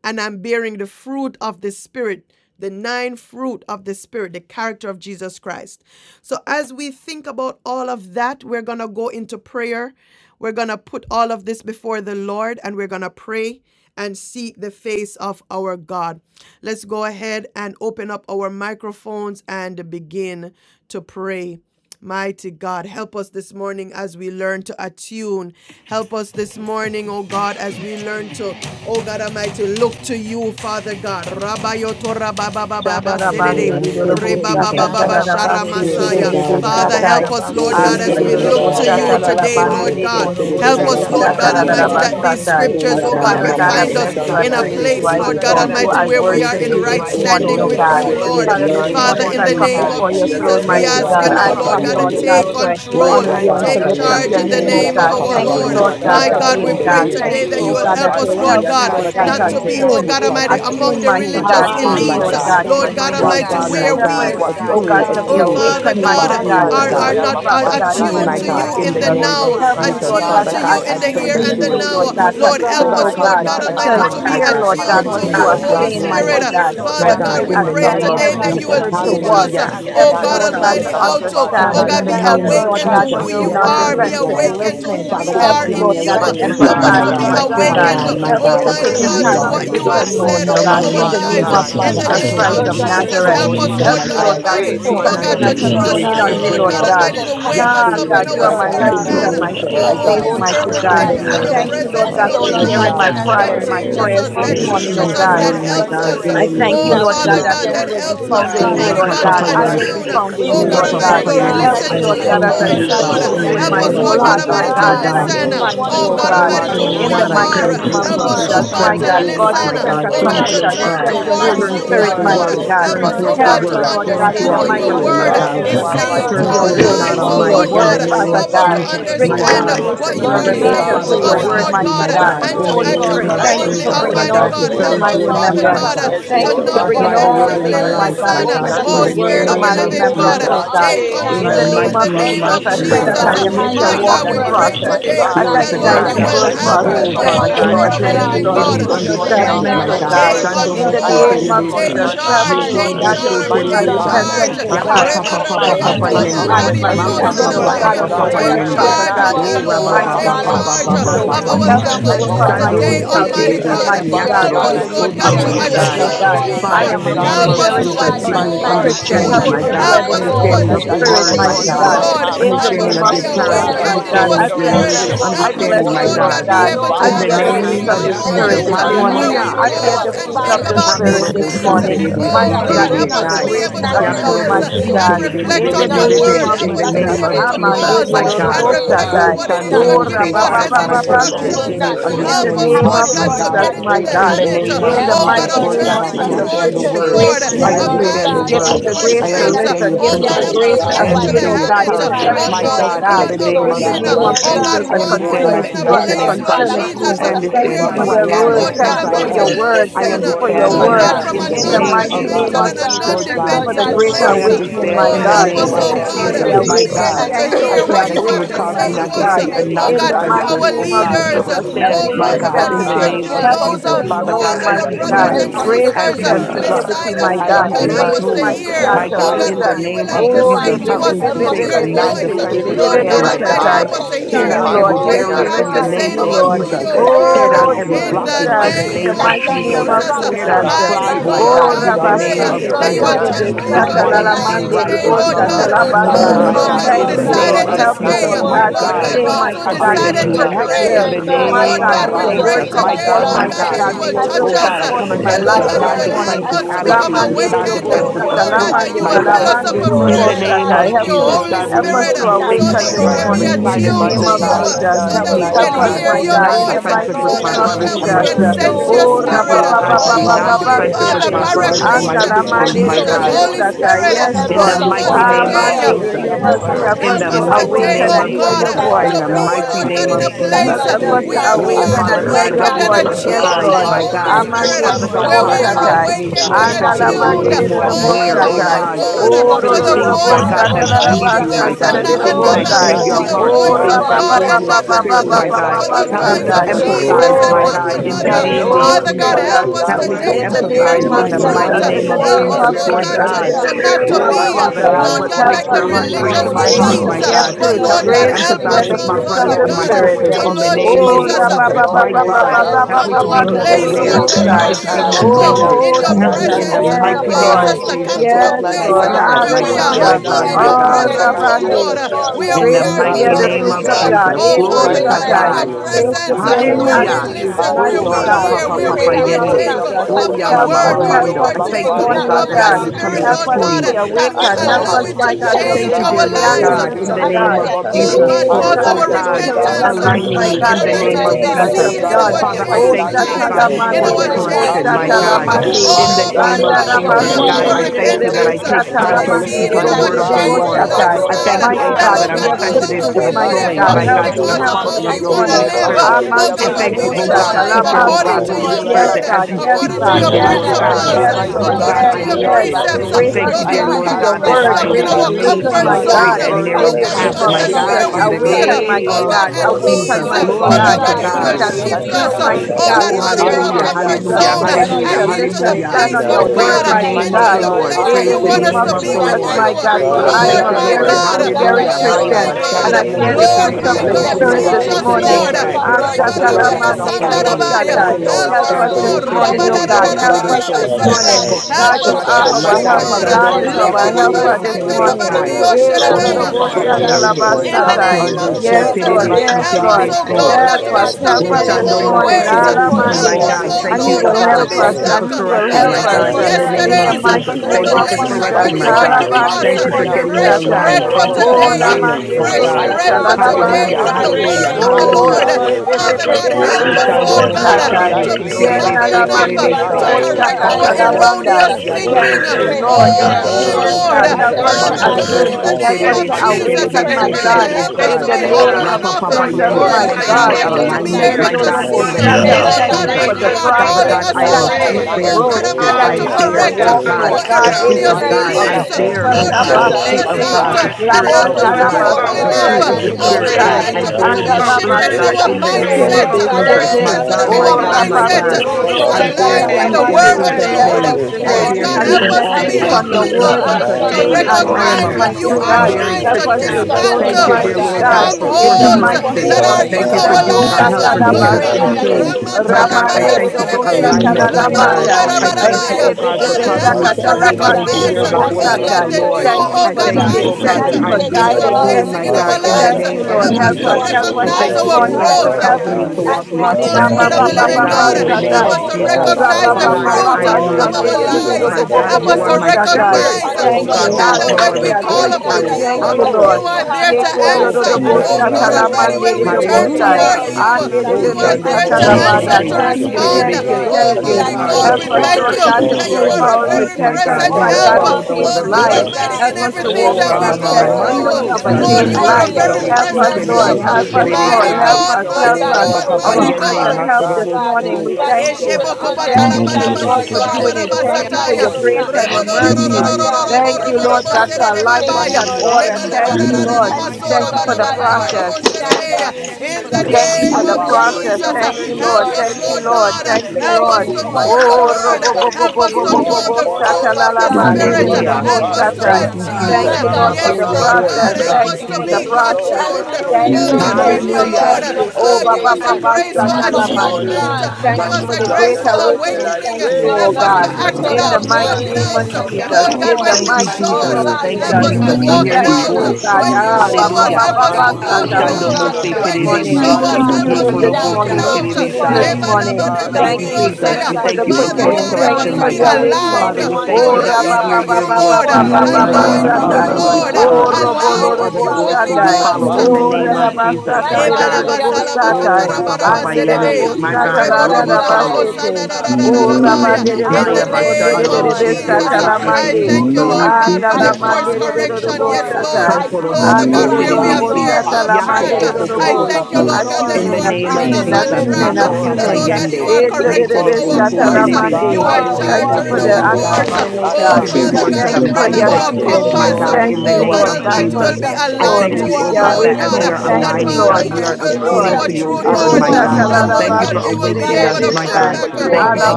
A: and I'm bearing the fruit of the Spirit, the nine fruit of the Spirit, the character of Jesus Christ. So, as we think about all of that, we're going to go into prayer. We're going to put all of this before the Lord and we're going to pray and seek the face of our God. Let's go ahead and open up our microphones and begin to pray. Mighty God, help us this morning as we learn to attune. Help us this morning, oh God, as we learn to, oh God Almighty, look to you, Father God. Rabayoto rababababa sedede.
C: Hallelujah.
A: Hallelujah.
C: Thank
A: Thank you,
C: you, Jesus.
A: Rebabababa Jesus.
C: Glory to
A: sharamasaya. Father,
C: God.
A: Father,
M: come
B: Shadarabanderidodobosatatarabasekererebesatai.
A: help us,
M: this
A: Lord God,
C: Praise
M: morning,
C: the
A: as we
C: name
M: mighty
C: of
A: look
C: the
A: to
M: God.
C: Lord.
A: you today, Lord
C: Hakorobo so
A: God.
C: terebe
A: Help us,
C: rapa
A: Lord
C: papa
A: God
M: Mighty
A: Almighty,
C: yende.
M: God.
A: that these
B: Anderidodoboshatalalabanderikonderidodobosatararabasatai.
M: Oh,
C: O
A: scriptures, oh
C: yama
A: God,
B: Father
C: mama
A: will
M: hallelujah.
B: God, I
A: find
C: mando
A: us
B: bless you, I
C: chando
A: in a
B: praise
C: mose
M: Almighty
B: you,
A: place,
B: I
M: God,
C: terebe
A: Lord God
B: exalt
C: si.
M: I
B: you,
M: like
A: Almighty,
B: I
M: you,
A: where we
M: Lord.
A: are
B: worship
A: in
B: you
C: Yekorobo
B: this
A: right
C: so
B: morning,
A: standing
B: O
M: Hallelujah.
C: terebe
A: with
M: What
B: God.
C: sa.
A: you,
M: great,
C: In
A: Lord.
M: Lord
C: the
B: Father, this
M: God,
C: name of
B: morning
A: Father,
B: as
M: hearing.
A: in
B: I
A: the
B: come
A: name
C: Jesus.
A: of
B: before your
M: Hallelujah,
B: throne,
M: Lord
A: Jesus, we
M: God, in
C: Oh
B: mighty
A: ask
M: a
A: you
B: God,
C: rapa
M: place
A: now,
B: I
M: of
C: papa
A: Lord
B: come,
A: God,
B: Lord
A: to
C: yende.
A: take
B: God,
M: healing.
B: to
M: Mighty
C: Oh
A: control,
B: honor you
C: rapa
B: and
M: God,
B: to
C: papa
M: not
A: take
B: lift up
M: just
A: charge
C: yende.
B: your
A: in the
B: name,
C: Oh
B: O
M: listening
A: name
C: rapa
A: of
B: God.
A: our
C: papa
B: Thank
M: about
B: you,
A: Lord.
B: Lord
C: yende.
M: Father
C: My
B: God,
A: My
M: God,
B: for
C: God,
M: but
A: God, we
C: in
B: being
C: the
M: with
B: God.
A: pray
C: name of
B: Thank
A: today
B: you,
A: that
M: listening.
A: you
B: O
A: will
C: Jesus.
B: God, that
A: help us,
B: you'll
A: Lord
B: help
M: Hallelujah.
B: me,
A: God.
B: Lord
C: Father
M: Thank
B: God,
M: you,
A: Now,
C: God,
B: to
C: I pray
A: be,
C: that
M: mighty
B: attune
A: Oh
C: you would
A: God
M: God.
C: cause
A: Almighty,
C: me to
A: among
B: Attune,
A: the
B: mighty
M: And With
C: attune,
A: religious
B: God,
M: our
B: to
C: attune,
B: you,
M: hearts
C: my
B: Lord
M: and
A: elites,
M: ears,
C: God.
B: God, in the
A: Lord
M: mighty
A: God
B: name
M: God,
C: Oh
B: of
A: Almighty,
G: bless
M: to
G: you
C: God,
B: Jesus.
C: my
M: hear
A: where we
B: Help
G: this
C: God,
B: us,
M: what
G: morning
M: thus
B: oh
G: to
B: God,
C: attune,
M: said
B: to
G: God.
B: be
M: the
A: oh
C: attune,
M: Lord.
A: Father
B: awakened,
C: attune
A: God,
C: with
B: mighty
M: Father
C: you,
B: God,
M: God,
B: to
C: Lord
M: I
A: are,
B: your
A: are
M: pray
C: God.
G: Hallelujah.
B: will,
A: not
M: about
A: are
B: Father
M: Father
B: God, in
G: Jesus,
M: God
C: Attune,
B: the
M: that
A: attuned
G: as
C: my
A: to
G: we
M: you
B: name
D: glory.
B: of
C: God,
G: come
M: keep
C: in the
A: the
M: me.
B: Jesus.
G: before
C: name
G: you
C: of
A: now,
G: this
B: Help me,
M: Almighty
G: morning,
A: attuned
C: Jesus.
B: Lord
M: God,
B: God,
C: Father
M: you
B: to
C: God,
M: help
G: Jesus,
C: I
A: in
M: me
A: the
C: pray
B: attune
A: here
M: to
C: that
M: get
A: and
C: you
G: we
A: the
B: into
C: would,
B: you,
G: look
A: now.
D: Unto
G: to
M: through.
B: Lord God, to
G: you,
A: Lord,
M: to
D: you,
C: oh
A: help
M: you,
B: attune,
C: God,
G: God,
A: us,
B: oh
C: cause
M: mighty
A: Lord
B: God,
C: me
A: God
C: to
M: God,
G: the
M: and
A: Almighty,
B: to
M: not
G: author
A: to
C: attend,
A: be
G: and
M: me.
C: my
B: hear,
C: God,
B: Lord
G: finisher
B: God,
G: of
A: attuned
C: attend
B: what
G: our
C: to
A: to
M: Hallelujah,
A: you,
C: you,
B: you are
M: Lord
G: faith,
C: attend
G: Lord
A: Holy
M: God,
C: to
B: saying,
D: unto
C: your
M: be
D: you,
A: Spirit.
B: mighty
C: word.
G: Jesus.
M: hustling
B: God.
M: and
C: My
D: word,
A: Father
B: Help me
G: And
C: God,
A: God,
B: to
M: bustling
A: we
C: in
G: Heavenly
C: the
A: pray
G: Father,
C: name
B: attend.
C: of
M: around
G: Lord
B: Help
A: today
M: in
B: me
M: the
G: God,
A: that
B: to
G: we
A: you
C: Jesus.
D: give?
M: house,
A: will.
B: turn
G: thank you
M: doing
D: collect,
G: for
M: this
G: your
B: towards.
M: and
C: Hallelujah.
D: and
M: doing
B: Help
D: check
A: Oh
G: teaching,
B: me,
M: that.
C: Oh
A: God
D: to
B: Lord
G: Lord
B: God,
C: God,
M: Yet,
A: Almighty,
B: to
D: you,
M: Abba
A: how
G: Jesus.
A: to,
M: Father,
A: oh
B: understand.
C: Father,
M: God,
G: We
C: in
M: I
A: God,
C: the
A: be
G: thank
M: pray
B: Help
C: name
G: you,
M: that
B: me,
C: of
M: you
G: Lord
B: Lord
M: will
A: awakened to
G: God,
B: God,
M: help
G: for
B: to
D: and
C: Jesus.
M: me
A: who
B: do
G: your
A: you
C: Yes,
D: to
A: are,
G: word.
C: Lord
A: be
G: We
D: you,
M: to
B: non-defensive
G: thank
C: God.
G: you,
A: awakened to
M: stay
B: listening.
A: who we
C: Father
B: Help
C: God,
G: Jesus,
A: are.
B: me,
M: focused,
C: give
A: Help
C: me
B: Lord
C: a
B: God,
G: that
B: to
M: mighty
G: we
C: revelation,
G: are
M: God,
A: us
C: my
B: empathize,
A: to
G: not,
A: be
C: God,
G: Lord
C: of
B: mighty
M: hallelujah.
C: who
G: God,
A: awakened,
B: God.
C: I am,
M: Yes,
C: my
B: Help
D: understand
B: me
C: God,
B: to
M: Lord,
C: of
M: to
B: take
A: Almighty
B: the
C: who
D: your
A: God,
G: separated
C: you
A: to
M: hear
B: time
C: are.
D: word,
G: from
B: to
A: what
G: you,
F: waking
A: you
M: your
F: us,
A: have
G: Lord
B: listen,
C: In
F: slow
C: the
A: said
B: mighty
M: voice,
G: Jesus,
C: mighty
A: over
M: Abba
B: God,
G: and there
C: name
B: in
A: our
C: of
B: the
G: is
M: Father,
G: no
B: name
A: lives.
F: us
B: of
C: Jesus,
D: understand
M: God.
A: In
F: to
D: what
F: be
C: Father,
D: it
G: distance.
A: the
C: I
B: Jesus
D: is
M: I
C: pray
A: name
D: that
F: entered
B: Christ
M: thank
A: of
F: in
D: you
B: of
G: Lord
C: for
M: you
G: God, there
C: our
M: this
G: is
F: Jesus'
A: Jesus,
B: Nazareth.
G: no
F: mighty
A: help
F: name.
A: us,
M: morning.
B: Help
A: Lord
C: my
A: God.
B: me,
N: the
D: say,
M: I
B: Lord
C: God.
G: intermediate,
B: God,
N: God
B: to
N: that
M: praise you
N: you
C: Help
M: and
N: may
B: focus
A: Lord
D: understand,
M: I
A: God,
B: in
G: intermediate,
A: to
B: and
F: Yes,
M: bless
N: just
B: to
M: your
B: zone
C: me
N: love
M: great
A: trust
C: to
B: in
G: God,
A: you,
B: on
C: keep
M: name
D: and
B: you,
N: and
A: Lord
D: help
C: going
B: Lord
A: God,
C: off
G: but
D: us
M: for
G: we
D: to
B: God.
C: of
M: you
G: can
M: are
A: to
M: God
C: yes,
A: wake
D: turn
C: this,
A: us
B: Ah,
M: all
A: up
M: by
N: you
A: in
B: God,
N: may
B: you
A: our
D: toward
B: are
C: my
M: yourself.
B: my
M: There
A: spirit
C: God,
D: you,
C: in
B: refuge
N: stir
B: and
N: us,
D: O
F: Lord, in
M: is
B: my
C: those
F: the
D: God,
B: safe
F: name
E: Lord,
M: none
G: as
F: of
G: the
A: Oh,
N: hallelujah.
M: like
B: place,
C: God,
M: you,
A: Holy
G: Holy
F: Jesus,
A: Spirit,
B: mighty
M: Abba
A: we
G: Spirit
E: God,
C: in
B: God.
N: And
A: thank
C: the
A: you
G: guides.
F: hallelujah.
D: turn
M: Father,
A: for your
D: our
C: name
N: Father,
C: of
B: Thank
D: whole
B: you,
M: this
N: God,
B: Lord
A: presence
N: let
A: in
B: God,
C: Jesus,
A: our
N: us
B: for
G: So,
M: morning.
F: Us
E: thank
F: to
D: body,
M: And
C: Lord
F: be
M: as
B: hearing
A: lives
M: I
B: my
C: God,
N: acknowledge,
F: entered,
M: come,
B: cry
A: that
B: and
E: Lord.
D: our
F: Lord,
B: my
F: in
N: hallelujah,
F: the
M: hallelujah,
A: teaches
N: what
D: whole
F: name
B: prayers
A: us,
F: of
N: you're
B: this
C: I
G: Lord
A: that
M: oh
F: Jesus.
N: saying
D: face,
B: morning,
M: God,
B: oh
N: to
A: teaches
C: appeal to
E: Lord.
N: us,
G: Jesus,
M: in
A: us,
G: we
B: God.
A: that
G: ask
D: turn
C: you,
G: you,
C: my
M: worship
N: Almighty
A: helps.
G: Lord
M: this
C: God,
N: God,
D: towards
C: in
B: I
C: the
M: morning,
D: you,
B: thank
C: name
B: you,
A: Oh,
F: Waking
C: of
N: as
B: Lord
M: to
F: us,
N: we're
B: God,
A: Father
M: give
D: God,
B: that
C: Jesus.
M: you
A: God,
B: we
M: all
A: that
N: praying
D: when
M: the
B: will
N: to
B: be
A: helps
N: you,
D: we
A: us,
B: found
G: Lord
M: praise,
E: God.
B: in
D: speak
C: Oh,
B: you,
F: Lord.
M: to
A: Almighty
B: Lord
C: Rapa
A: God,
N: hallelujah.
A: to,
B: God.
C: Papa
B: I
M: glorify
E: Hallelujah.
D: Help
B: will
M: your
C: Yende.
D: us
B: be
D: to
N: Oh
M: name
B: found
G: We
M: this
N: God,
B: in
D: turn
A: oh
B: you,
C: Oh,
E: Yeah.
N: when
A: God
B: Lord
N: you
C: Rapa
M: morning,
A: Almighty,
B: God.
D: away
C: Papa
N: speak
A: to
E: Yes,
N: to
D: from
A: listen.
M: come
C: Yende.
B: Help
N: us,
M: to
C: I
B: me, Lord
N: Father,
D: whatever
A: to
D: it
B: God,
A: your
M: exalt
C: appeal
B: as
D: is
C: to
M: your
E: God.
B: I
D: that's
A: Voice,
C: you,
M: great
B: search
F: Yes,
A: Lord.
C: God,
N: Father
B: for
M: name,
F: Lord.
C: in
B: you
C: the
E: Good
B: with
D: holding
N: God,
A: Help
N: as
B: my
E: God.
A: us,
C: name
M: for
D: our
N: we
C: of
G: attuned,
M: you
B: whole
A: Lord
M: are
A: God
B: heart,
G: Lord
C: Jesus,
N: meditate
B: my
M: God
A: Almighty, to
D: attention
C: my
B: God,
M: all
N: upon
G: God,
B: that
E: Good
N: your
B: I
M: by
C: God.
E: God.
B: may
A: listen.
D: and
N: word,
B: find
M: yourself.
E: Good
B: you,
A: Oh
N: Father
B: O
D: turn
A: God
N: God,
M: You
C: Father,
N: and
B: God.
C: this
N: your
A: Almighty,
M: are
A: to
E: God.
M: the
C: morning,
A: who
M: King
B: In
D: towards
B: the
A: you
C: God,
M: of
N: download
C: I
E: Good
N: in
C: pray
B: mighty
N: our
A: are.
F: Help
C: that
D: you,
M: kings.
C: you
B: name
D: O
A: Help
F: us
C: would
B: of
F: to
N: spirit,
C: cause
M: You
A: us,
C: me
F: listen,
M: are
C: to
B: Jesus,
N: Father
A: oh
M: the
B: my
A: God,
N: God.
C: turn
F: Lord.
M: Lord
A: to
M: of
B: God.
F: Help
D: God,
C: towards
D: O
B: God, you
A: listen.
C: my
M: lords.
D: God,
B: sent
F: us
C: God,
B: a
N: Father
F: to
A: Oh
G: pray,
M: You
A: God,
C: turn
G: God,
M: are
N: God,
A: to
F: listen.
M: the
B: comforter.
C: towards
B: You
N: let
A: turn
N: us
C: God,
B: sent
M: conquering
B: your
N: not
G: guide
B: Holy
N: be
A: towards
C: turn
N: of
M: lion.
D: Jesus,
A: you,
N: the
C: towards
B: Spirit,
A: Lord
C: the
E: Lord.
A: God.
M: You are
B: mighty
C: word,
M: of
D: Jesus,
M: the
N: sensitive,
B: God.
G: us,
A: Help
D: and
E: Turn
G: attune
C: turn
A: us,
M: tribe
D: O
A: oh
C: towards
M: of
C: the
D: God,
B: Help
A: God,
E: toward
A: to
B: me,
C: word,
D: help
N: Almighty
M: Judah.
E: the
B: Lord
N: God.
D: us
C: turn
D: to
E: Lord.
B: God, in
M: You
A: understand
B: the
C: towards
M: are
A: what
B: mighty
A: your
D: truly
C: prayer,
M: holy
B: name
C: my
N: Father
A: word
E: Hallelujah.
B: of
M: God.
C: God,
N: God,
M: You
N: we
B: Jesus.
F: Help
D: understand
A: is
M: are
F: us
N: have the
B: Teach
F: to
A: saying to
E: Oh,
B: me
C: turn
E: I-
A: our
M: righteous.
N: Holy
B: your
G: God,
A: lives,
D: what
C: towards
B: will.
F: understand,
D: you're
N: Spirit
C: God
M: You
B: Teach
N: that
F: Lord.
M: are
A: oh
B: me
D: saying
C: Almighty
B: your
A: Lord. God.
N: comes
C: in
D: to
B: word,
C: the
M: wonderful,
N: to us,
C: name
D: us.
B: Father
C: of
M: Lord
N: Father.
B: God.
A: to
M: God.
C: Jesus,
B: Bring
E: oh
C: my
M: You
D: Help
M: are
E: God,
D: us
A: understand
N: Oh
D: to
C: God.
E: what
B: illumination
A: what
M: perfect,
B: and
A: you
N: God, I'm
D: truly
M: mighty
A: are
E: saved
N: thinking
C: Oh,
N: of
G: that
B: revelation
G: we
M: God,
E: us,
A: saying
M: in
A: to
C: Father
B: through
G: will
E: oh
B: your
C: God,
D: understand
M: all
A: us,
N: words,
B: word,
M: your
C: teach
E: God.
A: Lord
C: me,
N: Father,
B: mighty
M: ways
C: my
A: God.
M: this
D: what
B: God.
C: God,
N: Father,
D: you're
C: in
A: to
C: the
N: show
M: morning.
B: Holy
E: Lord,
N: us,
A: act
D: showing
E: help us,
N: oh
C: name
B: Spirit,
D: us,
E: Lord,
C: of
M: And
N: God,
E: to
B: thank
E: have
D: O
B: you
M: there
A: accordingly,
B: for
M: is
C: Jesus,
D: God.
C: my
B: bringing
M: none
A: Almighty
B: all
E: your
N: what
C: God,
M: like
C: to
A: God.
B: things
N: you
M: you,
D: Help
B: to
N: are
A: Help
E: word,
C: turn
D: us
B: my
M: Abba
A: us,
D: to
C: towards
N: saying
G: of
N: in
A: Father
C: you,
M: Father.
G: Jesus.
C: my
N: your
B: remembrance.
D: ask
A: God, uh,
D: if
C: God,
M: Help me,
N: word,
D: we
B: Thank
A: to
B: you
M: Lord
D: don't
B: for
C: to
M: God, not
B: bringing
A: non-defensively
D: get
C: apply
M: to
C: the
N: hallelujah.
D: it,
B: all
C: word
M: lean
E: God.
D: O
C: in
M: on
C: my
B: things,
M: my
A: land.
D: God,
B: my
N: So
C: life,
M: own
E: To
B: God,
N: God,
C: my
E: have
N: I
D: to
C: God,
N: let
E: the
N: us
B: especially
C: in
B: the
N: be
A: Oh,
C: the
M: understanding.
D: search
E: listen,
B: word
A: Spirit
B: to
A: of the
D: other
B: my
C: name
E: Lord,
N: receptive,
C: of
N: oh
M: Hallelujah,
E: to
M: Lord
A: God,
B: remembrance,
A: uh,
N: God,
C: Jesus,
B: oh
N: to
D: scriptures,
M: God,
N: what
M: yet
B: God.
A: take
N: you
M: in
E: stay
N: are
M: all
C: in
D: to
B: In
M: my
C: the
N: saying.
B: the
A: control
M: ways
B: name
C: mighty
A: in
D: check,
B: of
A: the
M: to
G: Lord
C: name
A: name of
C: of
B: Jesus,
M: acknowledge
B: I
D: O
M: you
N: Father
B: pray
C: Jesus.
E: wrapped
B: that
N: God,
A: Jesus.
E: at
B: I
D: God
A: Uh,
M: and
N: we
B: am,
M: let
N: just
B: it's a
E: and
M: you
A: My
C: Hallelujah.
M: lead
E: God,
A: God, we
M: and
B: walking
D: Lord,
E: what
D: but
M: direct
A: pray
B: process.
M: my
D: help
E: saved
A: today
D: us
M: path.
E: us,
D: to
B: I
C: Glory
B: thank
A: that,
C: to
B: you that
E: Lord.
C: God.
A: Lord,
B: it's
A: you
D: truly
B: a
M: Father, as
A: will
F: Yes,
N: pray,
B: growth
M: I
E: Oh
M: said
N: oh
A: have
M: to
F: Lord.
E: God,
B: process.
A: your
C: Oh,
F: Take
D: understand,
A: way,
B: Thank
C: Father
M: someone
E: I
A: oh,
E: help
B: you,
A: Spirit
C: God,
F: control
C: I
B: Lord.
F: in
C: pray
F: the
M: yesterday,
C: that
B: Thank
G: God.
C: you
B: you,
G: Help
F: name
C: would
A: of
F: of
D: truly
B: Lord.
C: give
M: I'm
B: We
C: me
A: God.
C: an
B: need
M: done
F: Jesus.
B: your
M: running
D: understand
M: now
C: understanding,
F: Hallelujah.
B: judgment,
M: for
D: what
C: my
E: us,
B: oh
M: my
D: you're
C: God.
B: God.
A: Take
M: free
E: Lord,
D: saying.
F: Yes,
M: will.
C: Sando
F: Lord.
E: help
B: In
E: us,
B: the
M: I
C: mose
F: Yes,
A: control,
M: have
E: Lord,
B: name
D: And
M: been
B: of
D: oh
F: Lord.
M: running
F: In
D: God,
C: terebesi.
A: take
F: the
B: Jesus,
M: on my
B: help
C: Ye
D: help
B: me,
F: name
A: charge,
G: impart
M: free
D: us
B: Lord
A: take
D: not
M: will.
D: to
B: God,
C: korobo
B: to
C: so
D: be
B: prove
N: God,
B: my
M: Mighty
G: To
M: God,
C: terebesi.
E: listen,
M: and
B: repentance,
M: a
A: charge.
B: oh
C: Ya
F: of
M: time
D: judgmental.
C: pa
B: God,
M: has
E: God.
C: pa
E: Help
C: pa
M: come,
C: pa
B: by
C: pa
B: a
C: pa
M: a
E: that
C: pa
D: Help
B: changed
M: time
E: listen,
F: Jesus,
D: us
M: of
C: yende.
F: my
B: life,
D: not
B: by
E: Lord.
C: Ma
D: to
F: name.
M: reckoning.
C: pa
B: standing,
C: pa
F: Yes,
D: be,
C: pa
B: oh
E: Lord, help
C: pa
E: us,
F: Lord.
B: God,
M: Mighty
C: pa
B: on
N: we
C: pa
B: your
M: God,
C: pa
E: God,
N: just
M: that
B: word,
E: just
M: I
N: love
E: to
C: yende.
F: Hallelujah.
B: Father
A: Charge,
N: that I
B: God,
A: oh
D: oh
M: realize,
A: my
C: Oh,
E: understand,
B: in the
D: God,
C: rabba
M: oh,
A: Lord,
N: can
G: To
C: ba
E: God,
B: mighty
M: about
E: when
C: ba
A: take
E: you're
B: name
C: ba
N: speak
M: Father,
B: of
G: knowledge,
C: ba
F: Yes,
A: charge
C: ba
N: the
B: Jesus.
F: Lord.
M: God,
C: ba
E: God,
F: Help
N: word,
C: ba
F: us
E: you're
A: of
M: my
C: ba
F: to
D: oh,
A: our
M: life
E: saying,
F: be a
C: ba.
B: Help me
E: God,
B: to
F: true,
M: and
N: hallelujah.
B: work
M: how
A: faculties
B: out
M: I
F: Lord,
B: my
M: have
C: Sando
F: and
E: you're
A: today,
M: been
B: own
F: you.
D: non-offensive,
C: mose
E: saying,
D: oh
M: living.
A: Almighty
D: God.
B: salvation,
E: God.
C: terebesi.
M: And
A: God.
B: mighty
N: Hallelujah,
C: Ya
D: Help
M: Father
D: us
B: God,
A: Help
M: God,
B: in
C: korobo
D: not
E: Hallelujah.
B: the
M: I
A: us,
G: voice.
N: hallelujah,
C: so
M: come,
B: name
A: Lord
D: to
B: of
A: God,
M: I
D: be
E: Help
F: Awaken
B: Jesus,
F: up,
C: terebesi.
B: oh
M: surrender,
E: us
N: hallelujah,
D: offensive.
B: God.
A: to
F: Lord,
N: give the
C: Father,
B: I
E: understand,
C: in
B: am
M: Almighty
F: in
C: the
B: a
F: the
A: you.
F: name of
E: Lord.
M: God,
C: name
D: Help
E: Help
B: fruit
A: Help
N: understanding,
M: to
D: us
C: of
A: us
B: bearing
D: not
M: you,
N: oh
F: Jesus,
D: to
A: to
C: Jesus,
N: God,
D: be
E: us,
C: give me
B: Christian.
C: an
M: mind,
F: and
A: attune
E: Lord.
M: body,
D: offensive
B: Christian,
M: soul,
E: Give
F: strength
C: understanding,
D: when
B: help
E: us
M: and
B: me
F: to
C: my
D: we're
A: you.
B: to
C: God.
N: Father
B: bear
A: Help
M: spirit,
F: you.
A: us,
B: the
F: In the
D: listening
E: understanding,
F: name
B: fruit
N: God,
G: voice
B: of
M: all
D: to
C: Understanding
B: the
M: that
F: of
C: of
D: you,
C: the
M: I
F: Jesus,
B: Spirit,
M: am
N: hallelujah.
G: and
C: word,
M: and
F: so
C: my
M: all
B: mighty
F: is
A: you
D: when
M: that
C: God.
F: it.
B: God.
M: I
D: we're
A: Lord.
M: have.
N: Father
B: In the
A: Help us
C: Understanding
E: Lord.
B: name
N: God,
D: attuning
C: of
B: of
C: your
N: let
F: Jesus,
D: to
M: Almighty
N: us,
E: Oh,
F: Lord,
B: Jesus,
C: character.
M: God,
D: you.
E: God, in
M: I
B: my
A: awaken in
E: the
B: God,
E: name
N: hallelujah,
A: our
C: Understanding
B: I
D: Help
C: of
A: spirit.
M: surrender
N: not
C: your
D: us
N: just
M: all
B: thank
E: of Jesus,
M: to
F: yes,
B: you.
C: nature.
N: love
E: help
F: Lord.
M: you
D: to
E: us
N: and
B: I
M: this
A: Help
N: say
A: us,
D: be.
B: bless
N: yes,
C: Understanding,
A: to,
C: my
B: you,
M: morning.
A: Lord, be
B: Lord
N: Father
C: God
N: God,
E: understand.
B: God.
M: Oh
A: able to
B: I
C: in
M: Father
C: the
A: have
B: bear
A: a
M: God,
B: the
D: offensive
M: and
N: and
M: I
D: when
B: fruit
N: do
C: name
B: of
C: of
N: not
D: you're
B: the
E: Hallelujah.
M: pray,
E: Hallelujah.
B: Spirit
C: Jesus.
A: moment
M: oh
N: change
B: this
D: speaking
N: our
D: truth
B: morning.
A: where
M: hallelujah,
N: minds,
G: help
A: we
C: Hallelujah.
N: oh
B: I
M: Lord
D: to
E: Hallelujah.
B: bear
M: God.
D: us,
B: the
A: pause
N: Father,
D: oh
N: to
A: and
B: fruit
A: think
B: of
E: Thank
D: God.
B: the
N: reflect,
F: Jesus,
A: about
F: let it
A: these
B: Spirit
F: take the selected
B: this
C: Hakorobo
E: you.
N: hallelujah,
A: things.
C: so
F: different
D: Oh
B: morning.
E: Thank
F: Lord
C: terebe
F: in
E: you,
D: God,
F: the
A: Oh
C: si
B: Mighty
D: help
F: name
E: Lord.
F: of
A: God,
B: God,
C: terebe
A: help
B: give
A: us
B: me
N: hallelujah,
F: Jesus,
B: the
E: Help
N: the
C: sai.
E: us,
A: be
B: grace to
A: able
F: hallelujah.
A: to
E: Lord,
N: understanding of
D: God,
A: pause
B: attune,
E: to
C: Yakorobo
N: your
D: and
B: mighty
D: help
F: And I
C: si
N: word.
G: right,
D: us
A: and
F: want
B: God.
A: read
F: to
C: terebe
F: do
C: be
D: to
N: Father
B: In
C: be
D: be
N: God,
C: be
F: that
B: the
N: I
F: you
C: be
F: are
A: the
C: be
D: em-
B: name
A: word.
C: be.
N: repent,
F: speaking
B: of
E: understand.
C: In
F: to
C: the
F: us,
N: Father,
E: if
B: Jesus.
F: Lord,
C: name
F: in the
E: we
C: of
F: name
D: empathetic.
F: of
A: Help
B: Amen.
C: Jesus,
E: listen,
A: us
C: my
N: Father
F: Jesus, we
A: pause
N: God, I
C: God.
A: and
E: Lord
F: thank
N: am
F: you,
A: reflect
E: God.
C: Oh,
A: on
N: guilty,
A: what
F: Lord, in
N: Father,
C: Sando
D: Help
E: Help
B: Oh,
N: oh,
G: be
D: us
F: the
E: me,
C: Mose,
N: but
D: to
F: name
C: Father
E: Lord.
G: deceived.
D: have
C: God, I
F: of
C: pray
F: Jesus,
C: that you
D: empathy
C: would give
N: Father
A: instructions.
F: hallelujah.
D: with
B: rapapapapapasete.
C: me an
N: God, that
B: In
N: your
B: the
A: Help
D: brothers
A: us,
D: and
C: understanding
B: name
A: Lord,
C: heart,
N: freaking
B: of
A: get
F: Yes,
C: my
G: Lord
D: sisters,
F: Lord,
C: God.
B: Jesus,
M: I
G: God.
F: thank
N: continue
D: oh
F: you
B: my
N: on,
A: to
M: pray
A: the
F: for
D: God.
C: In
N: Father
M: this
B: God.
C: the
F: making me
N: God,
A: habit.
M: morning,
C: name of
N: and
B: In
D: To
M: Abba
B: the
A: Oh
N: Father
F: hallelujah.
E: Hallelujah.
A: God,
C: Jesus,
E: Help
M: Father
N: God,
B: mighty
A: of
M: God,
D: step
C: Lord
B: name
M: that
E: us,
C: God,
B: of
M: you
D: into
C: I
N: and
A: turning
N: I
D: their
B: Jesus,
M: wash and
C: understand
B: give
C: the
M: you
A: towards
B: me
D: shoes,
N: pray,
A: you,
B: the
C: word.
D: to
M: purge.
B: grace
A: Lord, of
F: Yes,
B: to
F: Lord,
C: I
F: in
M: I
F: the
D: feel
N: hallelujah,
F: name
M: pray,
B: attune.
D: what
F: of
C: understand the
A: asking
D: they're
M: mighty
G: God,
B: Give
F: Jesus,
B: me
M: God,
C: word.
N: the
F: help
B: the
M: that
G: we
F: us
M: you
F: to
B: grace
D: feeling.
N: Father
E: Oh
C: I
B: to
G: pray
E: God,
A: questions.
M: cleanse.
F: listen.
G: that
N: God,
G: we
C: understand your
B: listen.
G: will
B: Give
A: Oh
G: be
D: Help
A: God,
B: me the
E: Lord
M: Almighty
N: hallelujah,
D: us,
C: principles.
G: a-
E: God.
D: oh
B: grace
A: to
B: to
G: able
D: God,
F: Jesus,
M: God,
A: get
C: I
G: to
M: I
A: into
F: hallelujah.
A: the
B: attune,
M: pray
C: understand
B: oh
C: your
N: sincerity,
M: this
N: your
A: habit.
B: God, into
G: identify
N: fight,
M: morning.
C: character.
E: I
G: your
N: my
A: Oh
E: am
C: My
B: everything,
N: God.
B: oh
A: Father.
G: voice.
C: God, in
B: God.
M: Help
C: the
D: empathy.
M: me,
A: God, Of
C: name
E: Lord.
M: Lord
G: So
B: In
C: of
B: the
M: God,
G: even,
M: to
B: name
D: Oh
B: of
C: Jesus,
N: Oh,
G: Lord
A: Oh
E: Yes,
N: Father,
A: God,
G: God,
M: attune,
B: Jesus,
C: I
B: that
D: God,
N: forgive
A: one
N: me,
A: in
C: understand
A: the
G: when
C: my
E: Lord.
B: concerneth
D: teach
M: Almighty
A: in
N: forgive
G: we
B: you
N: me,
A: a
B: and
M: God,
G: get,
B: that
C: position
A: place,
C: in
E: Hallelujah.
N: forgive
G: Lord
N: me,
G: God,
C: Christ.
G: a
B: concerneth
M: hallelujah,
E: But
N: forgive me.
B: me.
D: us
A: Jesus,
C: I
A: uh,
D: to
M: unto
E: thank
B: Thank
M: you,
B: you
A: where
C: understand
E: God.
A: we
B: for
G: counterfeit,
M: Abba
C: who
N: Help
C: I
B: their
D: attune
N: me,
G: we
C: am
E: Yes,
D: to
M: Father,
B: word.
C: and
A: are,
G: will
A: God
D: your
B: Thank
C: whose
B: you
G: not
C: I
B: for
M: what
E: God.
G: be
A: Almighty,
B: your
M: does
C: am.
D: word.
M: say
B: word.
C: I
M: the
G: deceived.
B: Thank
A: Son,
B: you
A: uh,
N: Father
B: for
M: Lord,
G: We
B: your
C: understand,
N: God,
C: my
A: oh
N: in
G: will
D: Turn
E: Oh
N: the
B: word.
C: God,
A: God,
G: not
M: hallelujah,
C: in
N: name
C: the
N: of
F: Yes,
B: In
E: God,
B: the
F: sir.
E: in
M: Almighty
C: name
D: towards
E: the
N: Jesus,
B: mighty
E: name
C: of
G: misconceive,
E: of
M: God,
D: you
B: name
M: in
A: tell
B: of
G: Lord
A: in
C: Jesus,
A: a
N: hallelujah.
B: Jesus,
G: God.
C: Lord
M: every
B: thank
A: non-defensive
D: to
B: you
C: God.
G: Lord
B: for the
G: God,
N: Your
M: situation,
G: we
B: great
G: will
C: I
E: Lord.
A: place.
D: listen
G: be
N: word,
M: you
G: in
D: to
A: uh,
M: said,
B: awakening,
D: what
N: Father
C: understand
B: my
M: Lord
D: the
C: in
A: Oh,
N: God,
C: the
G: tune
N: is
B: God.
M: God,
E: Hallelujah.
G: to
M: in
G: the
C: name
N: very
C: of
D: Spirit
M: all
A: so
G: Holy
B: Thank
D: is
M: our
B: you
A: God,
B: for
N: excellent
B: the
M: ways,
C: Jesus,
D: saying
A: uh,
G: Spirit.
D: to
C: my
N: and
E: Hallelujah.
B: awakening.
N: me.
C: God.
D: us,
G: And
D: oh
B: Thank
A: to
B: you
D: God.
C: I
A: hear
B: for
G: so,
E: Help
B: the
E: us,
C: pray
A: what you
C: that
G: Lord
C: you
E: Lord.
C: would
B: awakening,
E: Help
G: Jesus,
C: cause me
E: us,
A: do
N: Father
D: Help
B: mighty
C: not to
A: us
D: us,
B: God
E: Lord.
N: God,
D: oh
C: take
M: we
C: a
N: for
G: help
M: should
D: God,
G: us,
B: in
N: you,
A: uh,
B: the
G: Lord
A: through
E: Help
M: acknowledge
E: us,
D: help
G: God,
B: mighty
C: non-defensive,
A: our
D: us,
M: you,
N: Almighty
C: oh
B: name
G: to
D: oh
B: of
M: you
C: God,
N: God,
M: will
D: God.
A: leaders.
N: to
B: Jesus.
A: uh,
G: look to
M: lead
B: Help
G: you,
C: stance,
M: and
B: me
N: to
A: Oh
B: to
C: my
B: be
D: And
G: Lord
M: direct
D: oh
N: move
A: Father God,
C: God,
M: our
N: in
D: God,
C: in the
G: God.
D: let
N: our
B: sensitive.
M: path,
C: name
N: lives,
D: us
C: of
D: not
B: Help
G: Help
B: me
N: Father.
G: us
A: those
G: to
B: to
C: Jesus.
B: be
A: uh,
D: come
C: Father
M: God,
G: look to
C: God,
B: knowing,
N: Oh,
E: today,
M: so
C: as
E: oh
B: mighty
G: you.
C: you
D: to
N: Father God,
B: God.
A: brothers
C: correct,
E: God.
N: that
G: Help
A: and
N: you
G: us
D: you
N: make
B: Grace
G: to
C: as
B: to
N: sure,
A: sisters
C: you
A: uh,
M: I
E: Hallelujah.
N: that,
G: listen
M: hallelujah,
N: oh
C: instruct,
D: uh,
G: to
B: sensitivity,
A: beside
N: God,
B: my
M: oh
A: us,
N: the
C: as
G: you.
A: Lord
M: God,
B: God.
C: you
N: fruit
M: I
A: God,
D: with
G: Help
N: of
A: help
N: the
D: a,
G: us
B: Grace,
A: us
M: Daniel,
G: to
A: to
C: intrude,
M: that
N: Spirit
G: read
B: mighty
N: that
A: hear.
B: God,
N: you
D: uh,
G: your
C: my
B: to
M: you will
A: Oh
C: God,
M: lead.
N: bear
G: word
C: in
N: in
C: the
G: with
B: listen.
N: our
C: name
D: as
N: lives,
C: of
A: God,
D: if
B: Oh,
E: God,
D: we
N: Father.
A: say
B: le-
C: Jesus,
A: to
B: be-
G: intention.
C: help
D: know
B: be-
A: us
C: me
B: be-
G: Help
C: to
B: be-
N: To
G: us
A: through
C: take
D: more,
B: be-
N: show
C: a
B: be-
A: their
G: to
N: forth
B: be-
M: and
N: her
M: you
B: se-
G: listen
B: te-
M: will
G: to
B: re-
D: if
N: grace,
C: non-defensive
B: re-
G: your
B: re-
A: Lord
D: we
M: direct
C: stand,
A: God,
B: be-
D: are
G: word
C: my
M: my
A: allow
B: sa-
G: with
N: Almighty
D: so
C: God
B: tai.
M: path.
N: God,
A: us to
N: Father
B: to
D: righteous
C: Tear
M: Oh,
A: hear
N: God,
D: that
B: you,
C: down
N: the
A: uh,
G: intention.
D: we
C: every
B: Lord.
D: can
A: what
G: Oh
B: Grace
N: elevation
A: you
B: to
M: hallelujah.
C: barrier
E: God,
C: in
N: in
B: listen
C: the
G: God,
N: you.
B: to
M: Yes,
C: name
B: you,
C: of
D: just
G: we
M: Lord,
B: Lord.
M: for
A: do
M: you
C: Jesus.
N: Restore
A: your
M: said
D: anything,
N: forth
M: you
N: our
G: stand
M: will
C: Tear
A: word
G: on
A: uh,
C: down
B: Oh,
M: show
G: your
N: closeness
M: me
C: every
D: but
N: and
G: word.
A: in
M: great
N: our
D: help
C: blockage
M: and
D: us
A: the
G: We
B: Jesus,
C: in
N: oneness
D: to
C: the
M: mighty
N: with
B: in
D: come
A: name.
B: the
C: name
M: things
N: you.
C: of
G: stand
A: of
B: mighty
G: on
M: which
C: Jesus.
B: name
G: your
M: I
B: of
D: humbly,
A: Jesus,
N: Restore
M: know
C: Tear
M: not
A: uh,
N: forth
B: Jesus.
G: promises.
C: down
N: the
M: of.
N: day,
D: to
A: mighty
G: My
C: pride,
N: oh
D: come
C: my
M: Oh,
B: Oh,
M: mighty
C: God,
N: God.
A: I
C: in
G: God,
C: the
M: God
D: humbly
G: it
M: and
A: pray
D: to
C: name
E: God,
G: is,
C: of
E: dear,
D: your
B: Rabaseke,
A: uh,
M: Daniel,
A: that
M: I
G: Lord
A: you
C: Jesus.
A: will
G: God,
N: Hallelujah.
M: thank
G: our
A: touch
D: throne
B: Terebebe,
M: you
D: of
N: Father,
M: this
C: Just
A: these
N: we
B: Sata,
A: on
N: have
G: guiding
C: wanting
N: the
C: to
M: morning.
D: grace
C: be
G: light.
N: heart
B: Lalamande,
N: of
C: right
M: Oh,
A: today,
N: the
C: or
M: my
C: to
D: so
A: Lord
C: be
N: Father.
E: oh
M: mama,
A: God.
D: that we
E: God,
G: Illuminate
D: can
G: our
N: So
C: known,
A: Those
M: Masata.
C: my
E: come,
D: receive
C: God,
G: paths,
N: mighty
M: Yes,
C: in
B: Thank
E: come,
A: who
G: Lord
C: the
B: you,
N: God,
G: God,
C: name
B: Lord.
M: Lord,
A: decided
N: help
A: to
C: of
M: I
D: mercy
B: Help
G: with
N: us,
B: me,
N: oh
M: thank
C: Jesus.
A: stay,
G: the
B: Lord
A: uh,
M: you
C: My
M: this
D: in
B: God,
N: Father,
G: word
B: to
G: of
E: going
C: God,
N: God,
D: time
B: Stay,
M: morning.
D: of
A: those
G: God.
B: mighty
C: I
A: who
E: forth.
N: hallelujah.
B: God,
C: pray
D: need
B: in
C: that
B: your
C: you
A: decided
C: would
A: to
G: We
M: Hallelujah.
N: That
B: perfect
C: help
G: pray,
C: me
A: pray.
M: Yes,
C: in
B: will.
N: Father
G: my
C: the
D: Help
A: uh,
G: God
E: God.
D: us,
M: Lord,
N: God,
B: My
D: O
C: name
A: Lord
M: our
N: has
B: God,
C: of
G: that
A: God,
B: may
D: God,
A: we
G: we
N: been
B: your
E: Hallelujah.
G: will
M: Father,
B: word
C: Jesus.
A: pray
N: our
B: come
C: My
M: as
G: shun
M: I
A: today
B: forth,
C: God,
D: to
N: God,
E: Glory
C: my
M: bring
D: be
B: mighty
M: my
E: to your
C: God.
N: say to
G: darkness
B: God.
A: you
M: heavy
B: May
N: your
A: will
B: your
G: as
D: humble.
N: word,
B: will
A: touch
C: Oh
G: we
M: burden
N: to
A: us.
B: come
C: God,
A: uh,
C: I
N: show
M: unto
B: forth
C: come
G: attune
B: in
M: you,
B: my
G: to
A: That,
D: Help
N: ourselves
C: against this
A: Lord
G: your
B: life
M: as
A: God,
D: us
B: this
A: you
E: name.
M: I
D: to
A: will
N: approved
G: word,
M: bring
D: be
B: morning.
M: the
N: unto
C: non-defensive
G: as
N: you,
G: we
M: yoke
B: La
N: Father.
D: humble.
A: come
M: unto
C: attitude, this
B: mande
M: you
A: awake.
G: attune
B: de
M: this
N: We
B: do
G: to
N: do
B: bo
N: not
G: your
C: non-defensive
D: Oh,
N: just
M: morning,
B: sata,
A: Lord
B: la
G: word.
E: Help us,
A: God,
C: approach,
N: read
M: I
N: the
A: that you
B: mande
C: my
N: word,
A: will
B: da
G: We
N: but
B: la
M: praise
D: Jesus,
N: we
A: fill
C: God.
G: will
A: us
M: your
A: up
B: bande de
M: great
B: do
N: meditate
G: grow,
C: In
D: help
N: on
C: the
M: name.
A: afresh
G: my
A: uh,
N: the
C: name
G: God,
B: sata.
M: I
C: of
N: word.
G: in
A: with
B: Help
N: We
A: your
D: us
C: Jesus,
D: not
B: me.
N: seek
G: you.
M: exalt
A: Holy
C: God,
M: your
D: to,
B: Help
N: for
E: help
G: We
M: holy
E: us,
B: us
E: Lord.
C: remove
D: you,
A: Spirit
G: will
B: to
N: your,
A: uh,
C: these
D: to
M: name
G: stand
C: things,
A: so
M: this
B: awaken
C: my
N: your
A: that
D: attend
A: we
B: this
C: God,
F: You
A: can
D: unto
G: firm
C: from
A: be
M: morning.
G: in
B: morning
F: know,
G: you,
N: understanding
F: we
B: in
E: Save
C: inside
N: of
B: the
C: of
D: you,
N: the
C: me,
A: attuned,
E: us.
M: Mighty
D: O
B: name
C: oh
B: of
N: word,
C: God.
M: God
G: Jesus.
D: God.
M: and
B: Jesus.
N: Father
A: so
G: We
N: God.
C: Help
E: Help
A: that
M: Daniel,
E: us,
N: We
A: we
C: me,
G: will
N: are
A: can
M: I
C: oh
B: Help
E: oh
G: draw
N: seeing
E: God.
B: us,
C: God,
M: praise
N: our
A: hear
C: to
B: my
C: be
M: you
A: your
N: lives
B: God,
G: closer to
D: Jesus,
B: in the
A: voice,
M: and
E: Set
G: you,
N: unto
E: us,
M: I
C: non-defensive
B: mighty
N: you,
C: with
E: oh
M: bless
G: Lord.
C: my
B: name
D: Jesus,
M: your
B: of
N: Father
E: God.
N: God.
C: brothers
M: holy
C: and
G: We
D: only
E: Help
C: my
B: Jesus.
E: us
G: will
M: name.
D: you
C: sisters.
A: sense
M: For
G: know
A: your
D: alone
G: who
B: Oh,
M: you
N: Hallelujah,
E: understand,
G: you
M: are
C: Help
B: rabba,
C: me,
A: spirit.
C: oh
A: uh,
B: ba,
G: are,
N: Father
M: God
E: God.
B: ba,
C: God, to
E: Hallelujah.
M: all
F: Yes,
B: ba,
N: God.
G: Lord.
C: be
B: ba,
M: by
F: Lord,
D: can
B: ba,
F: in
A: Oh,
G: We
F: the
B: ba,
A: Holy
G: will
D: save
F: name
M: yourself.
D: us.
C: non-defensive
F: of
C: with
G: not
A: Father,
D: I
G: be
C: my
N: Help
E: Lord.
B: sete.
M: You
N: us,
F: Jesus,
A: paraclete,
C: brothers
D: thank
F: help
C: and
D: you
M: alone
F: me
C: my
G: deceived.
B: Anda
F: to
M: is
D: that
N: Almighty
B: la
F: be
D: you
N: God,
G: And
C: sisters,
D: said
B: mande
M: worthy
F: attuned
C: my
B: de
M: this
E: Help
F: to
G: so,
B: de
N: to
B: be
D: you
F: you.
E: us
C: God.
N: be
G: Lord
D: would
A: Holy
M: morning
N: active
B: sata.
G: Jesus,
A: Spirit,
F: Yes,
M: of
D: listen.
B: Yes,
N: listeners
A: uh,
G: help
F: Lord.
C: In
E: to
N: to
G: us
C: the
B: Lord.
G: to
F: Yes,
A: help
M: glory,
N: you and
D: Oh
C: mighty
M: God.
G: humble
B: Ah,
C: name
M: You
D: God,
C: of
B: man,
M: are
A: today.
B: they-
A: Uh,
G: ourselves.
D: if
N: participate,
B: they-
M: worthy
C: Jesus.
D: we
B: they
M: of
N: Father
F: Lord,
B: must
G: Help
N: God,
G: us
M: honor.
N: in
D: turn
B: help
G: to
N: what
C: In
D: to
B: us
A: Help
C: the
G: read
E: understand,
B: to
N: you're
D: you
A: us
G: your
C: mighty
N: saying
D: with
A: today,
D: all
G: word.
B: awaken
M: And
C: name
A: oh
E: the
D: of
B: and
C: of
N: unto us,
G: We
M: you
B: hear
D: our
N: oh,
A: God,
M: Abba
B: your
A: uh,
C: Jesus.
G: stand
D: heart,
N: Father
C: In
M: Father,
G: on
B: voice.
C: the
N: God.
A: to be
G: your
M: God
C: mighty
G: word.
M: alone
D: if
C: name
M: is
G: We
D: we
C: of
N: Lord,
A: a
N: that
M: worthy
G: stand
C: Jesus.
A: place
D: seek
M: of
E: God,
N: I
A: uh,
G: on
B: Help
D: you
G: your
B: us
N: heaven,
E: the
B: to
M: praise.
N: God,
D: with
A: where
N: I
E: God,
A: we
D: all
C: Oh,
M: I
G: promises,
D: of
B: awaken
N: thank
F: I'm
A: are
D: our
C: Father
B: and
M: bless
N: you,
A: awakened
B: hear
D: heart,
C: God,
G: Lord
M: your
F: better.
B: your
C: help
G: God.
C: me
N: Almighty
A: and
G: It
C: to
M: holy
D: oh
B: voice.
G: is
D: God.
N: God,
M: name,
B: Yes,
N: for
E: hallelujah.
M: Abba
A: attuned
N: what
G: yes
A: to
C: empathize,
B: Lord.
N: you're
G: and
A: your
C: my
M: Father,
A: Holy
N: doing
C: God.
M: this
N: in
G: amen.
D: Help
N: our
F: Yes,
A: Spirit, uh,
D: us
G: And
B: Amandiri
M: morning.
N: lives,
C: Father
F: Lord,
G: so,
F: in
C: God,
F: the
B: dobo
A: where
C: cause
D: to
A: we
G: Lord
M: Oh,
N: Almighty
F: name of
C: me to
A: are
N: God,
G: God,
C: be
N: and
C: to
B: satai.
D: seek
C: be
A: awakened
M: hallelujah.
F: Jesus,
N: through
C: more
F: I
N: your
E: Everything,
D: you,
G: give
A: and
G: us,
M: I
B: Andala
F: am
C: sensitive
N: word.
C: and
G: Lord
C: to
A: attuned,
F: better,
M: praise
C: be
A: uh,
B: mandiri
D: to
M: you
C: more
F: better,
M: and
G: Jesus,
F: better.
D: seek
B: dobo
M: I
E: God.
G: the
C: aware,
D: you
A: oh
C: oh
M: exalt
D: with
B: satai.
A: my
D: all
C: God
M: your
G: passion.
M: name,
B: O
D: of
A: God, uh,
G: Give us
A: to
C: for
D: our
B: ro
M: for
G: the
C: the
B: ro ro
M: you
A: the
D: hearts,
M: are
C: things,
F: Good
B: robo
C: my
A: voice
D: oh
F: in
M: God
G: desire,
C: God,
D: God.
F: and
M: all
N: But
B: satai
C: that
A: of
G: Lord
B: la
A: your
M: by
F: into
B: la
C: grieve
A: Holy
B: ba
C: you,
F: you.
G: Jesus,
E: Oh,
C: my
M: yourself.
E: God,
D: You
A: Ghost,
B: satai
C: God,
D: said
B: la
N: without
C: the
B: di
G: to
M: Oh,
D: it's
A: and
E: Lord.
C: things
B: robo
N: you,
G: know
A: not
D: then
C: that
M: Father
G: you
F: Yes,
B: sai.
N: Father,
C: grieve
D: that
M: God,
F: Lord,
N: we
C: your
M: you
D: we
G: more,
A: the
B: O
M: can
D: will
C: heart,
N: cannot
C: the
M: do
F: Lord,
G: to
N: make
A: voice
B: ra
M: all
C: things
N: it,
D: find
A: of
G: draw
B: pa
D: you.
C: that
B: pa
A: God
M: things.
C: grieve
B: pa
A: and
N: Almighty
C: your
G: closer
B: pa
A: not
B: pa
N: God.
M: Yes,
G: to
B: pa
G: you,
C: spirit,
E: us
M: you
B: pa
D: So,
A: another,
C: my
D: oh
B: pa
M: never
C: God.
B: pa
G: Jesus,
B: ba
A: the
M: fail.
D: God,
C: Help
E: that
C: me
M: You
G: to
A: voice
C: to
A: of
D: help
B: sandai.
F: Lord,
G: read
M: cannot
E: in the
G: your
D: us
N: Oh,
M: fail,
C: empathize,
A: Jesus
G: word,
A: and
C: my
N: Father
B: Oh
M: and
C: God,
M: you
N: God,
G: to
N: in
C: in
M: will
N: the
C: the
G: pray
B: Jesus,
M: not
A: another.
C: name
E: Holy
N: mighty
C: of
G: unto
B: oh
M: fail.
A: Father
G: you,
N: name
E: Spirit,
N: of
A: God,
M: For
G: Lord
C: Jesus.
E: every
B: Jesus.
M: Lord
A: help us
G: to
M: God,
C: Help me
N: Jesus,
M: when
E: part,
A: today,
C: to
G: look
M: you
B: In
N: oh
G: to you,
B: the
G: oh
M: couldn't
D: to
N: God,
A: bear
C: empathize
B: name
M: swear
B: of
D: seek
C: in
A: good
M: by
C: the
D: you
M: none
G: Jesus.
D: with
N: hallelujah,
A: fruit.
C: mighty
G: You
B: Jesus,
M: other,
D: all
B: in
C: name
D: of
B: the
G: are
C: of
D: our
G: our
M: you
A: Help
B: name
N: hallelujah,
A: us,
B: of
C: Jesus,
D: heart,
E: so
M: swear
G: great
A: Lord
M: by
C: Lord
D: all of
A: God,
B: Jesus,
D: our
E: that
N: hallelujah,
C: God.
B: in the
M: yourself.
A: to,
G: teacher.
D: soul,
A: not
B: name
G: You
N: hallelujah.
A: to
D: all of
B: of
G: are
C: Oh,
A: be,
G: our
M: Almighty
C: Father
B: Jesus.
E: hallelujah,
M: God,
C: God,
A: Lord
N: Thank
C: what
F: Lord, Lord,
M: so
G: master.
A: God,
M: I
N: you,
F: Yes,
B: Help
E: every
C: breaks
F: Lord,
A: like the
B: us
C: your
F: Give
D: Help
A: religious
B: this
M: praise
F: me
G: And
C: heart
M: you
G: oh
E: God,
D: us
G: so,
C: breaks
M: this
D: to
F: the
G: Lord
N: Jesus.
B: morning.
C: my
G: God,
F: voice of
B: Grace
F: the
C: heart,
M: morning.
B: to
A: elites,
G: we
E: the
C: my
F: Holy
N: Hallelujah.
D: meditate
B: bear
M: I
A: uh,
C: God.
D: on
G: submit
E: Spirit,
A: but
B: fruit.
F: Spirit,
C: Help
E: Lord
D: your
M: exalt
A: Lord
C: me
F: Lord,
C: to
G: ourselves
M: your
A: God,
F: that
G: to
E: God,
B: Grace
E: in the
B: to
A: help
G: you.
M: great
D: word,
A: us.
B: bear
C: empathize
B: the
C: with
M: name
F: you
C: my
F: are
M: this
E: of
G: We
N: Hallelujah.
B: fruits of
C: brothers
D: so
B: the
C: and
G: submit
C: my
D: that
A: God,
M: morning.
D: you
A: uh,
G: our
E: the
D: can
B: Spirit.
C: sisters
G: will
N: Hallelujah.
G: to
A: to
C: in
M: Come
C: the
D: show
G: you.
A: Lord
D: us
M: to
E: Holy
C: name
M: me,
C: of
B: Oh,
M: your
G: We
D: things
N: Hallelujah.
M: word
D: that
C: Jesus.
M: said,
G: submit
E: Spirit,
G: our
A: Come
M: all
C: My
M: those
N: Hallelujah.
D: we
E: now
C: God,
M: that
D: know
M: are
G: desires
D: not
C: help
G: to
D: of.
C: me
N: Hallelujah.
G: you.
A: to
C: to
G: We
A: a
C: be
F: Lord,
M: bur-
C: more
F: Lord,
A: place
M: heavy
N: Father
C: aware.
F: Lord,
D: Help
E: give
G: submit
D: us,
M: laden,
F: turn,
C: Help
A: where
N: God,
B: ra-pa-pa-pa-pa-pa-pa-pa-pa-pa-na-di-do-do-bo-sai.
C: me
D: oh
C: to
A: we
C: be
A: are
D: God,
G: ourselves
C: more
G: to you,
D: to
E: Lord,
F: turn
A: humble.
N: hallelujah.
M: hallelujah,
C: sensitive.
G: Jesus.
B: Oh,
A: Your
M: and
D: meditate
C: Help
M: I
C: me
F: toward
D: on
A: presence
B: Jesus.
M: will
E: Lord,
C: in
N: Sympathize,
C: the
D: your
M: give
G: Open
E: God,
B: Yes,
M: you
G: up so
D: word.
C: mighty
G: our
M: rest.
C: name
A: calls
B: Lord.
N: hallelujah,
C: of
G: eyes.
A: us
F: Jesus.
N: with
M: He
A: to
M: said,
A: come
C: Jesus.
F: I
A: to
N: you,
F: want
M: Take
C: Help
G: Open
A: a
B: Yes,
C: me,
M: my
G: up
N: mighty
C: my
E: thank you,
G: our
A: place
M: yoke
B: Lord.
N: God.
C: God,
D: Jesus,
F: to
M: upon
C: my
A: where we
M: you
F: Turn
M: and
A: are
G: understanding
C: God,
F: toward
C: my
B: Hallelujah.
M: learn of
A: humble
D: Jesus,
C: God,
A: in
G: Help
C: my
N: Hallelujah.
G: us
M: me
A: your
G: to
E: God,
B: Oh,
C: God.
G: hear
M: for
A: presence,
G: your
D: Jesus.
M: my
N: Hallelujah,
A: oh
M: yoke
G: still
B: Rabandi.
N: Father
M: is
A: God.
G: small
N: God.
E: God,
M: easy
A: Where
D: Help
C: In
A: we
B: Grace
C: the
G: voice.
D: us
M: and
A: are,
B: to
D: to
M: my
B: bear
C: mighty
N: Oh,
D: keep
G: Lord
B: the
M: burden
D: in
C: name
N: mighty
M: is
B: fruits
C: of
E: I
N: God,
B: of
D: mind.
N: that
G: Jesus,
M: light.
N: we
B: God.
C: Jesus.
A: oh
B: Eh,
G: we
C: Glory
A: Father,
G: pray,
N: return
C: to
M: Almighty
G: my
N: to
B: bo-shakai.
M: God,
G: God,
C: God.
M: so
N: you,
M: I
B: Grace
M: come
B: to
N: mighty
A: presence.
B: bear
D: Keep
M: this
G: that
N: God.
B: his
G: we
D: her mind
G: will
E: Holy
M: morning,
G: not
C: Hallelujah.
D: on
B: attributes.
N: Hallelujah
A: Listen,
G: ignore
A: where
M: casting
C: Oh,
D: you
E: Spirit,
B: Mighty
A: we
G: you.
M: all
N: as
E: God,
M: of
C: rapa
N: we
B: God.
M: my
A: are,
G: We
C: papa
B: In the
A: where
M: cares
A: we
N: attend
C: papa
G: pray
D: Her
N: to
D: mind
M: this
G: that
B: name
G: we
N: your
B: of
G: will
C: yende.
M: morning
E: Father,
G: not
N: word,
G: be
B: Jesus.
M: upon
A: are
D: on
C: Oh,
A: of
M: you.
N: Father
E: oh
A: your
E: God,
C: yama
N: God,
B: Help
N: and
G: confused,
N: you
B: us.
C: mama
M: For
A: word,
M: I
N: give
G: Lord.
B: Help
N: us
M: know,
C: mando.
N: the
B: us
C: I
M: Abba
G: We
B: this
C: thank you,
G: will
M: Father
C: oh
N: understanding
B: morning,
G: not be
C: God,
B: oh
M: God,
N: and
E: Father,
C: that
N: use
M: that
C: I
N: us
C: am
B: God.
M: you
N: to
E: hallelujah,
D: Jesus.
C: becoming
A: Spirit,
M: care
G: confused.
N: learn
M: it
B: Help
A: Lord
N: the
B: us
M: for
N: things
G: We
B: to
C: attuned
A: God,
D: Jesus,
B: be
M: me.
N: that
G: will
A: and
G: not
N: listen,
A: we
M: I
G: be
B: awakened. Help
M: know,
N: Father
A: allow
B: us,
E: this
G: confused
A: it
B: my
N: God.
G: as we
D: help
M: hallelujah,
A: to
B: God,
C: I
E: man,
B: to
E: God,
D: us
M: Lord
E: God,
C: thank
A: change
C: you,
B: awaken
G: attune
M: God
A: our
C: dear
B: to
G: to
E: Father,
B: the
C: Lord
G: you,
D: to
M: that
A: lives.
C: God,
N: Oh,
G: Lord.
D: maintain
M: you
B: attributes
C: in
B: of
C: the
N: Father
G: As
M: hear it
G: we
C: name
B: God.
D: here.
C: of
N: God,
M: from
A: Oh
M: me.
C: Jesus
G: attune to
A: God,
B: Hey
N: hallelujah.
G: you,
C: for,
N: Let
A: cause
N: us
B: God,
C: oh
G: Lord
E: our
A: our
E: heart,
M: Hallelujah,
B: bring
N: take the
C: God,
M: Lord
B: into
D: Say it
M: God.
G: Jesus,
D: to
N: time
M: And
E: Father,
N: to
M: you
A: repentance
B: remembrance,
M: said
C: aligning
B: my
F: Jesus.
M: in
C: me
G: we
N: listen,
B: God,
C: in
B: the
C: the
E: faith,
M: your
G: pray,
N: Father
M: word,
B: great
C: name
G: my
C: of
N: God,
B: things that
G: God,
M: mighty
B: you
G: that
B: have
C: Jesus.
A: seen
G: you
A: in
N: hallelujah,
E: empathy,
M: God,
G: will
N: of
B: done.
A: our
M: that
N: your
C: Father,
E: God,
G: help
M: you
C: I
A: changed
D: Jesus.
G: us.
M: will,
B: Oh,
N: word.
C: thank you, oh
D: Jesus.
G: We
C: God,
M: hallelujah,
N: Oh
C: for
A: lives, in
G: pray,
M: you
B: Shatalamande,
C: course
A: our
M: will
N: God,
D: Jesus.
G: my
B: Ridobo
G: God,
E: God,
C: correction,
A: changed
G: that you
C: my
M: establish
N: hallelujah,
M: it.
N: you
E: oh
A: walk.
F: Yes.
G: you
C: God.
N: have
E: God, I
G: will
M: Oh,
F: Yes.
B: Shatalamande.
G: remove,
F: Yes. Yes.
N: downloaded
C: In
M: Father
N: so
C: the
G: Lord God.
A: Oh
M: God,
N: much
C: name
G: Lord
M: you
C: of
M: will
G: God,
N: unto
A: God,
G: the
N: us,
C: Jesus,
M: further it
C: God,
A: cause
B: Andarabasete,
E: God,
G: worries,
A: our
C: I
G: the
M: unto
D: Amen.
N: Almighty
M: the
C: thank
M: day
N: God.
C: you
M: of
C: that
G: cares,
C: I
G: the
A: repentance
C: take
M: Jesus
N: And
C: time
M: Christ.
C: to
N: Father
G: concerns
B: Shatalamande,
C: listen
A: seen
C: to
N: God,
A: in
C: the
M: Mighty
A: our
G: that
N: we,
C: word of
G: stands
C: the
M: God,
N: oh
G: Help
B: Ridodododobo
G: in
C: Lord.
N: God,
M: whatever,
G: the
N: have
B: Shatai.
G: way,
C: I
M: Lord
N: not
A: lifestyle
G: Lord
M: God,
C: thank
G: God,
C: you,
E: oh
B: Mighty
C: oh
E: God,
A: that,
C: God,
B: God,
N: uh,
C: that
A: Lord
C: I'm
B: we
A: God,
M: concerneth
G: for
B: are
N: this
G: us
A: no
G: you,
M: me,
B: good
G: to
A: longer
C: sensitive to
B: fruits,
M: oh
C: the
N: understanding
G: hear
M: God
N: of
B: mighty
M: of
G: and
A: live
C: flowing,
N: what
B: God.
G: to
C: my
G: Help
N: you're
G: listen
M: Daniel,
B: Help
C: God, to
M: you
B: me,
C: the
M: will
N: saying.
A: of
B: help me
C: prompting
A: how
C: of
A: we
B: this
G: and
C: your
M: perfect
G: submit
N: So
G: to
M: it
G: draw
C: Holy
B: morning.
E: Hallelujah.
N: Father
A: live,
C: Spirit.
M: unto
G: close to
N: God,
M: the
G: you.
N: we
M: day
N: have
A: oh
M: of
C: I
A: God,
B: Amande,
A: but
N: moved
G: And
C: thank
N: in
A: we
C: you,
B: Ribo
M: Jesus
C: oh
G: so,
N: error
C: God,
M: Christ.
G: my
A: live
N: because
C: teacher,
G: God,
M: So,
N: we
C: oh
G: we
N: do
A: according
G: give
C: God,
B: Shatalabaste.
N: not
M: Father,
C: Holy
A: to
M: here
A: your
M: I
B: Yes,
C: Spirit,
G: ourselves to
C: that
M: am
N: understand.
A: word,
C: as
M: this
B: God,
G: you.
C: you
G: God.
B: yes,
C: speak
M: morning
A: according
C: to
A: to
B: God,
G: Lord
C: me,
A: your
C: dear
M: before
B: yes,
G: God,
N: Almighty
G: Father
C: Lord
G: I
M: you.
E: Lord.
N: God,
B: God,
C: God,
G: give
N: help
E: Hallelujah.
B: yes,
A: principles,
N: us,
M: Almighty
B: Lord,
C: oh
G: myself to
M: God,
C: God,
G: you,
A: according
M: I
B: yes,
A: to
C: I
N: Almighty
A: your
M: lay
N: God,
M: all
B: yes.
G: Jesus.
C: listen.
M: my
G: thought
E: Glory.
A: precepts,
C: I
M: weight.
G: Lord
N: hallelujah.
B: Grace to
C: thank
G: God,
C: you,
A: Lord God,
B: tune
C: dear
M: I'll
B: into
N: We
C: Lord
M: cast
B: your
C: God, that
N: repent
B: word,
G: stretch
A: stuck
M: aside,
N: and
C: I
G: me, to
A: in
N: go
C: will
B: grace
G: Lord
B: to
A: our
N: back to
M: Almighty
C: remain
N: your
B: listen,
C: on
A: comfort
C: the
B: my
M: God,
G: Jesus.
E: Hallelujah.
N: word,
C: straight
B: God.
M: every
A: zone
C: and
N: Father
E: Hallelujah.
G: Father
N: God,
C: narrow
M: burden,
B: In
N: as
B: the
G: Consume
N: we
G: me,
C: path,
B: name of
A: because
C: my
N: ask
M: everything
G: Lord
N: for
M: that
C: God,
B: Jesus,
N: the,
C: in
A: we
C: the
G: Jesus.
N: the,
A: feel
M: concerneth
B: awaken,
N: the,
C: name
M: me
N: the
B: mighty
M: this
C: of
G: Draw
B: God.
G: me
M: morning.
N: understanding,
G: close to you,
B: Awaken,
C: Jesus.
A: ease,
M: Oh,
E: God,
N: Father
B: mighty
C: Glory
A: but
G: Lord
N: God,
A: Lord,
M: Father
C: be
B: God.
N: and
C: to
M: God,
G: God.
E: you're
M: and I
B: Things
E: good.
C: God.
B: that
G: Give
M: lay
N: remove,
M: it
B: may
G: me Lord
M: at
A: shift
N: Father
M: your
G: your
B: sleep,
A: us,
E: Hallelujah. Hallelujah.
G: as
N: God,
M: feet.
B: mighty
E: Hallelujah.
N: by
A: oh
D: Thanks
G: wisdom,
N: thy
B: God.
A: God,
C: Oh,
B: In
M: Oh,
B: the
A: out of
G: your
N: spirit,
B: name
C: hallelujah,
B: of
N: oh
M: hallelujah.
A: our
N: Father
B: Jesus,
C: hallelujah,
E: Thank you.
N: God,
A: zone
M: So
G: understanding, Lord
M: I
B: help me
C: hallelujah,
B: to
M: praise
B: listen.
M: your
G: Jesus.
M: name
C: hallelujah.
E: Thank
M: this
B: Stand
N: and
G: Lord
B: on
E: you,
B: your
G: Lord
A: with
M: morning.
C: Praise
N: knowledge,
G: God,
E: Lord.
B: word,
A: God
N: of
C: the
G: I
B: mighty
C: name
M: Mighty
C: of
N: wisdom,
C: the
E: God,
B: God.
G: pray,
E: I'm
N: and the
G: my
M: God,
C: Lord.
E: glory
M: have
E: to
G: God,
B: In
A: that
C: Praise
M: your
B: the
A: you
C: the
M: way
A: want
N: understanding,
B: name
A: us
M: this
A: to,
B: of
C: name of
N: Father
C: the
N: God.
G: that
B: Jesus,
M: morning.
G: I
C: Lord.
B: my
G: will
B: God.
G: not
M: Pray
B: For
G: be
M: your
N: Father
C: Oh,
B: I
E: your
M: will,
E: name.
B: am
C: thank
N: God,
A: Lord,
B: a
C: you,
N: I
A: my
G: deterred.
C: Lord.
B: bearing,
M: hallelujah,
N: thank
E: I
A: God,
M: Lord
N: you,
B: fruit
G: God,
M: God,
B: bearing
G: that
M: be
C: Hallelujah.
N: mighty
G: there
A: Lord,
G: will
C: Haya
M: done.
G: be
B: Christian.
N: God.
G: no
E: praise.
B: And
C: bashando
B: I
A: God,
C: mose
B: bear
N: Hallelujah.
E: Hallelujah.
B: the
N: That,
B: fruit
A: Lord,
G: distraction.
B: of
C: terebe
B: the
C: si
M: Blessed
A: God,
G: Let we
M: be
B: Spirit
N: hallelujah,
C: terebe
G: not
A: teach
B: this
M: God
G: be
E: Thank
C: so
N: you
E: you.
M: this
A: us,
N: are
C: terebe
B: morning.
G: snatched
N: our
M: morning
C: sai.
G: up, Lord
M: from
N: listener
M: the
N: to
A: Lord.
G: Jesus,
C: Oh,
N: our
C: ya
M: rising
C: papa
M: of the
G: by
E: Hallelujah.
N: conversation,
G: the
M: sun
C: yende.
M: to the
G: things
A: Andarabaya.
C: Thank
G: of
N: Father
B: Ashatalamandedibosatai.
C: you,
M: going
G: this
N: God.
M: down
C: Lord.
A: Help
M: of
B: Help
M: the
A: us,
B: us
G: world
N: For
C: Shando
B: this
A: Lord.
N: you
C: mose
M: same.
G: that
B: morning,
E: Hallelujah.
N: hear
B: oh
N: us
M: Oh
C: terebe
N: when
B: God.
C: si
M: Lord
G: easily
N: we
B: Help
M: God,
C: terebe
E: Hallelujah.
B: us
N: speak,
A: Robadadadadadadada.
G: distract
C: so
B: this
G: us,
M: your name
N: Father
G: Lord
B: morning.
M: alone
G: God.
N: God.
C: for
E: Glory
M: is
E: to
B: God,
A: Help
G: Help
N: For
A: us,
M: worthy.
B: you
G: us
B: are
G: not
N: Father
C: correction.
E: God.
G: to
C: My
M: Your
B: our
A: Almighty
N: God, we,
C: God,
M: name
G: turn
B: helper.
E: Glory
G: to
E: to
A: God.
G: the
M: is
N: yes,
C: Shando
B: God is
C: Mose
N: we
G: left
M: worthy
E: God.
G: or
M: of
G: to
N: have
B: our
G: the
C: Terebe
M: praise.
B: helper
N: your
C: So
G: right,
E: Thank
B: this
E: you,
M: Your name
C: Terebe
M: is
N: heart,
G: but
B: morning.
G: to
C: Sai.
M: worthy
G: look
M: of
N: mighty
B: Eh, do,
N: God.
B: do,
M: glory.
C: Oh,
G: unto
B: do,
A: Ibalabasandarabaribiosherebeya.
G: you,
B: bo,
C: Rapa
M: Your
E: Lord.
N: So
C: Papa
M: name
B: shata,
G: Jesus,
N: many
B: la,
M: is
C: Yende.
B: ba,
G: the
N: times,
M: worthy
A: In the
M: of
N: God,
B: shatai.
G: author
A: name,
N: you
G: and
M: honor.
C: Hakurobo
N: have
C: So
G: finisher
B: Yes,
N: our
G: of our
M: Heal,
B: Lord.
C: Terebe
N: heart.
G: faith.
M: mighty
C: Si
E: Hallelujah.
B: Yes,
A: help
M: God,
A: us,
B: Lord.
G: And
C: Terebe
N: Oh,
A: oh
E: Thank
G: so,
C: So.
A: God,
M: deliver
N: Father
M: and
A: not
B: Help
G: Lord
A: to
M: set
A: be
B: us.
N: God,
G: God, we
A: stuck
B: Help
M: free.
A: in
C: Oh,
B: us
E: you,
G: pray,
A: our
B: this
N: hallelujah.
G: my
C: Shando
N: Let
M: Break
A: own
N: our
C: Mose
B: morning.
G: God
M: every
E: Lord.
A: ways.
N: heart
M: yoke
B: Allah
C: Terebe
G: for
M: this
C: Si.
G: your
N: center
E: Oh,
A: Help
C: My
F: Yes. Yes.
B: Monday.
A: us,
C: God,
N: after
M: morning.
A: oh
G: blessings to
C: thank
B: And
N: you,
B: He
C: you,
A: Lord,
C: oh
N: after
B: will
A: not
M: Scatter,
A: to
N: your
C: God.
B: help
G: overtake
E: bless
F: Yes.
A: be
B: us.
G: us.
C: Thank
M: scatter
N: word.
C: you
A: stuck,
B: And
C: for
M: every
B: He
G: We
M: plan
B: will
M: and
C: correcting,
A: oh
B: help
G: pray,
N: Oh
C: my
M: plot
A: God,
G: God,
M: of
B: us.
F: Yeah.
C: God,
A: in
M: the
G: for
B: uh,
N: God,
C: in the
G: your
M: enemy
C: name
B: In
C: of
B: the
A: yesterday's
M: this
N: hallelujah.
G: anointing to
E: God.
C: Jesus.
B: mighty name
C: Thank
N: As
C: you
E: Glory
G: flow
M: morning.
B: of
C: for
G: upon
E: to
A: revelation.
N: we
E: your
G: our
E: name.
B: Jesus.
M: Mighty
C: correcting,
N: have
C: my
G: heads.
A: You
N: draw
A: are
B: Allah
C: God.
M: God,
G: We
A: giving
N: closer
B: Monday,
A: us
N: to
C: Thank
G: pray
A: uh,
B: de,
C: you
G: for
B: de,
C: for
B: be,
M: hallelujah.
N: you,
G: your
C: getting me
G: grace
A: fresh
G: to
N: Father
M: Yes,
B: shatai.
N: God,
A: bread
C: aligned.
A: for
N: as we
C: Thank
G: surround
C: you
M: Lord,
C: for
G: us.
M: I
B: Oh,
N: seek
A: today,
B: la,
A: uh,
N: you
E: God,
M: praise
G: We
C: alignment,
N: through
B: Monday,
M: you.
N: your
C: my
G: pray,
B: yo,
A: fresh
C: God.
G: my
M: I
N: word,
B: shata,
A: bread
M: bless
B: la,
G: God,
N: Father
A: for
B: la,
N: God,
M: you
G: for
E: you're
M: and
B: ba,
N: as
G: your
M: I
A: today.
N: we
A: for
C: Hallelujah,
M: honor
N: seek
A: The
B: shete.
M: you.
N: to
E: great.
G: guidance,
C: hallelujah,
A: word
G: Lord
A: of the
M: Mighty
G: Jesus.
N: understand
B: Oh,
N: your
A: Lord.
C: hallelujah.
B: re,
G: We
M: God,
E: God,
B: be,
N: word,
B: be,
E: you
B: be,
E: are
A: Father
M: Daniel,
B: be,
E: from
G: pray
N: as
M: for
B: be,
A: God,
N: we
G: for
M: you
G: you,
B: de,
M: are
A: help
C: Oh,
G: to
N: seek
E: everlasting,
B: de,
A: us,
N: to
B: de,
M: God.
G: go
C: Shando
A: Lord
B: bo,
E: to
F: yeah,
N: broaden
A: God,
C: Mose
M: And
G: before
N: our
G: us.
B: shatai.
A: uh,
C: Terebe
E: everlasting.
M: beside
N: knowledge
C: Si
M: you,
N: and
A: be
M: Lord
N: an
B: Yeah,
G: We
C: Terebe
M: God,
B: na,
A: humble
G: pray
B: la,
E: And
C: So
M: there is
G: for
E: you're
A: enough
N: understanding
G: you,
A: uh,
B: Monday,
N: of
C: Terebe
M: none
G: God,
B: de, de,
G: to
N: your
A: to
M: other.
B: bo,
C: Sai.
G: open
N: word,
G: our
A: correct our
B: shakata,
N: Father
G: eyes,
B: la,
G: Lord
C: Hakorobo
N: God,
B: Monday.
A: erroneous
C: So
N: that
G: Jesus.
N: the
C: Yando
G: We
B: Thank
A: thinking.
N: word
B: you,
N: may
E: Worship
C: Mose.
G: pray
N: lead
G: for
B: Lord.
F: Yeah,
N: us
F: da
A: Oh,
N: and
E: God.
B: Thank
F: da
G: your
B: you,
F: da
N: guide
A: my
F: da
G: for,
E: Worship,
N: us,
B: oh
C: Oh,
F: da
G: for
A: Lord.
B: God.
N: Father
B: Help
C: Jesus.
B: us
E: worship.
B: to
N: God,
M: Yes,
A: Father
N: in
A: God,
N: this
G: understanding,
C: Makorobo
B: attune.
A: in
M: Lord.
G: Lord
A: the
C: so
N: life,
B: Help
A: name
E: Bless
B: us
G: Jesus.
B: to
C: terebe
E: your
A: of
C: si
E: name.
N: hallelujah,
A: Jesus,
G: We
N: that
A: uh,
C: terebe
M: Hallelujah.
B: awaken,
N: we
G: pray
E: Bless
B: my
G: that
C: so
N: may
E: your
G: you
E: name.
A: Father,
N: do
G: will
B: God,
N: the
M: Yeah,
C: terebe
A: help
M: ba,
A: us
N: will
G: open
N: of
E: Bless
M: ba,
B: in
G: up,
N: the
C: sai.
M: ba,
B: the
E: your
A: be
G: Lord
E: name,
M: ba,
G: God,
A: humble
B: name
N: Father,
E: God.
G: our
B: of
C: Rapa
A: enough,
M: Sata.
N: that
C: Papa
E: God,
N: we
G: spiritual,
B: Jesus,
A: uh,
N: will
C: Yende,
B: my
N: be
G: Lord
A: Lord
E: glorify
M: Yes,
C: thank
A: God
C: you
E: your
G: God,
C: for
B: God.
M: Lord.
E: name,
N: pleasing
A: Almighty, to
N: unto
A: be
C: alignment,
A: able,
G: understanding.
M: Hallelujah.
E: Spirit.
N: you,
C: my
B: Yendo
C: God,
B: Robo
C: in
M: Yes,
E: God,
G: We
C: the
N: Almighty
E: your
F: Yeah,
C: name
G: pray,
B: Sata,
M: Lord.
F: da da
E: name
F: da
E: is
N: God,
C: of
G: my
A: Lord
M: I
B: thank
G: God,
A: God,
B: you
G: that
C: Jesus.
B: for
E: great
M: thank
A: when
G: you
F: da
A: you
N: hallelujah
B: the
M: you.
E: and
G: will
A: are
E: great
C: Father
G: build
B: process.
M: Thank
A: calling
N: that
G: us,
C: God,
M: you,
A: us
C: I
G: Lord
N: we
C: am
M: God,
C: a
N: are
B: Thank
G: God,
B: you
A: out,
M: for
A: uh,
B: for
E: praise.
C: fruit
G: and
B: the
N: doers
G: bring
N: of
C: bearing
A: oh
G: us
N: the
M: London.
B: growth.
A: God
G: into
C: Christian.
G: ca-
N: word
A: Almighty,
M: I
B: Thank
C: I
N: and
A: to
B: you
E: Hallelujah.
N: not
B: for
M: thank
B: the
M: you
C: bear,
G: capacity,
N: just
A: correct
C: oh
G: Lord
M: this
B: walk,
N: hearers
B: my
C: God,
N: of
G: Jesus.
A: our
M: morning.
N: your
C: the
B: God,
E: Hallelujah.
B: in
C: fruit
B: the
A: erroneous
G: Even
N: word,
C: of
G: as
N: oh
B: name
G: we
C: God.
B: of
A: beliefs.
C: I
E: Thank
M: Hallelujah.
N: Father
G: attune
N: God.
G: to
C: bear,
B: Jesus.
F: Yeah, da
M: Yes,
G: you,
C: oh
A: Lord
F: da
A: God,
C: God,
E: you.
C: the
M: Lord.
N: Father,
F: da
G: Jesus.
F: da
A: call
N: I
E: Thank
C: fruit
M: Abba,
A: us
E: you,
C: of
N: thank
B: Abasete,
A: out
N: you
C: God,
A: uh,
C: the
E: Lord.
M: Father.
N: this
A: and
C: spirit,
A: help
M: Yes,
C: oh,
A: us
C: oh
N: morning,
E: God,
G: Open
B: Lamandara
M: Lord.
C: God,
N: Father
G: doors,
M: Abba,
E: our
A: humble
C: the
G: Lord
N: God,
A: enough.
E: word
B: Basete,
G: God,
C: fruit
A: uh,
N: for
C: of
M: Savior.
G: that
C: the
F: Yeah,
G: we
N: your
F: da da
A: Oh God
M: That
G: never
C: spirit,
A: Almighty,
M: you
F: da
E: praise.
M: may
C: God.
B: Rebesai,
G: thought
F: da
C: I
N: revelation,
G: would be
F: Yeah,
M: never leave
C: bear
N: knowledge
C: these
G: open
N: in
E: Our
M: me
B: Andala
N: this
M: nor
C: fruits,
A: shifted
E: word
A: in
C: God,
N: word.
A: our
G: Shut
C: in
B: Masete,
C: the
M: forsake
G: the
M: me
N: I
E: praise.
C: name
G: doors,
N: thank
A: mindset.
C: of
N: you,
G: Lord
E: Our
G: God,
E: word
C: Jesus.
G: that
A: Oh
N: Father
G: were
B: Rebesete,
C: My
A: God,
G: not
A: so that
N: God,
C: God,
E: praise,
C: my
G: opened
A: our
B: O
G: by
M: morning
C: God,
E: Lord.
C: my
N: hallelujah,
M: for
N: that
A: mindset
M: the
G: you.
C: God.
N: you,
B: Rapamde,
G: And
E: Oh,
A: is
G: so,
C: I
B: Robo
N: Father
M: anointing,
E: bless
G: Lord
E: your
C: bear
B: Sata,
G: Jesus,
A: aligned
N: God,
M: for
A: with
E: name.
G: as
M: it's
C: fruit
A: the
G: we
N: you're
M: the
C: in
E: Bless
A: word
B: Lamande.
A: of
E: your
G: turn
A: the
N: opening
C: Jesus'
E: name,
G: our
M: anointing
N: our
B: Help
A: Lord.
M: that
C: name.
E: Holy
B: us
G: eyes
N: ears
B: this
N: and
C: I
M: destroys
E: Spirit.
A: My
G: towards
M: the
B: morning
C: bear
A: God,
G: you,
B: as
C: fruit
B: we
M: yoke,
N: attuning
A: help
C: in
A: us
N: our
C: all
A: to
M: it's
E: Thank
C: that
G: as
B: meditate
M: the
A: be
G: we
C: I
N: ears,
B: on your
N: oh
C: do
G: fix
E: you,
C: in
B: word
M: anointing
G: our
N: Father
M: that
E: Jesus.
G: eyes
C: Jesus'
N: God,
G: on
E: Thank
N: not
M: breaks
A: to
B: day
G: you,
C: name.
M: the
E: you,
N: even
G: Lord
B: and
N: our
C: I
M: yoke,
E: Lord.
C: am
B: night,
C: a
A: recognize
M: it's
N: ears,
A: when
G: Jesus,
M: the
A: you
B: mighty
N: but
C: fruit
N: our
A: are
B: God.
E: Hallelujah.
N: mind,
C: bearing
M: anointing,
A: trying
N: our
B: Help
A: to
B: us to
C: Christian.
G: breathe
N: spirit, our
M: hallelujah,
G: upon
B: zone
N: body,
C: Thank
B: in,
G: us,
M: that
C: you,
N: and
A: dismantle
E: God,
G: Lord
N: our
C: dear
B: mighty
M: sets
G: God.
M: the
C: Lord God,
N: soul
B: God.
C: for
M: captive
N: unto
B: In
C: course
G: Breathe
B: the
M: free.
A: strongholds
N: you,
G: into
B: mighty
G: us,
C: correction.
A: that
B: name
G: Lord
B: of
A: are
N: Father
C: Thank
A: in
M: Almighty
C: you
N: God,
C: for
B: Jesus,
A: our
G: Jesus.
N: through
M: God,
N: your
C: being
B: O
M: I
C: our
A: lives.
G: My
N: word.
M: praise
C: helper
G: God,
M: you
C: to
G: we
C: get
N: Father
C: us
G: pray,
M: this
N: God,
G: Lord,
C: in
N: I
G: that
B: Katalabasete,
G: you
C: tune.
N: thank
M: morning.
G: will
N: you,
C: My
M: I
N: Father
C: God,
G: move,
C: I
B: Ramande
N: God.
B: de
G: Holy
C: thank
M: exalt
C: you
M: your
C: for
M: great
B: Robosta
G: Spirit,
N: Oh,
M: name,
C: alignment,
N: Father,
C: my
G: in our
C: God.
N: we're
B: Talalabandai,
G: lives
C: I
N: leading
C: thank
N: us,
C: you,
G: as
C: oh
N: Father
G: we
C: God,
N: God,
C: for
N: in
A: Father,
N: your
B: Rebebebebesta
G: seek
C: causing
A: help
C: me
G: you,
A: us
C: to
A: to
N: righteousness
A: recognize,
N: and
C: awaken
N: your
C: and
G: Jesus
B: Katalapande
C: to
B: de
M: Almighty
C: hear the
M: God,
N: holiness.
G: as
C: voice
A: oh
G: we
C: of the
B: Robostatai.
A: God,
N: Hallelujah.
A: the
G: adore
A: new,
C: Lord.
N: It's
M: I
B: Thank
G: you,
M: pray.
N: coming
B: you
A: oh
C: I
B: for
N: forth
C: thank
A: God,
N: through
C: you,
G: Jesus,
F: da
N: your
C: oh
B: leading.
F: da
C: God,
B: Thank
C: that
B: you
G: as
N: word
B: for
G: we
C: I'm
F: da
N: in
C: being
A: that you
N: our
A: are
B: guiding.
G: exalt
C: attuned,
N: lives,
B: Thank
A: placing
C: my
A: in
G: you,
B: you.
N: Father
C: God,
A: our
C: in
A: lives.
C: the
N: God,
G: as
N: that
B: Thank
G: we
C: name
B: you,
N: men
C: of
B: Lord.
F: yeah
N: may
A: Help us
B: Help
G: lift
N: see
G: you
A: to
B: us.
C: Jesus.
G: up,
N: and
B: Help us
C: I
M: Lord,
B: this
A: recognize
M: I
C: thank
G: as
N: glorify
C: you,
G: we
A: our
C: oh
M: need
N: you,
M: you,
B: morning.
C: God, for
A: growth,
M: Lord.
G: bless
N: Father
B: Help
C: causing me
N: God.
B: me
G: you,
C: to
B: this
C: walk
G: as
M: Sickness,
G: we
B: morning.
N: Father
A: oh
C: lockstep
M: bleeding,
B: Abba,
N: God,
C: with
A: Spirit
G: pray
A: of
N: I
B: ba,
C: you,
A: the
G: to
B: ba,
C: my
G: you,
M: mourning,
B: ba,
A: Living
N: thank
C: God,
B: ba,
N: you,
M: grief,
C: in
A: God.
G: Lord.
C: the
M: what
C: name
B: shatai.
C: of
N: Almighty
M: is
G: Open
C: Jesus.
G: up
N: God.
M: weeping,
G: our
B: Rabba,
A: recognize the
B: ba,
C: Father
B: ba,
G: minds,
M: bind,
C: God,
N: Hallelujah,
B: ba,
A: fruit
C: I
N: for
B: ba,
M: Lord
C: am
M: God,
C: your
N: where
G: open
A: of
G: up
M: what
N: you're
A: our
B: shandere,
G: our
M: is
B: do,
C: sheep.
B: do,
N: leading
B: do,
A: lives.
N: us,
C: My
B: bo, bo,
M: binding,
C: God,
B: bo,
N: Father
A: Help
B: bo,
A: us
C: you
G: understanding.
A: to
C: are
N: God,
B: bo,
C: my
N: as
M: Almighty
B: shatai.
G: Breathe
N: you're
M: God,
C: shepherd.
G: upon
A: recognize,
G: us,
C: Oh
B: Thank
N: expanding
A: Lord
C: God,
G: Lord
B: you.
N: our,
C: there
A: God,
G: God.
C: is
A: that
N: part,
C: no
A: when we
C: other
N: our
B: Hallelujah.
G: Create
A: call
C: voice
G: in
B: Thank
A: upon
M: Holy Lord,
C: I
B: you.
G: us
C: will
N: territory,
M: our
B: Thank you,
G: a,
N: Father
G: a
A: you,
C: follow.
M: Father,
N: God.
A: you
B: Lord.
G: clean
A: are
G: heart,
A: there to
G: Lord
M: Lord,
G: God,
C: Oh,
A: answer.
M: we
N: And
C: thank
N: you're
C: you,
G: and
M: exalt
A: Oh
B: Yekondorodobosa
G: renew
A: God
G: a
M: your
C: Jesus.
N: enlarge in
G: right
A: Almighty,
N: our
M: great
A: when we
N: good,
G: spirit
A: turn
N: Father
G: within
M: name.
G: us,
B: talamanderedobosai.
N: God,
A: toward
C: Hallelujah.
G: Lord
N: improve,
A: you,
G: Jesus.
C: Oh,
A: you are
C: Shando
B: Anderedebesa
N: Almighty
G: And
A: there
C: Mose
A: to
N: God,
G: so,
A: answer
B: talabanda.
G: Lord
A: and to
C: Terebe
G: God,
N: mighty
C: Si
B: Thank you.
G: we
N: word,
A: respond.
B: Thank
G: pray,
C: Terebe
B: you.
N: word,
G: Lord,
B: Thank
C: So.
B: you.
C: We
G: that
A: Almighty
C: are
N: hallelujah,
C: his
G: our
A: God,
B: Help
N: that
A: we
B: us,
N: will
G: walk
A: thank
B: Lord
G: with
C: shepherd.
A: you
B: God, to
G: you
A: that
N: sustain,
C: We
G: will
A: you
C: are
B: prove
G: be
A: are
C: his
N: Father
A: a
B: our
N: God.
C: sheep,
A: very
C: my
M: You
B: repentance,
G: sweet.
C: God.
A: present
M: are
N: Father
C: We
M: the
B: my
G: Our
C: will
A: help.
B: God,
N: God,
B: a
N: as
C: follow
M: beginning,
G: walk
M: you
C: no
G: with
N: we
B: changed
C: other
M: are
A: Oh
G: you,
A: God,
M: the
N: seek
B: life.
C: voice.
G: Lord
N: after
M: ending.
N: the
G: God,
B: Help
A: in
B: us
F: yeah
N: things of
B: to
N: the
A: everything
B: walk
M: Mighty
C: Oh,
G: will
A: that
B: in
N: kingdom
G: be
C: Rama
B: that
A: we
M: God,
N: of
M: and
A: go
C: Mama
M: I
G: sweet,
N: God
G: Lord
M: praise
N: and
B: testimony
C: Mando.
F: Yes, yes,
N: its
B: of
M: your
B: a
A: through,
G: Jesus.
M: name.
C: Shando
A: Lord,
B: changed
A: you
C: Mose
G: As
A: are
N: righteousness,
A: a
M: Be
B: life.
G: we
A: very
M: thou
C: Terebe
N: Father,
B: Help
G: attune
C: Si
B: us,
A: present
N: for
M: exalted
B: Lord.
N: only
C: Terebe
G: ourselves
A: help.
M: this
G: to
N: that
C: So
B: Help
G: you,
B: us,
N: will be
C: Terebe
G: Lord
M: morning.
B: Lord.
A: Mighty
C: Sai.
B: Help
G: God,
M: Be
N: done.
A: God,
B: us.
M: thou
G: Lord
B: Help
A: mighty
C: Oh,
G: God,
B: us.
G: we
C: Rapa
A: God.
G: will
M: exalted,
C: Papa
B: Our
M: above
G: stand
A: God.
C: Yende
B: present
G: firm
M: Father
G: in
B: help
G: you,
B: this
M: God.
C: Makorobo
G: God.
B: morning.
M: Be
C: So.
B: We
M: thou
G: God,
B: thank
G: we
B: you.
G: will
A: Esheboko
M: exalted, King
A: batala
B: Thank
M: of
A: bada
B: you,
G: understand,
M: kings
B: Lord,
G: Lord
B: for
A: diora
G: God.
B: doing
M: and
A: bada
B: it.
M: Lord
B: Thank
M: of
G: Lord
B: you
G: God,
B: for
A: basataya.
G: we
B: your
M: lords.
G: will
B: grace
G: not be
B: and your
M: Conquering
G: moved,
B: mercies.
G: Lord
M: lion of
G: God
M: the
G: We
B: Thank
M: tribe
B: you,
M: of
B: Lord
G: will
B: God,
G: not be
B: for
M: Judah.
A: serere
G: shaken,
B: alignment
A: babaya.
B: and
M: Mighty
G: Lord
M: God,
B: order.
A: Leba
M: you
A: la
M: are
B: Thank
G: Jesus.
B: you,
G: And
B: Lord.
G: so, Lord
A: masora
B: Thank you
A: bada
B: for the
G: God, as we
A: diora bo
B: process.
M: Lord
G: stand
M: God,
G: in you,
M: this
A: In
G: Jesus,
A: the
M: morning.
B: Thank you for
A: name
G: as
M: You
B: the
G: we
A: of
M: are
B: process.
M: worthy of
A: Jesus,
G: attune
A: uh,
B: Thank
G: to
F: yes,
B: you,
G: you,
M: glory
G: Lord
B: Lord.
A: help
M: this
A: us,
B: Thank
F: yes.
B: you,
A: Lord
G: Jesus,
M: morning.
B: Lord.
A: God. uh,
B: Thank
M: Let
B: you,
F: Jesus'
A: Help
M: your
G: pour
A: us
B: Lord.
G: into
M: will,
A: to
G: us,
A: know
G: Lord
M: mighty
A: your
B: Oh,
M: God, be
A: word. uh,
B: robo bo
M: done
G: Jesus.
B: bo
M: this
A: Help
B: bo
A: us
B: bo
A: to
M: day.
B: bo
G: Pour
B: bo
A: know
B: bo
A: the
G: into
M: Order
G: us,
B: shata
A: fruit
M: our
B: la
A: of
G: Lord
B: la
A: the
M: steps
G: God,
M: in
G: in
B: bande
G: the
B: de
M: you,
A: Spirit. uh,
B: de
G: name
M: Abba
B: de
C: Hallelujah.
G: of
B: bo
A: Help us
M: Father
A: to
G: Jesus.
B: shatai.
G: God,
C: Thank
M: God.
C: you,
E: Hallelujah.
B: Thank
A: attune.
M: Yeah,
C: Jesus.
G: My
A: uh,
B: you,
G: God,
C: We
M: Mama,
B: Lord,
G: God,
B: for
A: Yes,
M: Mama,
C: hear
G: let
B: the
A: Lord
C: your
G: your
M: Mama,
G: will
C: voice.
B: process.
G: be
C: Thank
M: Sata.
G: done.
B: Thank
C: you,
B: you
A: to
B: for
C: Jesus.
B: the
A: be
M: Yes,
A: God tuned,
M: Lord,
B: process.
G: As
E: Lord,
M: let
G: we
M: your
G: read
B: Thank
E: set
M: will,
E: us
A: oh
M: let
B: you,
G: your
E: free,
A: God,
M: your
A: with
G: word,
B: thank
A: you,
B: you,
M: will,
G: my God,
A: Lord.
E: God.
C: Hallelujah.
B: thank
G: give
M: let
B: you.
G: us
M: your
B: Oh,
A: Uh,
B: ba
A: give
B: ba
M: holy
A: us
B: ba
A: a
G: revelation.
M: will
B: ba
M: be
A: grace
E: Touch,
M: done
A: for
B: shata
G: Help
M: this
B: la
G: us, Lord
E: touch,
B: mande.
M: morning.
A: attunement.
G: God, to
B: Thank
A: Give
E: touch,
M: Mighty
B: you
G: be
A: us
B: for
A: a
B: the
E: God.
M: God,
B: great
A: grace
M: of
A: for
F: Yes.
G: slow to
M: Daniel,
N: Hallelujah.
B: awakening.
M: I
A: awakening.
B: Thank
G: speak,
B: you,
M: praise
B: oh
G: Lord
A: Help
M: you
A: us
G: God,
A: to
B: God.
M: and
A: act
M: I
G: so
A: it
B: In
G: that
B: the
A: out,
G: we
M: exalt
A: walk
B: mighty
M: your
E: Help
A: it
G: will
B: name
A: out.
M: great
B: of
G: listen to
M: name.
B: Jesus.
E: me
A: Lord
G: your
A: God,
B: In
M: For
B: the
A: when
G: voice.
M: you
E: understand,
C: Thank
A: you
C: you,
M: are
E: God.
B: mighty
M: God
A: show
G: Oh
B: name
C: Jesus.
E: Help
M: all
B: of
N: Oh,
A: us,
M: by
G: God,
C: Thank
E: me
N: Father,
C: you,
G: let
A: help
B: Jesus.
G: the
A: us
N: I
C: Jesus.
A: to
M: yourself.
G: things
C: We
B: We
G: of
A: walk
E: understand,
G: the
C: hear
A: it
E: God.
B: thank
C: his
N: glorify
A: out.
G: world
E: Help
B: you,
G: not
B: oh
C: voice.
E: me
N: you,
B: God.
A: When
G: drown
N: Almighty
A: you
G: your
B: Ah,
N: God.
B: ba
A: show
G: voice
A: us
B: ba
G: out,
B: ba
C: Hallelujah.
B: ba
G: Lord
B: ba
A: to
G: God.
E: understand,
C: Oh,
A: walk it
B: shata.
M: Hallelujah,
G: Oh
B: We
N: Hallelujah.
C: Shando
A: out,
B: tune
C: Mose
G: God,
B: in
N: Father,
M: Jesus.
G: we
B: this
E: God.
A: when
N: you are
A: you
G: pray,
N: the
B: morning.
G: my
A: show
C: Terebesi.
B: We
A: us,
G: God
A: help
B: tune
C: Ye
M: Hallelujah,
A: us to
B: in
A: walk
B: this
G: that
C: Korobo
G: we
A: it
C: So
B: morning.
E: Yeah, yeah.
M: hallelujah.
B: We
G: will
A: out.
G: keep
B: tune in
G: our
B: this
C: Terebesi.
M: Bless
G: eyes
M: you,
B: morning.
G: fixed
M: God.
G: on
C: Thank
B: Thank
M: Bless
G: you,
C: you,
M: him,
B: you.
G: Jesus.
C: Jesus.
M: bless
B: Thank
E: What a
A: Lebadabadabadibiosaya.
B: you
C: We
M: him,
B: for
C: thank
B: the
C: you
M: bless
C: for
M: him
A: Father
M: this
A: God,
C: course
E: great,
B: quickening.
G: Oh
B: Thank
G: God,
B: you
C: correction,
M: morning.
B: for
C: my
A: be
G: help
B: the
G: us to
C: God.
M: You
G: become
M: are
B: awakening.
A: aligned,
C: Father,
E: great
C: we
G: one
M: worthy,
C: thank
G: with
B: Oh,
C: you
E: Lord.
M: Lord
C: that
G: you, God,
C: we
B: rabba,
A: aligned
M: God
A: with
M: of
C: hear
B: ba,
E: What
G: you,
B: ba,
C: your
A: you,
B: ba,
M: glory.
B: ba,
C: voice,
A: Lord.
B: ba,
G: are
C: my
E: a- what
B: ba,
G: our
C: God,
A: Aligned,
B: ba,
C: and
B: ba,
M: Align
C: no
G: firm
C: other
M: our
E: a-
C: voice
M: hearts,
B: satai.
N: Lord,
C: will we
G: foundation.
A: Lord,
M: mighty
G: You,
E: God,
M: God,
B: Oh,
C: follow.
M: to
B: robo,
G: are
M: sing
B: lo,
C: No
G: our
A: aligned
M: your
C: other
A: with
B: robo,
A: you,
M: praise.
G: solid
C: voice
A: Holy
C: will we
G: rock
B: shandai.
M: Oh,
G: on
A: Ghost.
C: follow
G: which
M: Father
C: in
G: we
C: the
B: Oh,
M: God,
B: ra,
C: name
B: ra,
C: of
M: help
G: stand.
M: us,
C: Jesus,
M: Lord
G: My
B: de de
C: my
M: God,
B: le,
G: God,
B: le,
M: to
B: lo,
M: be
A: Ebala
C: God.
G: every
B: robo,
G: other
A: basala
M: attentive.
G: ground
C: Oh,
B: satai.
G: is
A: bakatara
M: Oh,
C: Rapa
G: sinking
C: Papa
M: mighty
B: Ande, le,
M: God,
G: sand.
C: Yende,
M: to
B: robo,
A: bebeya.
M: the
C: my
N: Father, you
G: And
M: word,
B: sata,
G: so,
C: God,
A: Rebo
B: la,
G: Lord
N: are the
C: will
B: ra,
M: to
N: God.
B: ra,
C: we
A: robo
G: God,
B: ba,
G: I
M: listen,
C: follow?
G: look
B: sete.
A: bosana
G: to
M: mighty
A: da
E: God,
A: da
M: God,
G: you,
A: da da
M: what
B: Oh,
N: we
M: thus
G: Jesus.
B: rabba,
A: baya.
N: can
B: de,
M: saith
B: de
M: the
B: lo,
G: I
A: In
E: God,
B: lo,
C: Haya
A: the
M: Lord.
N: glorify
G: bless
N: that
B: son,
G: you,
B: de, de,
A: name
C: Bashando
B: de,
A: of
B: de,
C: Mose
N: Christ,
G: Lord.
B: be,
M: Hallelujah, Lord
N: Father
G: I
B: sata, la,
M: God, as
C: Terebesi
N: God,
M: we
A: I thank
G: praise you,
B: mande.
M: come.
A: you,
E: God.
C: Terebeso.
N: hallelujah.
A: Lord
G: Lord.
E: God,
A: God,
B: Anda,
G: I
A: for the
B: la,
N: Father,
A: course
B: mande,
N: thank
B: de
G: honor
B: de
G: you,
B: lo,
N: you,
G: Lord
A: correction.
N: Lord,
B: robo,
N: that
A: Yes,
E: here,
N: you're
A: Lord.
B: satai.
N: able
G: I
N: to
M: Abba
B: Ande,
N: exercise
A: God,
B: de
M: Father
G: glorify
A: where
B: lo,
A: we
G: you.
M: God.
A: have
B: robo,
N: spiritual
C: Hakorobosoterebesi,
A: veered
G: Lord.
B: sata,
F: Jesus.
N: message,
B: la,
A: off
E: here,
G: I
B: mande,
A: track.
N: Father
M: Hallelujah.
B: de lo,
N: God.
A: I
M: Ibe
B: robo.
G: exalt
M: ma
A: thank
G: you,
A: you,
M: ma
C: yakokokokokokopo.
M: ma
B: I
A: Lord
N: Father, as
M: ma
A: God,
N: we
F: Yes,
A: that
B: tune
M: ma
G: Lord.
C: In
A: you
C: the
B: in, I
N: come
A: are
F: Lord.
G: I
C: name
M: shete.
F: It's
N: together
B: tune
C: of
N: in
B: in,
F: all,
B: I
A: on
F: it's
C: Jesus,
B: tune
M: Yes,
F: all,
N: remembrance
G: bless
B: in,
G: you,
F: it's
B: I
N: and
C: Mapa
E: in
M: Lord,
F: all,
G: Oh,
B: tune
A: track.
C: Papa
M: as
F: it's
A: The
N: prayer
B: in.
A: Lord
M: you
F: all.
A: God
G: Jesus.
C: Yende,
N: before
M: come,
A: you
M: as
B: In
G: King
N: you,
B: the
M: you
B: little
G: oh
M: come,
A: correcting
N: Almighty
B: bit
F: I
A: our
E: heart,
N: God.
G: Jesus,
A: course.
M: mighty
E: God.
G: you
M: God,
A: You
N: Father
C: Yekorobosoterebesi,
A: are
N: God,
G: are
N: I
G: oh
B: Thank
M: hallelujah.
N: thank
B: you
A: charting
B: for
N: you,
B: the
A: our
E: Here,
G: wonderful.
M: Ibe ma
N: Almighty
A: course.
C: terebesoterebesai.
M: ma
E: oh,
B: attuning, oh
G: King
N: God,
C: Thank
A: Oh
B: God.
M: sata.
E: here.
C: you,
F: check
C: dear
A: Father,
N: hallelujah,
M: To
C: Lord,
G: Jesus,
F: the
C: for the
A: I
B: Thank
G: you are oh
M: hear
B: you
E: I
B: for
A: pray
N: that
M: what
F: temporal
A: that
E: say,
B: the
N: we're
M: thus
E: oh,
C: mindset
F: and
A: our
M: says
G: glorious.
C: shift,
B: attuning.
N: in
M: the
C: my
A: compass,
F: understand
M: Lord.
C: God,
E: here,
F: all
B: Thank
C: in the
F: of
N: hallelujah,
A: oh
B: you,
M: So
F: you
A: God,
C: name
M: I
E: here,
B: Lord
F: just
C: of
G: King
N: Almighty
F: let
B: God,
A: it
M: praise
N: God,
B: for,
M: you
C: Jesus.
A: will
F: me.
A: be
M: this
N: things
G: Jesus,
N: that
C: I
N: are
B: for
G: you
A: aligned
N: not
C: thank
A: to
M: morning.
C: you,
G: are
C: oh
F: Yes,
A: you,
B: the
N: pleasing
C: God,
A: Lord
M: I
C: that
A: God,
N: unto
C: as
F: Lord.
C: we
B: awakening.
N: you,
M: exalt
C: are
M: your
B: Thank
G: magnificent.
N: Father
B: you,
M: great
C: aligning,
E: oh,
N: God.
C: God,
B: Lord.
M: name
G: King
E: God.
C: we are
A: who
M: this
B: Thank you,
A: will
N: And
G: oh
N: we
A: be
N: are
M: morning.
E: God,
B: Lord.
C: attuning
A: our
E: in
C: to
G: Jesus,
C: your
N: moving
F: Help
A: true
G: you
F: us
M: I
G: are
C: word,
F: to
B: Lebo
A: north.
C: my
F: be
M: bless
N: forward,
B: sata
C: God.
M: your
B: la
F: aligned,
N: Father
B: la
M: holy
C: Thank
A: Lord
F: Lord.
B: ba
C: you
N: God
M: name
A: God,
G: awesome.
C: for
A: we will
B: se te
M: this
B: de
A: be
G: God,
B: de
C: awakening
G: I
B: de
C: us,
A: able
B: be
M: morning.
N: and
A: to
C: my
G: give you
E: your
C: God.
M: For
A: Uh,
M: you
G: praise. God,
M: are
C: Thank
N: the
G: I
C: you
G: give
C: for
A: Oh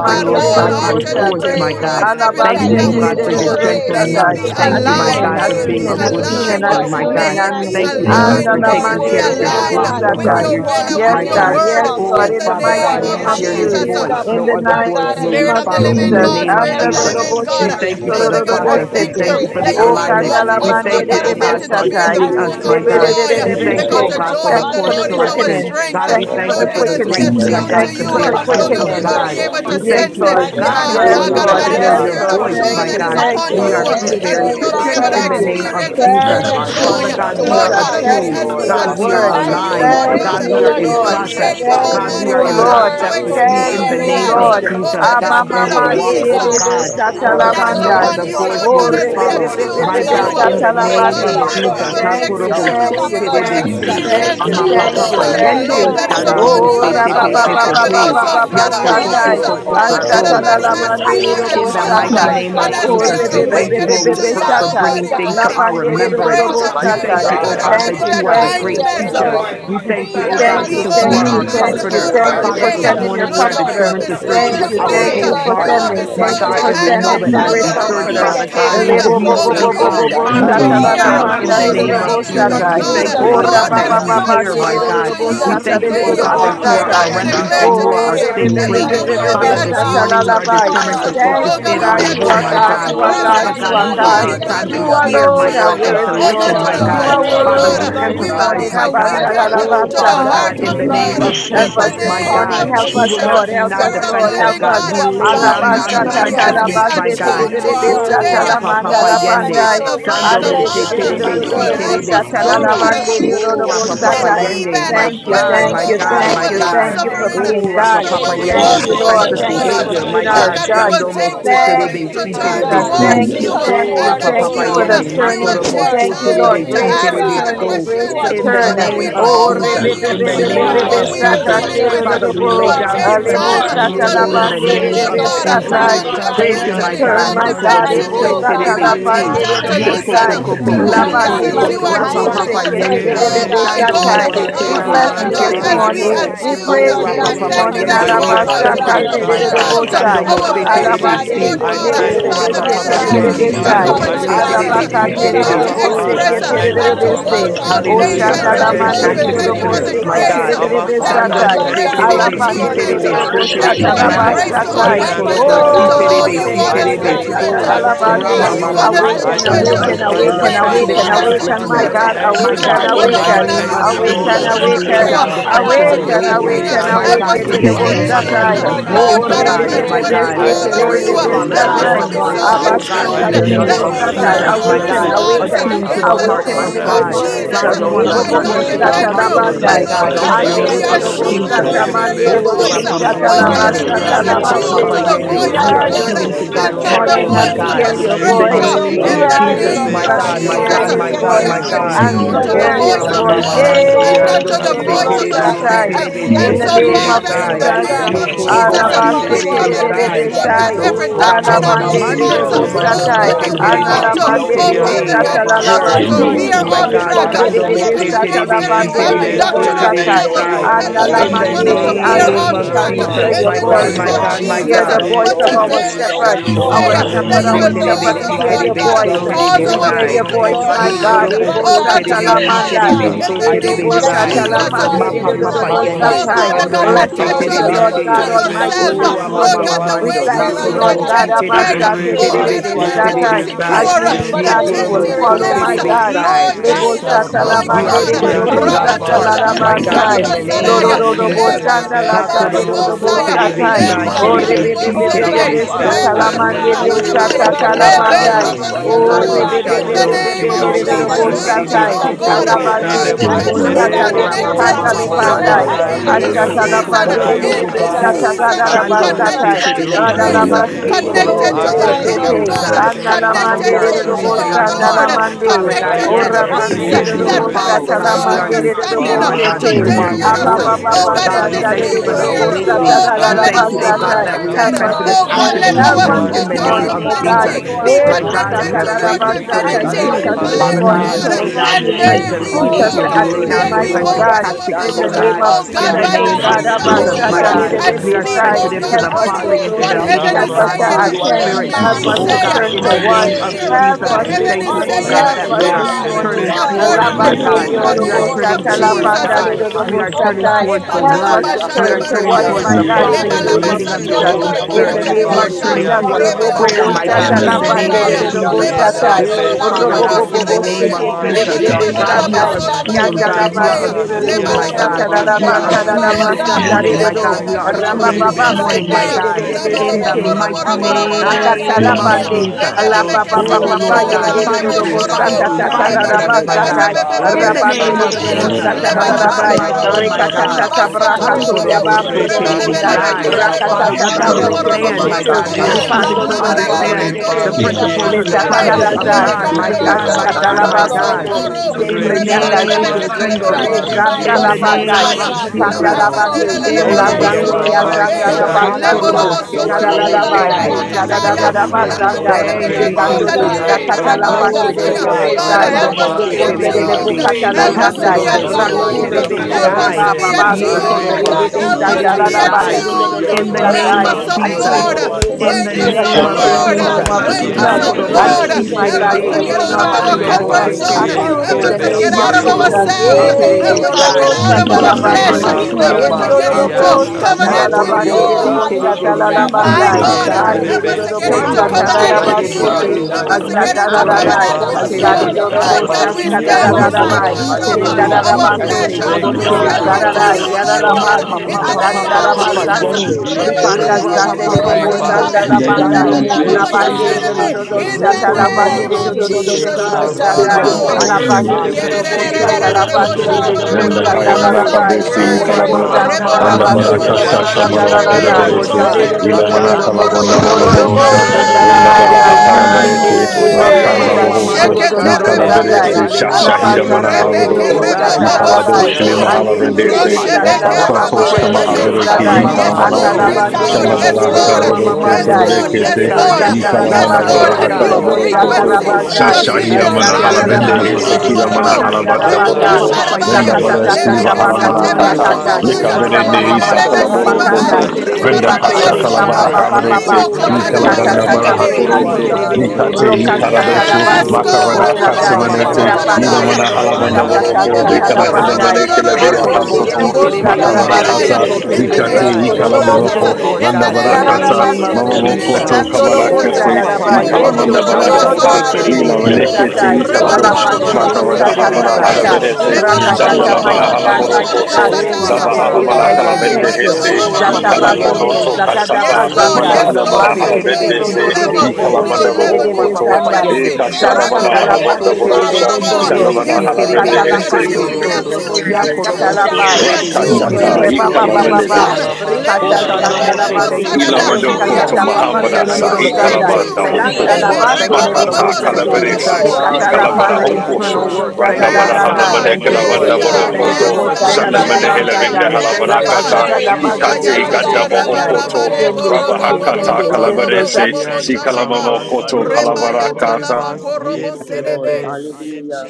G: you
A: God,
M: all
C: us
N: and
B: de
N: in
B: de
N: the
C: back
M: by
A: wholehearted,
C: on
N: fullness
M: yourself.
N: of
C: course,
E: prayer.
N: the
C: my
G: praise.
C: God.
A: Lord,
N: Holy
A: in
N: Ghost.
G: God,
C: Thank
G: I
A: everything
C: you,
B: Alabaste
A: that
C: oh
B: te
G: give
B: de
C: God,
G: you
B: de
C: for
N: Father
C: your
N: God, I
C: gentle
G: praise
N: thank you
C: nudge.
A: be
N: this
G: because
C: Thank
G: you
C: you, my
N: morning.
G: are
A: aligned.
B: Attuning,
N: I
C: God, for being a
B: attuning,
G: worthy.
C: good
N: glorify you,
B: attuning,
G: You
A: Aligned,
C: shepherd,
G: are
N: Father
C: my
B: attuning,
G: worthy,
C: God.
A: may it
G: my
N: God,
B: and
A: be
N: that
C: Thank
G: King.
C: you,
N: our
C: oh God,
N: life
F: in
A: aligned,
G: You
C: for
N: is
B: Andala
G: are
A: may it
C: taking
A: be
N: enriched,
C: care
B: mandere
E: Oh,
C: of
G: worthy,
F: Jesus.
C: your
G: my
E: God,
B: robo
C: flock,
G: God.
N: hallelujah,
A: aligned
C: oh
A: with
N: by
C: God,
B: satai.
N: your
G: You
A: your
C: your
A: will
G: are
C: sheep,
A: and
N: teaching
G: high
B: Yes,
A: with
C: my
N: and
G: and
A: your
N: by
B: God.
C: God.
N: your
A: word
B: Yes,
G: exalted.
N: word.
B: God.
C: Oh,
A: in
B: In
A: the
B: the
G: You
C: Father
A: name
B: mighty
E: I,
C: God,
G: are
N: Father
B: name
C: we
A: of
G: high
B: of
N: God,
C: hear
N: in
G: and
N: the
C: his
A: Jesus,
G: lifted
B: Jesus.
N: name
C: voice.
A: Uh,
E: God,
N: of
G: up.
B: In
C: No
B: the
C: other
E: God,
G: Lord
N: Jesus,
C: voice
G: God,
B: mighty
G: as
N: Father
C: will
G: we
B: name
C: we
A: Spirit
N: God,
B: of
A: of
N: I
C: follow
G: praise
C: in
N: thank
C: the
G: you,
B: Jesus.
N: you,
A: God,
C: name
A: Spirit
C: of
G: help
A: of
N: mighty
A: the
G: us
B: Andala
G: to
C: Jesus.
N: God,
B: robo
G: stay
A: living God,
C: We
E: God,
B: sheke.
C: thank
G: attuned
C: you for the
N: Father
B: Tororo
A: Father God,
G: as
B: robo
E: I
C: process.
N: God,
G: we
N: that
C: We
N: we're
B: sete.
C: thank
E: pray,
C: you
N: not
G: praise
C: for the
E: Lord,
B: O
N: just,
G: you.
C: alignment.
G: God,
B: kandala
A: bring
G: open
C: We
A: us,
N: hallelujah,
C: thank
G: up
A: Lord,
B: mandere
C: you,
G: our
E: and
C: oh
B: rebe
E: come
C: God,
N: hallelujah,
G: minds
C: for
A: to bear the
B: satai.
C: attuning
G: as we
C: us,
N: hearing the
C: my
E: down our-
B: Lebere
C: God.
N: word,
G: praise
B: rebe
G: you.
A: joy
C: We
N: Father
B: rebe
C: thank
N: God,
C: you,
A: because
B: se.
C: oh
N: but
G: Open
A: the
G: up our
C: God,
N: it's
C: for
A: joy
C: the
A: of
B: Thank you
A: the
B: for
C: course
N: changing
B: the
A: Lord
N: our
A: is
N: lives.
A: our
G: understanding
C: correction.
B: quickening.
A: strength,
C: God,
G: as
B: Thank
C: we
G: we
B: you
N: Father, I
E: Oh,
B: for
C: thank
A: Lord
B: the
C: you
N: thank
C: for
N: you
G: praise
A: God.
C: the
N: for
G: you,
A: As we
N: this
C: grace,
B: quickening.
F: Yes,
G: Jesus.
N: life
C: my
E: God,
M: Yes,
A: tune to
B: Thank
C: God, to
B: you
A: you,
N: changing
B: for
A: uh,
M: Lord.
G: Give
B: the
C: bear
G: us the
A: Lord
C: fruits
E: God,
A: God,
C: of
A: we
N: opportunity
G: vision
B: quickening.
M: Hallelujah,
A: will
N: that
G: Father
A: be
C: God.
G: we
N: you have
A: able
C: We
A: to
N: given
G: need.
M: Jesus.
B: Yes,
C: thank
A: sense,
C: you,
N: unto
B: Lord.
G: My
C: oh
N: us.
G: God,
A: uh,
M: Yes,
C: God,
N: I
G: give fire,
B: Yes,
G: us
M: Lord.
A: uh,
G: the
N: thank
A: God
C: hallelujah,
M: Abba,
N: you
B: Lord.
N: and
C: to
A: Almighty,
N: I
A: the
C: hear
G: clarity
B: Yes,
A: joy
C: your
M: Father,
N: bless
G: we
M: I
B: Lord.
M: thank
C: voice,
M: you. this
G: need.
N: you,
B: Thank
C: my
A: that
B: you.
A: is
C: God.
G: As
N: Almighty
B: Thank
A: upon
B: you.
G: authority,
C: We
G: we
M: morning.
A: you,
N: God,
C: are
A: we'll
B: Thank
C: fruit
B: you.
G: praise
N: Father
G: you,
C: bearing
N: God,
M: I
B: Thank
N: for
B: you.
N: the
A: be
M: bless
G: Lord
A: able
C: Christians
M: your
C: in
B: Thank
A: to
C: the
N: blessing
G: God,
B: you.
N: of
M: holy
C: name
N: your
C: of
G: we
M: name.
N: word.
A: experience.
G: pray
C: Jesus.
G: that
B: Thank
G: you will
A: joy.
C: Father
B: you,
N: Father
G: speak
M: Hallelujah.
G: to
C: God, we
G: our
A: Lord
N: God,
C: are
B: Jesus.
A: God
M: Yes,
G: hearts.
A: Almighty,
B: Thank
C: attuned.
B: you
A: as
B: for
M: Lord,
A: we
N: hallelujah.
B: your
C: God,
N: I
M: our
C: we are
N: thank
B: word.
A: attune,
G: As
N: you,
M: Father,
G: we
C: aligned.
N: Father,
B: Thank
M: bless
G: praise
A: God,
C: God,
G: you,
C: we
N: that
M: thou
G: Lord
C: are
B: you,
N: your
M: me
C: in
N: word
M: this
A: to
B: Lord.
A: be
N: is
C: process.
G: Jesus,
A: able,
N: proper
M: morning.
N: than
B: Thank
N: it
C: God,
G: we
N: is,
C: we
A: Almighty,
C: are
B: you,
G: will
C: in
M: Over
N: it
M: Lord
B: Lord.
N: is
G: burn
A: to
C: lockstep
M: God,
C: with
N: good
G: for
M: under
N: and
G: you,
C: you
M: your
N: it
B: Thank
C: in the
G: Lord
A: experience,
M: precious
N: comes,
B: you,
C: name
G: God.
C: of
M: blood.
B: Lord.
G: We
N: hallelujah
A: oh
C: Jesus.
G: will
A: God,
M: Mighty
C: God,
A: the
N: to
M: God,
G: hunger
C: we
A: spirit
N: prick
A: of
C: will
G: for
A: peace
M: heal
N: our
B: Amamamande
G: you,
M: the
G: Let
B: de
G: us
C: walk,
B: de
M: liver
C: oh
G: God.
N: conscience,
G: be
B: Amamamandedebo
C: God.
N: Father
G: We
M: and
C: Father
N: God,
A: that
G: will
C: God,
A: is
G: thirsty
C: no
G: as
B: satalamandai.
G: thirst
M: Break
A: upon
C: other
N: hallelujah,
A: you,
G: for
M: forth
C: voice
A: Lord
N: to
C: will
G: you,
M: this
B: Oh,
A: God,
C: we
A: as
N: make
A: we
N: us
G: Jesus.
M: morning
C: follow.
N: aware,
A: come
C: My
A: to
G: And
M: into
B: rebebebebebebe
G: God,
A: you.
N: Father
C: God,
G: you
C: in
N: God,
G: will
C: the
N: to give
G: fill
A: Oh
M: singing,
N: us
C: name
A: God
G: us
C: of
B: satalabande.
G: up,
M: aloud,
A: Almighty, we
G: Lord.
C: Jesus.
A: will
N: understanding,
M: cry
N: to
B: Thank you,
G: Fill
N: reveal
M: aloud
C: Nakorobo
G: us
M: this
B: thank
A: be
G: up,
C: sote
B: you,
N: you
A: able
C: de
G: Lord
A: to
M: morning.
B: thank you,
C: besi.
G: Jesus.
N: unto
M: Oh,
N: us,
B: thank
A: experience,
B: you,
N: O
G: Fill
B: thank
N: Father
G: us
M: hallelujah.
A: oh
B: you,
C: Mapapapa
G: up,
A: God,
N: God,
B: thank
N: and
G: Lord
M: From
B: you.
A: love
C: yende.
N: O
M: the
A: that
G: God.
A: is
N: God,
C: Dando
A: upon
N: and
M: Yari
C: mo
B: Oh,
G: Fill
C: se
N: O
G: us
C: te
M: Katai
A: you,
G: up,
C: pe
N: God,
C: pe
A: Lord
N: that it
C: pe
A: God
M: Baba
N: may
G: mighty
A: will
C: pe.
N: help us
A: also
M: Sata.
G: God.
N: in our
A: flood
M: Yes,
A: our
G: Fill
A: heart.
N: ministry,
B: rabababababababashandai.
G: us
M: Lord,
G: up,
M: the
G: our
A: Lord God
M: marriage.
N: Father
C: Yakokokokokokoko.
A: Almighty,
G: King.
N: God,
M: Oh,
A: as
N: in
A: we
M: mighty
B: Ashtatalabandere
N: the
G: Breathe
A: are
N: name
M: God,
N: of
B: robo
C: In the
G: upon
A: attuned,
G: us,
C: mighty
N: Jesus
G: Lord
M: hallelujah.
C: name
G: God,
C: of
N: Christ of
A: we
M: Yes,
C: Jesus,
G: afresh
A: are
C: we
N: Nazareth,
C: thank
M: Lord,
A: awake
C: you,
M: that
N: Father
M: we
C: Holy
G: new
N: God,
A: to you,
C: Spirit,
G: life,
C: for
A: Almighty.
B: Ashatalalabanderirobosatai.
G: Lord
N: we
B: robo
C: bringing things
G: God.
C: to
N: request
C: our
M: are
N: no
G: Breathe
C: remembrance.
A: Pray
M: the desolate
G: upon
M: this morning.
C: We
G: us,
A: today,
M: Almighty
N: Almighty
C: thank
B: Lapanderirirobosatai.
C: you,
A: Lord
M: God,
G: Jesus.
C: oh
A: God,
N: God,
C: God,
N: but
B: Thank
C: that
B: you,
N: to
G: Fresh
C: you
N: be
C: are
A: Almighty,
M: hallelujah.
C: the
B: thank you,
C: great
N: true,
G: ideas,
M: We
B: thank
M: love
B: you.
C: teacher.
M: our
N: hallelujah,
C: We
G: Lord.
M: Father
C: thank
N: in
C: you,
M: God
G: Breathe
A: kindness
N: the
C: oh
M: this
A: will
C: God,
B: Thank
G: upon
B: you,
A: be,
N: fullness
C: because
G: us,
A: oh
N: and
M: morning.
C: you
B: thank
G: Lord
C: are
N: in the
B: you,
C: our
M: Break
B: thank
A: the
G: Jesus.
N: power
B: you,
N: of
C: comforter.
M: forth,
A: order
B: thank
A: of
N: your
G: Your
A: the
B: you
C: Father,
B: for
A: day.
N: word,
C: this
M: hallelujah.
B: sending
N: Father.
B: your
C: morning
G: instructions,
C: we
A: Lord
C: are
M: It's
A: God,
M: a
G: Lord.
B: comforter.
C: determined
N: Help
C: to
M: singing,
N: us,
C: search
A: slow to
C: you
G: Breathe
B: Thank
M: break
N: O
A: speak.
C: with
B: you,
G: upon
N: Lord
C: our
B: thank
M: forth,
N: God
G: us,
B: you
N: of
C: whole
B: for
G: Lord
A: we
C: hearts,
A: will
N: heaven,
G: God.
B: sending.
A: be
C: my
M: hallelujah.
B: Thank
A: slow
B: you
N: hallelujah.
A: to
G: Your
C: God,
B: for
C: and we
M: We
C: know
B: sending
C: that
B: the
C: as
B: great
M: fatai
C: we
G: understanding,
M: mama
C: search,
F: Lord,
B: comforter.
F: yes,
C: Father
A: be
G: Jesus.
M: sata.
C: God,
F: Lord,
A: kind.
G: And
F: yes.
B: Lebo
C: we
N: Oh
B: bo
G: so
A: Oh
B: bo
C: will
G: we
E: Lord,
M: Roko
C: be
B: bo bo
M: to
B: bo
G: cling
C: found.
G: to
B: bo
G: you,
C: You
A: God,
F: Help
E: Hallelujah,
A: to
C: will
M: shatai
B: sata
F: me
C: be
B: la
G: Lord.
B: la
A: hear.
F: to
M: baba
C: found in
G: We
B: panda
C: the
B: de do
A: Oh
M: sete.
B: do
C: name
F: attend,
G: cling
E: hallelujah.
C: of
B: bo
G: to you,
C: Jesus.
E: Lord,
F: turn
M: Yes,
A: Spirit
C: We
B: satai.
C: thank
M: Lord,
F: toward,
C: you,
E: you're
A: God,
G: Jesus.
C: oh
N: my,
B: Ora
A: Lord,
C: God,
A: and
G: We
B: pa
C: that
E: God,
B: pa
M: hallelujah.
C: you
B: pa
G: look
F: understand.
G: to
C: hear, my
G: you,
C: God.
F: In
M: Hallelujah.
C: We
A: you
B: Elebobobobobobobosatalalapanderirirobosatai.
G: Jesus,
C: thank
M: For
C: you, oh
A: today.
G: the
M: you
C: God,
M: are
F: Jesus'
E: Lord,
C: that
E: you
C: you
A: My
M: worthy,
E: are
C: are
G: author and
B: Orapapapapanderirirobosatalirirobosatai.
C: our
A: God,
E: high
M: Lord
A: we
E: and you
M: God
C: refuge
G: finisher
M: of
A: declare
G: of
C: and
A: today
C: you
G: our
C: are
B: Oh,
C: our
M: glory.
G: faith.
E: are
C: safe
A: that
E: mighty
M: You
C: place.
A: Lord
G: And
E: and
A: God,
E: you
A: we
G: so,
N: yes,
E: are
M: alone
A: will be
B: rebebebebebebe,
C: Father,
N: Lord,
G: Lord
E: great
C: this
G: God,
N: yes,
C: morning
A: attuned to.
C: we
N: yes.
C: are
G: you
B: satalalabai.
M: this
G: are
E: and
C: determined
E: last,
C: to
M: morning
G: our
M: is worthy of
C: focus
B: Thank
A: Lord
G: help.
B: you,
A: God,
C: in
A: we'll
E: last,
B: God.
A: be
M: praise.
C: on
B: You
C: you,
B: are
N: yes.
G: Lord
E: Lord.
C: my
G: God,
B: God.
M: Have
C: God.
G: you
B: You
M: your
B: are
E: Hallelujah,
G: are,
M: way
B: God.
C: Father
M: this
A: present.
G: Lord
B: You
C: God,
B: are
C: we
G: God,
C: will
M: morning,
G: our
B: God.
A: Mighty
C: take
N: Oh,
C: time
B: You
N: Holy
C: to
G: destiny,
M: hallelujah.
A: be
G: Lord
E: God,
C: hear,
N: Spirit,
A: attuned.
N: of
C: my
E: your
B: alone are
C: God,
M: Lord
G: Jesus.
C: and
E: love.
N: mighty
C: to
B: worthy,
M: God,
A: Oh
G: And
N: God.
M: you
E: Oh,
A: God,
B: Lord.
C: listen,
A: to
M: are
G: so
A: the
C: my
E: God,
G: we
B: You
M: God,
C: God.
E: thank
B: are
E: you
M: you
A: heart
M: are
E: for
A: of
E: your
G: praise
C: Father,
M: God,
E: love
G: you,
C: we
B: worthy
M: you
E: which
A: God.
M: are
B: this
G: Lord
N: hallelujah,
A: We will
M: God,
C: empathize,
F: name.
B: morning.
G: Jesus.
C: my
N: Jesus,
C: God.
G: Help
E: was
G: us
A: attend
G: to
E: with
O: you,
N: hallelujah,
C: Oh,
A: to
O: are
A: the
E: us.
C: Father
G: walk
E: Oh,
B: Abandalalabasatai.
F: I
A: heart
G: with
C: God,
G: you,
C: in the
A: of
F: love
C: name
G: Lord.
A: God
F: your
C: of
A: in
N: hallelujah,
F: soul
B: Help
E: God,
G: Help
F: in
C: Jesus,
G: us
B: us
A: the
B: this
G: to
N: gracious
F: the
C: my
F: name of
A: name
N: Lord,
B: morning.
C: God,
N: and
A: of
G: commune
B: Help
E: Lord,
G: with
C: we
G: you,
B: us,
F: Jesus.
C: will
A: Jesus.
N: almighty,
E: thank
G: Lord
B: Lord.
C: not be
B: Help us,
E: you,
G: Jesus.
A: Spirit
E: Lord,
A: of the
B: Lord.
E: God,
N: hallelujah.
G: Help
C: non-defensive,
O: the
B: Help
A: living
G: us
C: God.
O: Lord.
B: us.
G: to
C: We
A: God,
C: lay
F: Into,
N: Oh,
C: down
E: thank
G: abide
N: we
E: you,
G: in
F: into,
G: you,
E: God,
B: Alabashata
N: honor
A: mighty
F: into,
G: God
A: as
N: you, and
C: non-defensiveness,
A: we
N: we
C: my
B: kalabase
F: into.
A: attune
C: God.
G: because
N: praise
G: you
A: to
O: Hallelujah.
N: you,
G: are
A: you
N: and
G: our
C: Oh,
B: terebesata
A: today.
N: thank
B: la
O: Jesus,
C: Rapa
N: you,
O: we
B: manda
G: comforter.
C: Papa
E: God,
B: la
O: thank,
N: Father
A: Oh
G: And
N: God.
C: Yende.
B: pandai.
G: so
A: Father,
G: we
A: Father,
C: Chando
E: Lord.
C: Mose
G: bless
F: Yeah,
G: you
E: Oh,
F: da,
O: thank
E: God,
N: Hallelujah,
F: da,
E: God,
C: Terebe
G: this
O: you
F: da,
A: You
C: Si
O: in
A: will
F: da.
O: the
G: morning.
A: help
O: name
C: Terebe
A: us,
O: of
B: Aledidododododoboshata
F: Mount
N: hallelujah,
B: la
G: We
A: Lord
C: So.
E: God,
A: God,
O: Jesus.
E: I'm
F: defensive.
G: praise
M: Lord.
N: hallelujah.
G: you
C: Oh,
G: this
C: Rapa
O: Thank
E: full
O: you,
C: Papa
E: of
B: labanderiododobosatai.
E: abundance,
G: morning.
N: Thank
O: Jesus.
C: Yende.
A: even when
N: you,
C: My
G: We
B: Thank
O: Thank
B: you,
O: you,
E: God,
A: we
C: God,
B: thank
E: God,
N: Jesus,
C: my
A: go
B: you,
O: Jesus.
A: through
G: glorify
C: God,
N: glory
B: thank
C: my
G: you
A: our
B: you,
N: be
A: long
C: God.
G: this
N: to
B: thank
E: Lord.
B: you for
A: suffering,
N: God.
G: morning.
O: Hallelujah.
B: being
A: even
C: Oh,
E: Hallelujah,
C: Rapa
B: God.
O: Jesus.
G: We
C: Papa
A: when we
E: God,
B: Thank
F: Yeah,
A: go
C: Yende,
G: exalt
B: you,
A: through
F: yeah,
G: you
N: Hallelujah,
A: our
B: Lord.
F: da,
A: trouble,
C: defensive
F: da,
G: this
B: Thank
F: da,
B: you
F: yeah,
E: God.
B: for
F: da,
G: morning,
C: behavior.
F: da,
C: My
B: being
F: yeah,
N: hallelujah,
F: da,
B: our
E: Hallelujah,
F: da.
C: God,
G: Jesus.
A: we
B: judge.
A: will
C: Shando
N: hallelujah.
G: We
C: Mose
E: thank
B: Thank
C: Terebe,
E: you,
N: Thank
B: you,
G: worship
C: Si
G: you,
E: God,
A: turn
N: you,
C: Terebe
B: Jesus.
O: Thank
G: God,
O: you,
N: Lord.
C: So.
A: towards
B: Thank
F: Yeah, da, da, da, da, yeah,
B: you,
N: Thank
A: you
O: Jesus.
G: because
N: you,
E: Lord,
G: you
B: thank
C: Oh,
A: and
B: you,
F: da,
G: are
N: thank
F: da, da, da, da,
C: Rapa
N: you,
B: thank
C: Papa
B: you
E: God.
B: for
A: you.
B: the
C: Yende,
F: da.
G: glorious.
N: thank
A: We
N: you,
B: turning.
A: will
G: You
C: Makorobo
G: are
C: So
B: Thank you,
N: everlasting
E: Good
B: Lord.
C: Terebe, Si
N: Father,
B: Grace
G: glorious,
B: for
A: ask
E: word,
N: the
C: Terebe
G: God.
E: Oh,
N: God
B: turning,
N: of
C: So.
G: You
B: grace
A: questions
B: to
G: are
E: God,
N: glory,
G: soon
C: In
E: oh,
N: the
C: the
A: so
B: turn.
N: God
G: and
N: of
C: name
E: God,
A: you
C: of
G: coming
B: Oh,
A: know
N: power,
A: why
C: Jesus,
G: King.
F: Yeah,
A: we are
E: Lord
F: da,
C: in
F: da,
C: the
G: You
F: da, da, da, da,
A: dealing
N: Father,
G: are
N: the
E: God,
C: name
G: our
B: rebebebebebebe
C: of
F: yeah,
A: we
N: God of
A: are
E: but
B: sata
C: Jesus.
A: dealing
G: Savior.
N: might.
E: God,
C: Father,
A: with
C: we
G: You
C: lay
B: tererobo.
G: are
N: Hallelujah.
C: down
G: our
N: There
B: Alebo
N: is
C: defensive
A: time
G: Lord.
N: no
B: sata
N: God
C: behavior
A: to
K: Norobos
C: in
N: like
C: the
G: And
N: you,
A: learn,
B: labandere
C: name of
A: Lord
B: rebe
N: Father
K: Yereme
G: so
A: God,
G: we
C: Jesus.
B: sata.
N: God.
K: Rita
G: magnify you,
C: Thank
B: Grace
C: you,
A: non-judgmental.
O: Glory,
B: to
C: my
G: Jesus.
N: I
K: Sianta
B: turn,
C: God.
B: my
N: thank you,
K: Rabas
B: God.
O: glory,
C: Hakorobo
B: Ebo
N: Father
C: So
G: so,
K: Yoro
G: God,
B: sata
N: God,
C: Terebe
N: for your
O: glory,
C: Si.
A: Take
K: Fureba
N: word.
B: labandere
G: baptize
A: time to
G: us
B: robo
C: Ye
A: listen.
C: Koko
G: afresh.
B: sai.
K: Sianta
F: da,
C: Koko
F: da,
E: yeah,
F: da,
K: No
G: My
C: Koko
G: God,
N: You
C: Ko.
B: Labandere
N: can
O: glory,
F: da.
K: Sion
A: You are
N: come in
C: Rapa
B: robo
A: teaching.
G: baptize
N: and
G: us
K: Torobos
C: Papa
B: seke
G: afresh,
N: accord,
C: Yende.
E: yeah,
N: Father
A: Oh
K: Yereme
B: tererebe
O: glory,
N: God,
A: my
C: Shando
K: Oh
A: God.
E: so
B: satai.
N: and
C: Mose
K: my
G: Heavenly
N: come
M: Lord,
B: We
K: God,
C: Terebe,
M: you
N: unto
B: bless
G: Father,
C: Si
K: my
B: you
N: you,
M: are
G: Lord
B: this
A: God,
C: Terebe
K: Father,
A: as
G: God.
N: mighty
K: I
A: we
B: morning.
C: So.
N: God.
K: thank
B: We
G: Help
K: you
G: us,
B: praise
C: Oh,
K: this
O: glory,
G: Lord
M: God.
B: you
A: attune,
C: Rapa
A: we
G: God,
B: this
O: glory,
G: to
K: morning.
N: Hallelujah.
C: Papa
A: thank you
B: morning.
O: Jesus.
N: Thank
A: that
C: Yende,
K: I
A: you
N: you,
C: we
A: are
G: control,
C: are
K: thank
G: Lord
K: you,
B: Arabasha
A: causing
N: Father
A: us
G: God,
K: my
C: sensitive,
O: Glory,
A: to
N: God.
B: kantere
C: my
K: God,
A: build
M: Oh,
G: ourselves.
K: my
C: God.
B: robo
O: glory,
N: Hallelujah.
K: Father,
A: out
C: Shando
B: sai.
G: Help
K: for
C: Mose
A: our
M: hallelujah,
K: your
N: for
A: patience
N: the
C: Terebe
K: grace.
N: wisdom
G: to
B: Alabandere
C: Si.
N: and
G: be
A: Lord
N: the
K: I
A: God, uh,
B: kondere
G: firm
N: knowledge
G: in
K: thank
C: Oh,
N: and
K: you,
N: the
O: Jesus. Glory,
B: rebe
G: you,
A: Father
C: Rapa
K: my
G: Lord
O: Jesus.
B: sete
C: Papa
A: God, and
K: God,
G: God
N: understanding
F: Yeah.
N: that
K: my
O: Glory,
C: Yende,
B: rebe
N: you're
F: Yeah,
K: Father,
B: sai.
C: Shando
F: what
G: because,
N: pouring
K: for
F: does
G: Lord
C: Mose
K: your
N: into
O: glory,
G: God,
N: us,
G: our
C: Terebe
N: oh
K: mercy.
C: Si
G: tongue is
A: oh
N: Father
B: Arabakandere
G: a
A: God,
O: Jesus.
F: it
C: Terebe
N: God.
K: Abba
F: do?
B: robo
A: to
G: weapon.
C: So.
N: I
K: Father,
O: Glory,
A: express
K: I
B: seke
A: uh,
N: thank
F: Yeah,
G: Lord
N: you,
K: thank
G: God,
A: and
K: you
A: to
B: tererebe
G: our
O: glory,
K: for
N: Father
K: my
G: tongue
A: walk
B: sai.
N: God.
G: can be
A: out
K: seeing
G: used
A: patience.
K: eyes
G: to
C: Hallelujah.
F: yeah,
N: Hallelujah,
K: and
B: Oshandala
K: my
N: for
G: bless
O: Jesus.
C: Sensitive,
F: what
G: and
A: Lord,
N: where
G: it
B: mandere
N: you're
A: we
C: active
G: can
K: attentive
G: be
B: dodo
A: thank you
N: moving
G: used
C: listeners.
N: us,
A: for
K: ears.
B: bose
G: to
C: My
K: Uh,
F: does
A: grace.
O: Thank
G: curse.
N: Father
B: ketere
C: God.
O: you,
B: dere
N: God.
K: Abba
A: We
O: Jesus.
A: thank
G: Help
A: you
K: Father,
N: I
A: for
C: Chando
K: I
G: us,
A: the
B: besatai.
O: Glory.
C: mo
N: thank
G: Lord
K: thank
C: se
N: you
A: grace
K: you,
G: God,
N: for
G: to
A: for
N: your
B: Ala
K: Lord
C: terebe,
O: Thank
G: use
C: si
O: you,
G: our
F: it
N: prophetic
B: pandere
F: do?
A: attunement,
O: Jesus.
K: Jesus.
B: dodo
C: terebe,
B: do
G: mouth
N: word,
G: to
C: so
K: I
N: Father
B: bostata
C: terebe,
F: Yeah.
B: la
O: Thank
N: God.
G: bless,
A: the
M: thy
O: you,
K: thank
C: sai.
K: you
G: Lord.
A: grace
K: for
N: I
O: Jesus.
A: to
O: Thank
B: basatai.
N: thank
K: sign
C: Ye
E: uh,
M: habitation.
O: you
G: Help
O: for
N: you,
A: awake
K: and
N: O
G: us,
O: your
C: korobo,
G: Lord
N: God,
G: God,
C: si
M: Fear
A: to
O: wisdom.
N: for
G: to
K: wonders.
N: your
M: not,
O: Thank
B: Oh,
A: how
O: you,
G: use
K: Uh,
C: terebe,
M: let
A: you
O: oh
G: our
C: si
B: shere
G: tongue,
A: want
O: God.
M: thy
N: correction
K: I
A: us
B: dere
G: Lord
A: to
C: terebe,
N: word.
K: thank
G: God,
A: do
O: for
M: cause
K: you
G: to
A: it,
K: for
B: besata
A: uh,
C: so.
B: la
M: and
N: I
O: Thank
G: bless
B: la
O: you,
A: to
N: thank
K: answered
M: strengthen
G: Jesus.
O: great
A: why
B: bande.
C: Rama
M: thy
N: you,
A: you
O: oh God.
C: mama
K: prayer.
A: want
N: Almighty
O: Thank
A: us
G: As
O: you
A: to
C: mando.
N: God,
K: I
B: Awaken,
O: for
A: do
N: for
G: we
O: my.
M: Oh,
N: your
A: it,
C: Chando
K: thank you
G: bless
C: mo
B: awaken,
M: mighty
G: you
C: se.
K: for
N: teaching
A: uh,
C: We
A: to
G: this
C: are
M: God,
B: awaken,
N: word.
A: when you
K: healing,
C: sensitive,
G: morning,
B: awaken,
A: want
G: Lord,
O: Thank
K: Abba
A: us,
O: you,
M: hallelujah.
C: active
N: Hallelujah.
B: awaken,
K: Father.
B: my
O: Jesus.
M: Thou
C: listeners.
K: I
M: thou
B: God,
M: shalt
K: thank
A: oh
C: My
G: receive
O: Thank
M: break
A: God,
G: our
N: You
K: you.
O: you
B: awaken,
C: God,
N: just
A: to
M: forth
C: in
M: on
A: whether
N: want
C: the
M: the
N: to
O: for
A: or
K: I
E: oh
B: awaken,
G: worship,
M: right
O: open
A: not
N: speak
C: name
A: you
M: hand
E: God,
O: another
C: of
K: thank
E: I
K: you,
M: and on
O: time.
M: the
A: can
K: Lord
N: to
O: Thank
C: Jesus,
A: want
G: receive
M: left,
O: you.
C: we
G: our
A: us
N: us,
A: to
M: and
C: lay
M: thy
A: do
B: awaken, awaken,
K: Jesus,
G: prayer, Lord
C: down
K: uh,
A: uh,
M: feet
A: a
M: shall
E: pray,
G: God.
M: turn
C: defensive
K: for
N: Thank
M: the
N: you
K: your
O: Awake,
B: awaken,
N: for
A: particular
O: God.
A: thing.
N: your
C: behavior.
K: holy
G: Turn
O: Jesus.
B: awaken,
M: side.
K: hand
G: your
C: My
N: revelation,
K: that
A: Help
O: Awake,
A: us,
C: God,
K: is
B: awaken,
C: in
G: tune
B: dere
O: awake,
C: the
N: Lord.
G: your
K: upon
C: name
E: and,
O: awake,
K: us,
C: of
G: ears,
K: oh
O: awake,
B: bosatai.
E: oh
N: Hallelujah.
C: Jesus,
G: Lord
K: Lord.
E: God,
G: God, to
C: we
K: I
B: Oh,
G: our
A: Lord God
B: rebe
K: thank
O: awake.
C: empathize,
B: be
N: Glory
A: Almighty,
K: you.
B: be
C: my
G: prayers,
N: be
A: when
B: be
G: Lord
A: we
N: to
O: Thank
C: God.
O: you,
K: I
B: sete
M: Oh,
A: call
N: God.
A: on
B: dere
O: Jesus.
G: Jesus.
K: thank
A: you,
B: dere
K: you,
C: Oh,
M: praise
E: Hallelujah.
M: be
C: Father
K: Lord
G: God,
M: the
C: God,
N: Hallelujah,
C: we
O: Thank
B: besatai.
M: Lord,
G: from
O: you,
G: our
A: we're
C: want
K: Jesus,
N: Father
M: praise
A: so
C: to,
K: uh,
G: mouth
C: oh
N: God.
M: him.
O: Jesus.
G: to
C: God,
K: for
O: Thank
G: your
C: in
A: attuned
C: the
N: Oh,
K: your
O: you,
B: Abashandale
M: Fear
B: do
M: not,
C: name
O: Lord.
G: ears,
A: that
C: of
M: for
A: we
N: gracious
K: grace
G: Lord
M: thou
K: and
B: bosatai.
M: shalt
A: hear
K: your
C: Jesus,
A: your
M: not
O: Thank
G: God.
O: you,
C: my
M: be
N: everlasting
O: Lord.
B: Awaken,
C: God,
G: God,
K: mercy.
O: Come
N: Father
G: we
M: ashamed.
O: on,
A: response.
B: awaken.
G: pray
N: God.
A: In
C: attune
G: that
M: Neither
G: you
C: to the
M: be
N: I
K: Abba
G: will
O: go
M: thou
C: heart
N: look
O: to
B: Awaken
O: our
A: the
B: in
G: receive
C: of
B: the
K: Father,
A: Name
N: unto
G: these
O: right
A: of
K: I
C: God.
B: name
N: you,
O: in
B: of
O: the
M: confounded,
O: name
K: thank
G: words
O: of
N: Father
K: you,
M: for
B: Jesus.
C: God,
A: Jesus,
C: we
M: thou
C: want to
K: Lord
N: God.
M: shalt
G: in
O: Jesus.
G: the
M: not be
A: God,
C: attune to
A: we
G: name
N: Hallelujah.
M: put
K: Jesus.
C: your
G: of
M: to
A: thank
B: Yebobobostata
O: Awake
C: heartbeat,
A: you
M: shame.
N: Knowing
O: by
C: my
A: that,
O: the
B: labandai.
N: that,
G: Jesus.
O: blood
M: For
C: God,
A: Lord
O: of
M: thou
A: God,
N: Father
C: in
G: As
C: the
M: shalt
G: we
A: oh,
N: God,
O: Jesus.
K: Rebasión,
A: we
C: name
N: by
M: forget
A: are
C: of
M: the
N: your
O: Thank
G: attune
O: you.
M: shame
A: sheep
G: to
N: word
M: of
K: torobos,
N: you
G: you,
A: and
N: will
M: thy
C: Jesus.
G: Lord
A: we
B: Anderedodobostata
M: youth,
N: lead
A: hear
N: us
A: your
K: Yerebe.
G: Jesus,
N: into
C: Oh,
A: voice.
N: all
O: Thank
C: Rapa
O: you,
G: we
N: truth.
B: mandedodobistata
G: will
C: Papa
A: Oh,
O: Jesus.
G: not
A: God,
G: be
O: Thank
C: Yende,
M: and
A: and
M: the
N: Knowing
A: we
B: labashata
N: by
K: Rebasia
A: are a
N: your
M: truth
O: you,
C: Yapa
A: chill
O: Jesus.
G: disappointed,
M: of
N: word,
C: Papa
B: labashe.
M: thy
G: Lord.
N: Father
B: We
C: Yende.
A: voice,
M: widows
C: We
G: As
K: tarabasioro
C: are
B: are
G: we
N: God,
B: your
O: Thank you,
C: attuning to
M: anymore.
B: sheep
A: God,
G: attune
N: hallelujah,
G: to
B: this
C: God's
G: you, Lord
A: not
N: guide
M: You
C: heart,
N: us
A: the
B: morning
M: will
N: and
O: Jesus.
K: conosiorobo.
C: my
B: and
M: bow
B: we
A: voice of
M: in
N: protect
C: God,
B: hear
N: us.
O: Thank
M: thou
G: Jesus,
A: a
O: you,
B: your
M: that
C: in
M: did
C: the
G: you will
B: voice.
O: Jesus.
M: not
A: stranger.
N: Knowing
C: name
G: open
N: by
B: We
C: of
M: hear.
K: Rebasia
N: your
G: our
B: are
G: eyes,
B: your
C: Jesus,
M: Break
A: Nay,
N: word,
G: Lord
O: Thank
B: sheep
C: my
O: you.
M: forth
B: and
G: God.
N: Father
C: God,
O: Jesus,
B: we
M: into
O: for
C: my
O: this
B: hear
N: God,
C: God,
N: you
G: As
K: terebesioro
M: singing
O: time.
G: we
B: his
C: my
N: will
M: and cry
O: Thank
C: God,
A: we
O: you,
B: voice.
C: my
A: are
O: Jesus,
G: attune
N: reveal
O: for
M: aloud,
G: to
C: God.
G: you,
B: And
N: unto us,
B: we
M: thou
A: unto
G: Lord
K: conasierebe.
M: that
A: the
B: hear
C: Oh,
N: Father
G: God,
M: did
A: voice
B: his
A: of
N: God,
M: not
C: Rama
N: what
M: hear.
G: you
B: voice.
O: this
C: Mama
N: you
G: will
A: God
O: time. Thank
N: have
G: make
O: you,
C: Mando,
O: Lord.
G: all
A: and
K: Rebasia
A: not to
C: Shando
N: prepared
G: things new,
A: the
N: for us.
C: Mose
M: That
A: voice of
M: you
G: Lord
M: will
C: Terebe,
M: allow
G: God.
M: the
N: And
A: a
C: Si
N: I
B: Yedodobostatai.
K: tarabasioro.
M: children
N: like
G: As
N: I
G: we
M: of
C: Terebe,
A: stranger.
M: the
N: was
B: In
A: And
N: one
C: So
B: the
N: of
G: attune
A: so,
N: The
O: Thank you,
M: desolate,
B: name
N: great
C: Terebe
O: God,
G: to
K: Nekien
B: of
O: in
A: Father,
O: the
G: you,
M: that the
N: students,
C: Sai,
O: name of
G: Lord
A: in the
B: Jesus.
M: children
N: the
M: of
A: name
O: Jesus.
G: God,
C: Ye
A: of
N: heart
K: terebesioro
N: of
G: you will
C: Korobo,
N: the
G: make
O: Thank
N: heart.
O: you,
C: Si
A: Jesus,
G: all
O: Lord,
B: Arabaste
G: of
A: we go
O: God,
G: our
C: Terebe
M: Praise
O: for
M: the
G: rough
N: And I'm
M: Lord
A: against,
G: edges
C: Sai.
K: correbesierebe.
N: going to
M: God
A: Lord
M: of
N: get-
A: God,
O: the love of God,
B: tererebesai.
G: smooth.
A: every
O: for
M: hosts.
C: Oh,
N: I'm
C: Rama
A: doctrine
G: As
N: going
M: Holy
N: to
G: we
O: the
A: of
O: love of
C: Mama
K: Nosotorobo
B: Alamande
N: get
M: praise
N: you,
O: God.
M: your
A: demons.
C: Mando,
N: I'm
G: attune
M: name
G: to you,
K: siaraba.
C: Shando
M: this
A: Oh,
G: Lord
B: rebostatai.
N: going to
O: Thank
N: get
C: Mose
O: you,
N: you,
M: morning.
O: Lord,
N: I'm going to
A: God,
N: get
C: Terebe,
G: God.
A: want
O: for the
M: Be
O: love
C: Si
A: to,
M: thou
N: you,
G: You
A: oh,
O: of
B: Analabanderio
K: Rebatasia
G: will
N: because
C: Terebe.
M: exalted
G: go
A: Father,
M: this
C: We
A: cause
N: I
G: before
A: us
C: are
G: us,
M: morning.
N: can't,
A: to
N: I
B: Satalabase,
K: tarabasioro
G: Lord
A: veer
C: tuning,
N: can't
C: my
M: God
A: off
M: of
G: Jesus.
N: leave.
C: God,
A: track.
M: Zion,
G: As
N: And
C: Shando
M: I
G: we
C: Mose
B: Yekonderebebe
K: correbasiere.
M: praise you.
G: attune
O: God, for the love of God, for the love of God, for the love of God, for
C: Terebe,
G: to you,
C: Si
K: Me
M: God of
A: Every
F: Yeah,
C: Terebe,
G: Lord
C: So
K: siente
A: doctrine
M: Zion,
K: de
G: God,
M: I
A: of the
C: Terebe,
B: Satalabanderebosatai,
G: you
M: exalt
C: Sai.
G: will
K: mesioro
M: your
A: Lord
M: name.
A: God,
K: por
C: In
G: carry
A: we
C: the
A: want
B: Analamande,
G: us
M: King
K: reba
B: we
G: when
A: to
M: of
G: we
B: are
K: si
A: veer
M: all
B: your
G: get
C: name
A: off
C: of
M: kings,
B: speaker,
A: track.
B: we
G: weary.
M: be
K: andaraba.
B: hear
C: Jesus,
M: thou
A: In
B: your
C: my
G: You
C: God,
G: will
B: voice,
C: my
M: exalted.
K: Reba
C: God,
G: carry
B: we
C: my
G: us,
B: hear
G: Lord
M: Lord
B: the
C: God.
M: of
B: voice
A: But
B: of
K: casiente
G: Jesus,
K: de
M: lords,
B: our
G: when
A: today,
G: we
M: be
A: Lord
M: thou
A: God,
B: shepherd,
G: cannot
A: we
C: Oh,
K: mesioro
B: our
G: walk.
A: say uh,
K: por
M: exalted.
C: Shando
A: that
B: shepherd,
A: you
C: Mose
K: robo
G: And
B: our
A: will
G: so
M: Lily of
A: cause
C: Terebe,
B: shepherd,
G: help
M: the
B: we
A: us,
C: Si
G: us,
B: hear
G: Lord
K: sioro.
M: valley,
B: your
A: Lord
C: Terebe,
M: be
A: God,
G: God, to
B: voice,
C: So
M: thou
A: uh,
G: be
K: No
A: cause
C: Terebe,
B: we
A: our
G: attuned
B: hear
A: feet
K: siento
G: to
C: Sai.
M: exalted.
B: your
A: to
G: you,
K: robo
N: so,
B: voice,
A: be
G: Lord.
M: Mighty
B: my
N: yeah,
C: Ye
N: you can
B: God,
N: take
A: bound,
M: God of
N: care
C: Korobo,
N: of
K: sierebe.
B: Ebo
G: Lord
A: oh
C: So
G: God,
M: Daniel,
A: God,
G: we
A: to
M: I
C: Terebe,
A: your
G: pray,
K: Reba
C: Si
G: my
B: Satalamandai,
A: path.
M: praise
G: God,
C: Terebe,
M: thee.
A: In
C: So
A: the
M: I
A: name
N: them,
C: Terebe,
B: Edobo
G: that
M: exalt
C: Sai.
K: casientioro
M: your
K: por
A: of
G: Lord
M: great
K: no
G: God, we
M: name.
A: Jesus.
C: Mapa
G: will
C: Papa
G: not,
N: except
G: Lord
K: siorobo.
N: you
A: Oh
G: God,
C: Yende,
N: know,
G: be
B: Satalabanderebosatai,
M: Hallelujah.
A: Father
G: oh,
C: Shando
A: God,
M: For
G: un,
M: you,
C: Mose
B: blessed
K: Reba
A: attach
B: be
G: Lord
M: Lord
B: the
G: God,
A: yourself
C: Terebe,
G: we
M: God,
B: Lord
G: will
C: Si.
A: to
K: siente
B: God
G: not
K: de
M: alone
G: be
M: is
B: Almighty
A: yourself,
C: Oh,
B: this
M: worthy.
C: Rama
K: mesioro
G: downcasted.
A: Lord
B: morning.
M: Thou
K: por
C: Mama
A: God,
M: art
A: the
K: no
B: We
G: We
C: Mando,
A: way you
G: pray,
M: worthy,
B: thank
M: O
B: you,
G: Lord God,
M: Lord
B: Lord
C: Makorobo,
G: that
K: siorobo.
M: God
G: we
C: Si
B: God.
M: of
G: will
B: Abba,
G: not
A: peg,
C: Terebe,
G: be
M: glory.
C: Si
B: Shatere,
G: swayed
A: oh
K: Reba
G: or
M: And
A: God,
C: Terebe,
B: Derebe,
M: you
C: So
G: deterred,
A: Almighty, to
M: alone
K: siente
G: Lord
B: Satai.
C: Terebe,
K: de
M: this
G: Jesus.
C: Sai.
B: As you
A: cure
M: morning
B: lead,
G: But
C: Ye
A: the
B: God,
K: mesioro
M: is
B: we
G: Holy
K: por
B: will
C: Korobo,
K: no
M: worthy of
C: So
N: I
G: Spirit,
B: follow,
N: don't
A: place.
B: my
M: praise.
G: guide
C: Terebe,
K: siorobo.
G: us,
B: God.
C: Sai.
A: Lord
B: Lebo
G: guide
A: Jesus,
G: us,
M: Hallelujah.
A: my
C: We are
B: satalamande
M: Have
A: God,
B: de
M: your
G: comfort
C: attuning
K: Shekarabasian
M: way
B: dobo
C: to
G: us,
M: this
C: God's
G: Lord
N: know
C: part,
M: morning,
A: Rabatola
N: if you
G: Jesus.
M: Abba
C: my
A: Baribia
N: can,
K: Tarabasioro,
C: God,
G: In
B: satalarabasai.
C: in
M: Father.
N: and
G: the
C: the
M: I
N: thank
G: name
C: name
B: Loro
A: Saraya,
C: of
N: you.
G: of
B: dobo
C: Jesus.
M: pray,
K: Nesiente de
G: Jesus,
A: Leman
M: mighty
B: sandalata
G: help
M: God,
A: Nobody
B: de
G: us to
K: Besioro
M: deliver
G: keep
B: dobo
C: Hakoroboso
G: our
M: and
A: Saya,
K: por
M: set
G: eyes
B: satai.
M: free.
G: fixed
C: terebesai
A: Leman
B: O
G: on
M: Let
A: Daddy
G: you.
K: Rebesiere,
M: your
C: terebesi
M: will,
G: Oh
M: Abba
A: Serebe,
G: God,
B: rebebebebebe
G: give
M: Father,
G: us,
K: Nesete
C: terebeso.
M: God,
K: de
G: Lord
M: be
B: satalamande de
A: Rebadula
M: done.
G: God.
A: Barabara.
C: Oh,
K: Besioro
G: Lord
M: Cover, Lord
K: por
C: rapapapa
G: God, the
M: God,
A: Lebel-
B: satatalabandai.
M: this
C: yende.
G: faith,
M: prayer
B: O
N: Hallelujah.
M: line
G: Lord
A: Sotoro,
C: Oh,
N: bless
K: Rebasiaraba,
G: God, to
M: this
N: the Lord.
A: In the
C: shando
B: rebebebebebe
M: morning.
C: mose
A: name
G: believe,
A: of
G: Lord
K: Nosion
A: Jesus,
B: de
M: Cover,
G: God, as
M: mighty
B: dobo
G: we
C: terebesi
N: Hallelujah,
M: God.
A: help us,
G: stand on
B: satai.
O: the
A: oh
C: terebeso
G: your
O: love of
K: Torobosiarapa,
A: God,
J: Hallelujah.
G: word,
K: in
B: Alabande
O: God.
C: terebesai.
K: the
B: de
A: Father
G: as
A: God,
B: dobo
G: we
A: to
K: mighty
N: thank
A: be
N: you,
G: stand
M: Over
K: name
G: on
C: Oh,
M: this
A: connected
J: Hallelujah.
K: of
B: satalepo
C: Rama
G: your
N: hallelujah,
C: Mama
M: morning,
K: Jesus.
A: to
C: Mama
G: promises,
M: over
A: you
M: Lord
K: Father,
B: pandalepandai.
C: Mando.
G: as
K: I
G: we
M: God,
J: Hallelujah.
A: in
K: lift
C: Ye
G: adhere
M: over.
K: your
A: this
C: Coco
G: to
K: name
G: you,
C: Coco
K: and
G: Lord
B: Astatalapande de
A: season,
M: Over
K: I,
C: Coco
G: that
B: de
K: oh
M: Lord
B: de
C: Coco
G: Jesus.
M: God, I
C: Co.
K: Father,
M: pray
A: season,
K: I
M: this
G: Breathe
C: Dando
G: God,
A: connect-
G: upon
M: morning.
G: us,
C: Mose
K: worship
B: satatadarabasai.
G: Lord,
K: your
G: we
M: Let
G: are
M: your
C: Terebesi.
G: pray.
K: holy
M: will,
N: thank
B: Adalabaste
G: Be
N: you,
K: name.
C: Ye
B: de
M: hallelujah,
B: de
M: Lord
A: connected
C: Korobo
B: de
K: I
A: to
M: God,
C: So
A: the
G: glorified,
M: be
B: de
K: bless
N: hallelujah.
G: Lord
A: love
B: de
K: your
M: done
A: of
C: Terebesi.
M: this
G: God,
A: God,
K: holy
G: we
M: morning.
G: pray.
K: name,
C: Father,
K: Abba
A: connected
C: we
B: Andalamande
A: to
M: From
G: Be
C: are
B: de
M: the
K: Father,
A: the
C: attuning
M: rising
K: for
C: to
A: joy
N: Hallelujah.
A: of
K: you
B: Robosta
C: God's
A: the
G: exalted
K: are
C: heart.
A: Lord,
G: now, we
K: good
C: Father
B: Andalamande.
G: pray,
C: God,
K: and
A: connected
G: Lord,
K: your
A: to
C: yes,
B: Ora
A: the
C: as
G: as
C: you
A: peace
G: we
K: mercy
M: Go
B: Pandere
C: lead, we
M: down
C: will
A: that
M: and
G: attune
F: Yeah,
M: be
K: endures
G: to
B: Robosta
C: follow.
G: you,
A: passes
M: saved,
C: God, we
A: all
M: Abba
C: are
G: Lord.
K: forever.
B: Talamande
C: your
B: de
M: Father
G: We
C: sheep,
M: God.
K: Father,
C: my
G: look
A: understanding.
K: I
C: God,
G: to
C: and
F: Yeah,
B: Robostete.
C: we
M: You
G: you,
C: hear
A: Today,
M: art
K: praise
C: your
A: let
K: your
A: us,
C: voice.
M: worthy,
B: Ababa
G: Jesus.
M: O
A: oh
B: Baba
M: Lord
A: God,
G: We
C: God,
A: in
M: God
C: we
K: magnificent
M: of
A: this
G: give you
B: Sandale
C: thank you
A: new
K: name.
M: praise.
C: for the
K: uh,
A: year,
G: praise,
B: Robosta
K: Oh
C: awakening.
G: Lord.
A: oh
M: Almighty
A: God,
C: We
A: let
K: God,
G: We
M: God,
C: thank
A: us,
K: you
C: you, oh
K: are
B: Tadarabasta.
K: the
C: God,
M: incline
G: honor
C: that
M: my
K: God
C: we
K: of
C: are
G: you,
B: Help
G: oh
M: heart
G: Lord
B: us
C: sensitive,
K: life.
B: this
G: God.
M: to
A: oh
K: uh,
A: God,
C: active
B: morning.
M: hear,
A: let
B: Help
G: because
K: You
G: you
A: our
C: listeners
B: us
K: are the
C: in
B: this
M: hallelujah,
C: the
K: God
G: are
C: name
B: morning,
K: of
C: of
M: what
B: oh
G: God
M: thus
B: God.
G: and
C: Jesus.
M: said
G: you
A: unity
G: are
M: the
A: be
B: Eh,
K: foundation
C: My
G: worthy
M: Lord.
K: of
A: connected
G: to
C: God,
K: the
G: be
B: Bosta
C: we have
K: earth.
M: Incline
G: praised.
C: grace
K: uh,
M: my
C: to
B: Tadarabasta.
C: turn
M: ears,
G: And
C: to
G: so
A: divinity,
B: Teach
G: So
C: you
G: we
B: us
M: hallelujah,
B: this
K: Rebas
G: bless
M: Lord
A: my
C: Father
G: you
C: God,
B: morning
C: we
M: God,
G: this
D: so
A: God,
C: lay
B: to
M: to be
C: down
A: and
B: tune
G: morning.
K: yetrebes
B: in.
A: may
C: defensive
M: attentive
B: Teach
K: yoro
M: unto
G: oh Lord Oh
B: us
M: your
B: to
C: behavior. We lay
M: word.
K: konos
G: we
B: attune,
C: down
A: we
B: mighty
G: adore
M: Oh
C: defensive
G: you
K: yoromo.
H: you.
A: open
B: God.
M: God of
A: our
G: this oh
C: tactics,
B: In
C: oh
B: the
G: morning
M: Daniel,
A: mouths,
B: name
C: God,
B: of
A: oh
G: so
K: Rebas
C: in
G: My
M: hallelujah.
A: God,
G: that
C: the
B: Jesus,
G: we
A: by
G: God,
A: the
B: oh
C: name
G: can we do
C: of
B: God,
G: nothing
M: Yes,
A: of
K: yetrebes
A: the
G: magnify
C: Jesus,
M: Lord,
G: you
C: my
M: you
A: Lord,
B: Abashata
G: for
H: Thank
M: are
K: yoro
C: God.
B: Lede
G: your
A: and
G: this
M: worthy
C: We
G: glory,
C: are
M: this
K: konos
A: speak,
G: morning.
B: Bestai.
A: oh
G: guidance,
A: God,
C: sensitive
M: morning.
C: to
K: toto.
C: the
B: Help
G: Lord Our
B: us
G: God, great
B: to
C: prompting
G: so
C: and
G: that
C: to
B: zone
A: what
C: the
G: we
M: Hallelujah,
B: in.
G: teacher,
A: heaven is
C: leading
G: can
C: of
B: Help
G: do
B: us
M: glory.
C: God's
B: to
A: saying.
G: our
C: Holy
M: You
G: great
K: Shekarabas
B: attend.
G: everything
A: Oh,
M: alone
C: Spirit.
A: may
M: this
B: Help
A: we
G: master,
M: morning
B: us
G: you, with
C: Oh
B: to
G: our
K: yantarabas
A: say,
G: you,
C: God,
B: turn
C: in
G: O
K: yoro
C: the
A: may we
M: worthy of
C: name
B: towards.
C: of
A: hear
M: praise.
K: korebes
B: Help
C: Jesus,
A: what
B: us
C: we
B: this
K: yere.
A: heaven
M: Oh,
C: thank
A: is
C: you,
M: sing
C: oh
B: morning.
A: saying.
M: unto
C: God,
G: great
M: the
C: that
G: Lord
B: Help us
C: we
M: Lord
K: Nesien
N: Hallelujah.
C: are
B: this
M: a
G: God,
A: We
G: leader, so
M: new
G: that our we will be great resolute, God, Father God,
A: do
B: morning.
C: turning
N: Sarabada,
G: our
K: terebes
M: song.
G: and worship and
C: towards,
G: anchor. and We
A: accordingly
C: my
K: yoro
M: Bless
N: Sati,
C: God.
B: Alabandiri
A: in
M: his
G: praise adore
A: the
G: praise you,
C: We
G: you
C: are
M: name.
B: orobo
N: Sitiyana,
A: name of
G: Lord
K: korebas
C: turning
B: sata,
N: Sati,
G: this
M: Praise
G: Lord
C: towards
G: God.
M: his
K: yara.
A: Jesus.
B: lapandali
C: God.
M: name.
G: morning.
C: We
B: orobo
C: are
N: Sitiyana,
G: Oh
C: turning
M: Hallelujah.
B: satai.
G: God,
C: towards the
N: Sati,
G: lead,
B: Help
G: Lord,
B: us
C: word.
B: to
G: and
M: Hallelujah.
G: we
C: We are
B: turn
G: will Hallelujah, my
A: Epatalabashadabara,
C: turning
B: towards
M: Hallelujah.
G: follow,
C: towards
N: Sri
B: my
C: the
G: Lord
B: God
M: For
K: Nesien
M: he
B: in
M: is
G: God. God.
B: the
C: prompting
G: Let
C: and
N: Siriyana,
C: the
B: name
M: worthy
B: of
C: leading
M: this
G: us
C: of
N: Sri Siriyana, Sri
G: Lead
C: your
G: us,
B: Jesus.
M: morning
K: terebesioro
C: Holy
G: Lord
M: of
G: pray
N: Siriyana,
G: and
B: In
C: Spirit.
B: the
M: all
G: Jesus, us
B: name
N: Sati,
C: We
G: and
M: glory.
C: are
G: God,
B: of
G: we
N: Sri
G: will
C: turning
G: worship
B: Jesus.
M: He
K: correbasian
C: towards
G: follow, and
B: Ebo
M: alone
G: Lord praise
M: this
C: prayer,
B: bobo
O: Thank
G: God.
C: my
G: you.
O: you.
C: God,
B: sata,
M: morning
K: tarabasioro.
C: in the
G: Oh
C: name
M: is
G: God,
C: of
B: lapandiri
G: help
M: worthy
G: Let
M: of
G: us,
B: orobo
G: us
C: Jesus.
G: Lord
K: Nesien
G: not
M: honor.
G: God, to
B: satai.
N: Siriyana,
M: He
G: deviate,
C: Oh,
M: is
N: Sri
G: latch O
C: Father
G: on
B: Robo
G: Lord
M: worthy.
G: to
C: God,
N: Siriyana,
M: He
K: terebesioro
G: you
M: is
B: bobo
C: in
G: God,
C: the
G: in from
B: bo
G: this the
M: worthy.
N: Sati.
C: name
G: path
M: He
C: of
B: seke
M: is
G: moment.
B: tere
G: that
B: de
C: Jesus.
G: you
M: worthy
B: de be
M: of
F: Yeah.
K: correbasian
G: Help
C: God,
G: us,
C: we
G: Lord for
C: are
N: Hallelujah.
B: sandai.
G: God,
K: taraba.
G: to Let
C: attuned.
B: Yanda
G: cling Let
C: God,
N: Sarabada,
G: us to
C: we
G: you
C: are
G: not in
B: labandiri
G: this deviate from the
C: attuned,
B: orobo
K: Rebacasian
C: my
G: moment.
N: Sitiyana,
B: sata,
C: God.
N: Sati, Siriyana, Sitiyana, Sri
C: We
M: Hallelujah.
G: Help
C: are
B: lalabanda
G: us,
K: tarabasioro
C: attuning
G: Lord
N: Siriyana,
C: this
A: Rabarabaribiosa,
N: Sri
G: God,
B: lalabasata de
C: morning,
B: do
C: my
B: do.
C: God.
G: to
C: We
K: conosiorobo.
C: are
G: look
C: attuning
G: to
C: this
G: you,
B: Rabababa
G: Lord
C: morning,
B: seke
A: Lebarabaribiosende,
C: my
K: Rebesien
G: God,
B: tere
G: in
C: God,
B: de de
G: this
B: be
N: Siriyana, Sri Siriyana, Sati. Hallelujah.
C: in the
B: sete.
G: moment.
N: Sarabada,
K: terebesioro
C: mighty
G: And Lord
A: Labalobokoroboroboroborobaya,
G: God,
N: Sitiyana, Sri
G: help
B: Akatala
C: name
G: us,
C: of
G: Lord
B: pande.
N: Siriyana,
K: correbasiaraba.
C: Jesus.
G: Jesus,
B: alapa papa
A: Lebelebekesete,
C: Oh,
B: papa
K: Nosion
G: to
C: Lord
G: follow
C: God,
K: sorobo
B: yende de do
C: fine
G: after
B: do
M: Lord.
G: you,
C: tune,
B: bosta
A: Leleleleboshorobo,
C: fine
G: to
B: ta ta
G: run
C: tune,
M: Hallelujah.
B: ta
C: fine
B: ra
K: sierebesien
G: after
C: tune
B: ra
C: us,
G: you,
B: basta
C: my
M: Bless
K: terebe.
M: you,
G: God.
B: ta
C: God,
M: God.
C: in
G: Oh
M: Bless
N: Sri
C: the
A: Reberebebebebebebebebebesaya,
M: him,
E: God,
B: rabande
C: name
M: bless
G: God,
B: do
C: of
N: Siriyana,
B: do
G: we
M: him,
K: Recasian
G: can
M: bless
C: Jesus.
B: bosta
G: do
B: ta
M: him,
B: ra
C: My
N: Thank
B: ra ra
G: nothing
C: God,
B: bai
M: Bless
C: my
M: him,
G: without
C: God,
K: tarabasioro
C: my
G: you.
B: rekata
C: God.
B: ta ta
G: My God,
K: conosoto.
G: we're
M: this
C: Father,
A: Lebalabarororororororobosototolobo,
B: brakatoria
M: morning.
G: desperate
B: bande
M: Bless
B: do
M: him,
G: for
B: do
M: bless
G: you.
B: bondai
M: him,
K: Recasia
E: I
G: We
M: bless
E: worship
M: him, bless him.
G: are
B: rakata
C: we
B: ta
G: lost
B: ta
M: Mama,
G: without
K: Narabasioro
M: mama,
E: you.
B: rekete
C: understand,
B: te
M: mama,
A: Rebelebeketelebeboroboroboroborobo,
C: my
G: you.
B: te
C: God.
G: We
C: We
M: shata.
C: are
G: are
C: choosing
B: lipando
K: Ponosioromo
C: to
B: do
G: lost
B: do
E: God, I
M: Tata,
G: without
B: ponde le
C: understand
G: you,
E: praise
C: the
B: depende
G: Jesus.
A: Labadalalamandoroboroboroborobe,
C: principles
B: le
E: you,
K: Rebasien
C: and the
G: And
B: zata
E: God.
B: da
G: so
C: promises
B: da
G: we
C: of
G: will
B: zai
C: God.
K: Terebesioro
C: My
G: find
C: God,
M: tata,
B: zekats
C: my
G: ourselves in
C: God,
B: katala
G: you,
M: tata.
C: my
G: Lord.
C: God.
K: Ponosioromo
B: bazondo
M: Mama,
A: Lebeketelebekulabosontoro,
G: Lord
C: In
B: zende
C: the
M: tata.
B: yanda
C: name
G: God,
C: of
B: zende
K: Rebasia
G: it's
E: God,
G: in
E: I
G: you
B: zondo
G: that
C: Jesus.
G: we
E: worship you.
G: find
B: rezanda
C: In
B: la
C: the
A: Rebetelebekelebokolobosa,
K: Nabasioro
G: ourselves,
B: bandai
C: name
G: Lord
C: of
G: God.
B: zikanda
C: Jesus.
G: And
B: la
K: Ponosioromo
G: so
M: Yes,
A: Labalabandele,
B: bande
C: In
G: remove
C: the
M: Lord,
A: Lebolo,
M: for
G: every
K: Sheke
M: thou
B: lazando
M: art
C: name of
E: God, I give
M: worthy,
B: riazanda
A: Torrebeya,
E: you
B: la
M: thou
C: Jesus.
K: Rabasia
M: art
G: limitation,
E: praise.
G: Lord
M: worthy,
B: bazando
E: The
C: Hakorobo
G: God.
M: thou
B: zekara
G: We,
K: Narabasioro
B: da da
M: alone
B: bai
M: this
G: Lord
E: praise,
G: God,
C: soterebesai.
M: morning
G: ask
M: is
G: you
E: I
G: to
M: worthy,
E: praise,
G: remove
K: Porebesierebe
E: I
G: the
M: thou
B: Zadadadadabazandai,
M: art
C: Thank
E: praise,
M: worthy,
C: you,
G: limitations,
M: Lord
G: Lord
C: Jesus.
B: Zekandori,
M: God
G: God.
M: of
K: Rebasia
E: praise,
G: And
B: Zakatala
M: glory,
H: you.
G: Lord God,
C: Glory
E: the
G: we
C: to
M: worthy
B: Pandelero
M: of
K: Narabasioro
C: God.
G: pray,
E: praise,
G: my
A: Father,
M: honor,
B: Bozai,
C: Shando
G: God,
A: help
M: Lord
C: mose
G: that you
M: God,
E: praise,
M: and
G: will
H: Thank
M: you are
B: Zekondere
G: help
B: de
E: the
K: Porabasata
G: us.
M: worthy
C: terebesi.
M: of
E: praise.
B: Bocatala
G: We
M: praise
A: us to
G: pray,
A: be
B: Zandai,
G: my
K: Nocion
C: Hakorobo
E: Hallelujah,
M: from the
G: that
C: so
N: you.
G: you
B: Brandere
K: Toromo
A: attuned.
M: rising
B: do
G: will
M: of the
N: Thank
G: touch
E: hallelujah,
B: Zondo,
A: Help
G: us.
M: sun,
A: us to
C: terebesi.
B: Reba
K: Sierebe
A: be
M: O
G: We
B: Babasto,
C: Ye
E: hallelujah,
M: God,
G: pray,
M: to
A: attuned.
B: Rose,
G: my
M: the
C: korobo
M: going
G: God,
B: Rebe
G: that
M: down
G: you
C: si
M: of
A: Help
G: will
A: us
M: the
A: to be attuned. Help us to
E: hallelujah.
B: Satala
K: Ribasiente de
M: same.
G: anoint
A: be
C: terebesi.
G: us.
B: Barere
M: O
B: do
M: Lord
G: We
C: In the
A: attuned.
G: will
K: Besioro
M: God,
G: not
A: Wake
C: name
G: be
M: you
B: Satai.
C: of
M: art
A: up,
E: Thank,
B: Attune
C: Jesus.
M: worthy,
B: in
A: Lord.
G: distracted
B: the
M: thou
K: Conosoto,
G: in
M: art
B: name
G: this
B: of
C: In the
A: Wake
E: thank
M: worthy,
E: you,
G: season.
B: Jesus,
C: name
A: up,
M: thou
C: of
B: attune
M: art
E: God.
G: We
B: in
G: will
A: Lord.
B: the
G: not
M: worthy,
B: name
C: Jesus.
G: be
B: of
M: mighty
A: Wake
G: deterred
A: us
B: Jesus,
M: God
K: Shekarabasiere
M: of
G: in
A: up,
E: Hallelujah,
G: this
M: all
C: Hakorobo
A: Lord.
C: si
B: attune,
G: season.
B: my
M: glory,
A: Help us
B: God,
E: hallelujah,
B: in
M: and
B: the
G: We
C: terebe.
M: you
K: Kenasiaraba,
B: name
G: will
A: out
B: of
A: of
M: alone
G: not be
E: hallelujah,
M: this
A: our
B: Jesus,
C: Shando
B: uh,
A: comfort
C: mose
M: morning
A: zone.
M: is
K: Ribasiente
G: discouraged
B: attune
A: Help
K: de
B: in
G: in
B: the
C: terebeso.
A: us
M: worthy
A: to
G: this
M: of
A: get
B: name
C: Ya
B: of
A: out of
E: hallelujah.
G: season.
M: praise.
K: Besioro
B: Jesus.
C: korobo
G: oh In
C: so
M: Have
E: Thank
A: ourselves.
G: the
M: your
B: Eh,
M: way
B: do
G: name
M: this
A: To
G: of
E: you,
C: terebesi.
A: get
K: Conosoto,
A: out
E: thank
A: of
M: morning.
E: you,
B: Satala
A: our
G: Jesus,
C: In the
E: Lord.
A: flesh.
B: Bande.
G: we
C: mighty
G: will
A: Help
M: Hallelujah.
A: us
C: name
G: look
A: to
C: of
B: Yendo
G: to
A: get
B: do
G: you
M: Have
G: in
E: Hallelujah.
M: your
C: Jesus.
G: this
A: into
M: way this
G: season.
A: covenant.
B: Satala
G: Oh,
M: morning,
N: you.
C: Makorobo
B: Bande
M: Lord
B: de
C: si
K: Shekarabasiantabasioro,
M: God. Have your
B: Satala
G: hallelujah,
C: terebesi
M: way.
G: Abba
A: My
B: Bandai.
G: Father.
M: Have
G: We
A: God,
M: your
K: Ribasiente
C: terebesi.
G: bless
K: de
M: way
B: Ande
A: help
B: do
G: you.
B: do
M: this
A: us to
B: do
A: get
B: bo
G: Abba
M: morning.
A: into
B: sa
C: Chando
K: Besioro
B: ta da
C: mose
B: da
G: Father, we
B: ba
M: Mighty
B: se
M: God
B: te
M: of
C: terebesi.
G: worship
A: Help us
G: you.
K: Conosiorobo,
A: to
M: Daniel, I
A: get into
M: thank
G: Abba
M: you.
B: Anderodobosatalarabasete,
A: covenant
B: Azatararai,
G: Father,
C: Yekorobosto
A: with
G: we
A: you.
M: Hallelujah.
G: glorify
A: Lord
C: terebesai.
M: For the
A: God,
G: you.
A: we
M: yoke is
A: stay
G: Abba
A: we
K: Ribasiantabasioro
M: easy
B: Azaridorobozaskatarabai,
G: Father, we
C: Yekorobosi
A: out of
E: Hallelujah.
N: Hallelujah.
K: Conosoto,
M: Hallelujah.
G: exalt
C: terebesi
A: our
M: And
B: Zendarabando,
M: the
G: you.
A: flesh.
G: Abba
M: burden
G: Father,
C: terebesi
M: is
A: We stay
B: Zorodoro
K: Shekar
G: we
M: light.
A: to
B: Zararai,
A: you,
C: terebeso.
G: lift
K: Hamas
M: Almighty
G: you
E: Hallelujah.
A: Lord
G: up.
C: Ya
A: God,
K: Yoro
M: God, I
B: Yarabandi,
C: papa
A: in the
C: papa
G: Abba
K: Kodos
A: name
C: papa
A: of
M: come this morning
G: Father,
C: papa
G: we
M: that
A: Jesus.
G: give
B: Zandarabazando,
G: you
C: yende.
M: truly
F: Jesus.
G: praise.
M: to
B: Lipanda
C: Oh
K: Robosierebe
M: hear
C: rapa
M: you.
C: papa
G: Glory,
M: I
N: Jesus, we
M: come
C: yende.
N: give
F: In
M: this
N: you
F: the
G: hallelujah,
K: Ribasien
N: my
G: to
F: name
C: Dando
B: Zandelebozandalabandai,
M: morning,
G: the
F: of
N: conformity
G: Lamb of
C: mose
N: to the
K: Terebes
N: Lord.
F: Jesus.
M: Almighty
G: God.
M: God,
K: Yoro
C: terebesi.
B: Labanderodododo
N: Hallelujah.
G: Jesus,
N: my
A: In
F: In
A: the
K: Kodos
M: hallelujah,
G: we
F: the
N: King.
M: with my
F: name
G: bless
F: of
A: name
K: Soto
C: Yekorobosto
A: of
G: you.
N: Oh,
A: Jesus.
M: reception
N: to the
F: Jesus.
M: turned
N: Lamb
B: Satalapanderodododododo
N: of
K: Shekar
N: God,
C: terebesai.
G: Jesus,
M: up.
G: we
B: Sadai,
N: to
E: God,
N: the
C: Yando
N: Lamb
E: your
N: of
G: praise
M: Almighty
N: God,
F: Yeah.
K: Rabasien
H: you.
E: word,
C: mose
G: you.
M: God,
N: to the Lamb
K: Terebes
C: terebesi
N: of
M: hallelujah,
G: Jesus,
N: God.
K: Yoro
M: I
G: we
C: terebesi
M: come
N: Oh,
E: your
K: Kodos
G: exalt
M: this
G: you.
C: terebesi
E: word,
N: mighty
P: Menda
M: morning
E: your
M: in
P: kaya
G: And
M: a
K: Yoromo
E: word,
N: God,
C: terebeso.
P: manaka
G: so
E: your
G: we
O: Gloria,
B: Alapanderodobosatalapanderodobosadalalai,
M: listening
G: give
N: hallelujah.
G: you
P: besi
E: word.
C: Oh
M: mode.
N: To the
G: praise
C: rama
N: Lamb
G: this
P: ikaladosh.
N: of
C: mama
O: gloria,
M: Mighty
N: God,
C: mama
M: God,
P: Renda
G: morning.
E: Hallelujah.
K: Ribasien
M: to
N: to the
C: mando.
M: hear
O: gloria.
P: baraka
N: Lamb
G: We
M: what
G: give
K: Terebes
N: of
M: thus
P: shata
A: Robobobobobo
G: you
E: Hallelujah.
P: mana
N: God.
M: says the
K: Yoro
G: praise
A: Sherebe.
O: Yes,
P: okoro
C: Yes,
G: this
B: Lebozandalabanderobozadaladai,
N: To
M: Lord.
E: Hallelujah.
N: the
C: Lord
N: Lamb of
K: Kodos
B: in
O: it
C: God.
M: Oh,
B: the
O: kind
N: God, to the Lamb of God. Hallelujah. To the Lamb of
G: morning.
N: God,
O: of
P: Ila
M: Father
N: to
G: We
K: Yerebe
O: kind
A: Robobobobobo
O: of
C: Shando
P: manaka la
O: a
M: Daniel,
N: the Lamb
G: bless
C: mose
M: Lord
P: banda
N: of
G: you
N: God.
O: break
M: God,
P: holo
O: and
M: you
E: God,
G: this
A: Korobobobobo.
C: terebe
K: Ribasiarabas
M: know
C: si
E: your
O: a
P: borosha.
M: there
O: kind
G: morning.
O: of
M: are
E: word,
C: terebe
M: some
C: so
P: Renda
G: We
E: God,
O: kind of
C: terebe
P: balaha
O: break
M: that
G: worship
O: and
M: I'm
E: word,
C: sai.
G: you,
K: Yoro
P: karamarete.
M: seeking
B: name
M: you
C: Oh,
K: Kodos
B: of
A: Hey!
G: Jesus.
P: rakaza
M: for.
E: praise.
B: Jesus.
C: yamamama
G: We
B: And
M: Mighty
K: Yoromo
P: zabohoso.
C: mando.
G: give you
A: Shekete
M: God,
C: Shando
P: Ikala
C: mose
G: praise
B: the
M: Daniel,
P: berese.
G: this
C: terebe
A: Rebobobobo.
C: si
B: best
M: hallelujah.
P: Shashahida
K: Tesetebes
G: morning.
C: terebe so
P: manaha
M: Yes,
A: Rebeke
K: Yoro
O: a
C: terebe
M: Lord.
N: Yes,
G: Shift
P: rodoso.
M: So
G: this
C: sai.
M: I
N: Father.
A: Bobobo
M: come this
C: Ye
P: Ikaladosh
G: atmosphere.
P: klima
K: Koribasiara
A: Sotaya.
C: korobo
B: and
M: morning.
P: hala
N: Restore
C: si
O: Rekada
G: Shift
M: Oh,
O: posta
P: rendese.
G: this
O: baba
C: terebe.
B: the
P: Eka
A: Roshebeke
O: baki,
M: hallelujah,
C: Rapa
M: Lord
A: Raba.
B: Labande
P: fatosh
M: God,
C: papa
O: repo.
G: atmosphere,
M: to
B: Do
P: kamaha
M: hear
C: yende.
M: you.
P: bereke.
G: Jesus.
O: Eskada
B: Bozadai,
M: I
C: Shamamama
O: posta
P: Ikala
A: Yes,
M: come
B: and
O: baba
K: Shekarabasi
B: the
G: Shift
A: Lord.
M: this
C: mando.
P: manoto.
G: this
O: bako,
A: Yes,
B: Labande
A: Lord.
M: morning.
O: rekada
P: Shana
A: Yes,
C: Oh,
K: antarabasi
O: posta
P: balaha
G: atmosphere,
O: baba
A: Lord.
G: Lord
K: oro
N: our
B: de
C: ramamama
O: baki,
P: karodoko
G: Jesus.
N: lives,
B: Zandai,
M: Yes.
N: we're
K: korebe
A: Lord,
C: mando.
O: repo.
N: not our
C: Yes,
A: yes,
P: soberekete.
M: Oh,
C: God.
M: what
A: Lord,
O: Eskada
N: own.
K: sierebe
C: Yes,
G: Breathe
M: does
B: Libozanda
C: God.
O: posta
N: Father
G: into
P: Ikala
M: said
C: Yes,
A: yes,
N: God,
G: us,
O: baba
C: God.
M: the
B: Labande
K: siente.
A: Lord,
N: have
C: Yes,
O: bako,
M: Lord?
A: a
P: manavaraha
G: Lord, we
C: God.
B: do
A: new
K: No
M: What
O: rekada
N: mercy,
G: pray,
M: is
N: help
C: Ha
N: us
M: it,
B: Bozanda
O: posta
G: God.
K: sion
N: to
A: frequency
P: kalaborokoto.
M: Lord
N: be
O: baba
C: korobo
M: God,
O: bako,
N: sold
C: si
K: torobo
M: that
B: Labazai,
G: Breathe
N: out
A: just
M: you
A: his
N: to
G: into
C: terebe
O: rekada
P: Shashahida
B: as
N: you,
G: us,
C: si
M: are?
K: sierebe
N: Lord
O: posta.
P: manahala
A: line.
B: Zandada
C: terebe
N: God.
C: si
G: Jesus.
A: Alamando
P: vendehese.
K: siaraba.
C: terebe
A: robo
B: Bazundo
P: Kila haramana
A: robo,
C: sai.
O: Eskada
B: Bozanda
P: halavanda
O: posta,
G: Shift
A: rebo
C: Oh,
N: Have
K: Rebaka
G: our
B: Labanda,
C: yapa
P: boroko
C: papa
B: as
N: mercy,
G: mindset,
A: kosharabaya,
B: Idodododobosandai.
P: renda
B: Alabazandadidodobosatanaradai. Andedededebesandalabandedodobozadai.
N: have
B: Andalabandedededebezandai. Lebozandalabandedodobosandalabazai.
C: yende.
O: rekada
B: Azandadadabazondodobozandalabanda.
N: mercy.
C: Oh,
K: siantarabasi
P: bareski
A: lebe
G: Jesus.
O: posta
K: oro
O: baba
C: yamamama
P: vaharamana
N: Holding
A: keteba
O: bako,
N: that,
C: mando.
P: kata
G: Strengthen
N: we're
K: koreba
O: rekada
B: Azakatatatatabakatoriakandai.
G: us,
C: O
P: lika
G: we
N: holding
A: shumamaya,
O: posta
N: that,
O: baba
G: pray,
N: and
P: berene
O: baki,
G: Lord
N: have
K: siantaraba.
C: Ramamamamando,
A: ibelebe
P: isakala
G: God,
N: mercy,
O: repo.
N: have
C: Sando
K: In the
A: sibaba
P: boroko
G: as
C: Mose
B: Aztapapapatolorapakandai.
P: to
G: we
O: Eskada
K: mighty
C: Terebe
N: mercy.
G: look
O: posta
P: renda
G: to
C: Si
K: name
O: baba
G: you,
B: Lepando,
M: I
N: And
K: of
C: Terebe
O: bako,
P: kashata
M: pray
P: la
B: reba,
N: have
B: ba,
O: rekada
C: Sai.
B: ba,
K: Jesus.
G: Jesus.
B: ba,
O: posta
K: uh,
B: ba,
N: mercy,
O: baba
B: ba.
P: barahavarete
N: a
C: O
G: God,
N: hundred
G: we
K: Reba
O: bako,
F: Yonder,
C: Yakorobo
B: Brekata,
P: ikalavanda
G: pray,
C: Si
N: percent,
F: what
B: tata,
O: rekada
G: my
N: Lord,
M: for
C: Terebe
M: you
G: God,
N: a
C: Si
O: eskada
M: are
B: brekato,
G: we
P: barahakorosho
K: sienterebe
G: will
N: hundred
M: God
C: Terebe
B: toto.
M: all
C: So
P: mikate
M: by
N: percent,
K: sioro
N: a
C: Terebe
B: Rokas,
G: experience you,
M: yourself.
K: kono
N: hundred
C: Sai.
B: katada,
P: ikaradosho
G: Jesus,
A: Yes,
N: twenty
B: banderi, do
A: God.
K: siorobo.
G: on
N: percent,
C: O
N: a
G: a
P: makaradaka
B: bostatai.
G: level
N: hundred
G: we have
O: posta
P: semanete
K: Reba
G: never
O: baba
M: Hallelujah.
N: forty
O: bako,
C: Rabababababababa.
B: Rapanderi, do
P: inamana
G: experienced
P: halavanda
G: you
B: bostata,
O: rekada
K: siantarabasi
M: Hallelujah.
P: boroko
F: I
N: percent.
O: posta.
C: Yes,
G: before.
K: oro
B: katada,
C: Lord.
P: dekalahenda
G: As
K: kono
B: bandai.
G: we
P: maneke la
M: Hallelujah.
O: Rekana
N: and I'm
G: appeal
P: vidia
N: not
G: to
B: Leponde,
C: Hakorobo
K: siorobo.
G: you,
N: turning
M: Hallelujah.
B: do
C: Si
P: hasato
N: and I'm
C: Terebe
B: bostada,
N: not
C: Si
G: Jesus,
M: Glory,
N: speaking
G: we
C: Terebe
M: honor, and
P: makaradahasa
G: will
C: So
B: rabazende.
N: to
K: Ribasiente
A: In
M: praise
K: de
N: do
C: Terebe
N: a
M: to
P: zikate
N: right
G: experience
B: Zesco,
C: Sai.
M: your
N: now
B: do,
M: name
G: you,
B: do,
M: this
B: do,
K: Messioro
G: God,
N: turn
G: on
A: Jesus,
G: a,
C: Yes,
N: in
P: ikalaboroko
B: zondo.
G: like
M: morning.
C: Lord
G: a,
A: in
N: our
P: renda
A: the
G: on
C: God,
N: lives,
C: in
B: Zira,
G: a
A: name,
C: the
B: da,
N: Almighty
G: level
M: Glory,
G: we
P: barakasa
K: Conosioromo,
G: have
C: name
N: God.
M: glory,
C: of
G: never
A: in
B: rabazende.
N: God,
A: the
M: glory,
P: mamamoko
A: name
C: Jesus.
P: to
A: of
M: glory,
B: Zando,
G: experienced you
B: do,
M: glory.
A: Jesus.
K: Ribasiente
C: O
K: de
P: kabarakase
B: bostada,
G: before.
C: Rapapapa
M: Glory
G: And
N: I'm
M: to
C: Yende,
K: Messioro
N: not
B: rabayendo.
M: your
P: Ikalamanda
G: so,
B: Zodo,
M: name
N: speaking
C: Shando
B: do,
G: Lord
B: do,
M: this
P: Barakata,
C: Mose
N: if
G: God,
N: you're
M: morning.
B: de,
C: Terebe
B: de,
K: Conosioromo,
N: going
C: Si.
N: down
G: remove,
N: the
M: Glory,
B: bezatai.
N: wrong
P: Ilamaneketi,
M: glory,
G: Lord
C: O
N: path.
M: glory.
P: Ikaladosh,
G: God,
N: I'm
G: the
N: not
B: Alapanderi,
C: Hakorobo
N: speaking.
C: So
K: Ribasianta la
G: blockage.
B: ostata,
P: Makaradaha
C: Terebe
B: tata,
N: Father
C: Sai.
P: Manahala
B: tata.
G: Remove,
N: God, help
K: Masioro
G: Lord
P: Vedese,
N: us
C: O
N: to
G: God, the
N: course
B: Brakatata,
P: Shandala
G: things,
C: Rababababa.
B: mighty
N: correct,
G: Lord
P: Manahala
B: God,
G: God,
K: Conosoto,
N: Father
B: mighty
G: that
B: God,
P: Borokoso,
N: God.
G: tries
C: O
G: to
B: thank you, thank
P: Zabahala
G: discourage
B: you,
N: But
C: Rapapapapa
G: us,
N: I'm
B: thank
N: not
P: Manakala
B: you,
G: Lord.
M: Yes,
C: Yende.
N: speaking.
B: thank you.
K: Shetarabasianta
G: We
K: la
P: Vendehese,
M: Lord.
C: O
G: look to
C: Rapapapa
G: you,
M: Hallelujah.
C: Yende.
B: Zatabazondo,
P: Ikalamonoto
K: Masioromo,
A: Yes,
G: Jesus.
P: Kashata,
N: God, I'm
C: Oh,
A: Lord,
N: not
A: yes,
B: Zatadabazandai,
G: Oh
P: Manahala
C: Shando
K: Nesiente
A: Lord,
K: de
G: God,
C: Mose
A: yes,
B: Bando
P: Manahala
N: I'm
B: de
N: not
G: remove
C: Terebe
A: Lord.
C: Si
N: speaking.
A: New
K: Messioro
P: Vendese,
B: Zebrodozo,
C: Terebe
A: level,
G: laziness, Lord
C: So.
A: new
P: Ikalamanda
B: Boboboze de de
A: level,
G: Jesus.
C: Oh,
B: de
C: Rapa
K: Corribasianta.
P: Rohokoto,
C: Papa
G: Oh
B: Bezandai,
G: God,
C: Yende.
N: Father
G: fill
P: Ekashada
G: us
N: God,
G: up
A: new
G: with
P: Manahala
C: Hakorobo
N: I'm not
G: your
P: Vonda
C: So
B: Zaskatalapande
A: Lord
B: de
N: speaking.
C: Terebe
P: Borosha,
G: desire,
N: Thank
C: Si
N: you
G: God.
N: for the
P: Shana
B: Dodobozondo,
C: Terebe
N: Holy
K: Messi
C: Si
G: The
P: Manahala
K: entere
C: Terebe Si
G: desire
P: Vendehese,
G: to
K: Messi
B: Tukatalapande de
C: Terebe
K: oro
G: cling
P: quarter
C: So.
N: Spirit.
G: to
P: mile
K: corre
P: turn
A: we
G: you.
A: are
P: left
G: The
P: on
C: Yakorobo
P: Albany
C: So
A: tuned.
K: Messi
G: desire
B: Dodobozaskatalapai,
M: Yes,
A: we
G: to
P: Avenue.
A: are
C: Terebe Si
K: no
M: Lord.
A: tuned,
B: Yendo
G: seek
A: we are
G: you.
C: Terebe
K: Sion
P: Rakashata,
C: So
B: Repapa
G: The
M: Hallelujah.
K: torobo
C: Terebe
B: Papa,
A: tuned.
C: Sai.
P: Ikalamanedese.
K: siara
G: desire to
M: Yes,
C: Oh,
G: know
A: Lebo
N: I'm
B: Ricata
G: you,
M: Lord,
C: Shando
K: basiara
A: robo
N: not
M: I
G: Lord.
C: Mose,
A: bobo
K: no
M: praise
C: thank
B: Scandalabande,
M: your
C: you
G: You
C: for
A: sadada,
K: Sion
M: name
G: can
C: working
P: Ilamado
M: this
G: have
A: we
C: in
G: our
K: torobo
A: are
C: us.
B: Roscatata
M: morning.
G: hearts,
A: tuned,
B: Papa
P: Muhammad
A: we
K: siere
G: Lord
A: are
C: Thank
M: I
C: you
P: Asa,
K: be
C: for
A: tuned,
C: the
A: we
C: good
M: exalt
G: Jesus.
A: are
B: Norodobozandai,
M: your
C: work.
P: Ikalavanda
A: tuned.
C: Thank you
M: holy
C: for
K: remata
B: Landa
G: Speak
C: the
G: to
M: name
P: Hokoto,
A: Lebe
C: work.
M: this
K: sian
G: our
C: Thank
B: Labande
A: rebo
C: you
B: de
C: for
G: hearts,
C: the
M: morning.
K: tarama
P: Makata,
A: bobo
C: work that is
M: For
B: Dobozende,
G: Jesus.
C: being
K: sioro
M: you are
P: Kalavaresi,
C: done.
G: Oh
A: robo.
K: corre
M: God
C: Thank
M: and
C: you for
P: Ikalavara
G: God,
C: the
B: Zekatalapande
M: beside
G: Lord
M: you there
C: internal
G: God.
P: Hokosho,
M: is
K: masianta
C: work.
M: none
P: Randa
C: Thank
K: no
C: you,
M: other.
C: my
A: Yes,
C: God.
P: Varahana
N: speaking.
B: Zododozadaladai,
M: Yes,
A: God,
G: If
C: Thank you,
K: sotorobo
P: Manekala
G: you
A: yes,
B: Zede
C: Lord.
P: Vanda
M: Lord,
B: de
G: take
B: de
N: I'm
K: siara
B: de
A: God,
G: your
N: not
B: de
C: Thank
B: de
C: you,
K: ma
P: Varokoto,
G: hands
A: yes.
M: hallelujah.
C: Lord.
G: from us,
C: Thank
N: speaking.
P: Shanda
C: you.
G: Lord
C: Thank
K: reba
A: Yes,
C: you.
G: God,
A: God,
C: Thank
B: Bosatalabazandai,
P: Menehelevinda
C: you.
A: yes,
G: we
C: Thank
B: La
C: you.
K: sientere
G: will
A: God.
P: Halavarakata,
B: bazada la
G: perish.
K: Messi
B: baze de
K: oro
G: Lord
A: Shaya
B: de
P: Ikate
E: Hallelujah.
B: de
G: God,
P: Ganda
K: cono
A: tata
G: if you
A: raba
B: bozanai.
K: sioro
G: remove
A: raba
P: Vohokoto,
A: de
K: mo
A: bo
B: Zende
G: yourself
A: robo
G: from
B: zende
A: bo bo
P: Rabahakata,
B: zende
A: bo bo bo bo
B: zendo
K: remata
B: zak.
A: bo
P: Kalavarese,
A: bo bo
K: sian
M: Yes,
A: shababa.
M: Lord,
K: tarama
P: Sikalamamokoto,
K: sioro
A: Reba
M: hallelujah.
A: yata
K: corre
P: Kalavarakata.
A: laba korobo
M: Yes,
K: masientere
M: Lord,
A: sedebe.
K: be
M: hallelujah.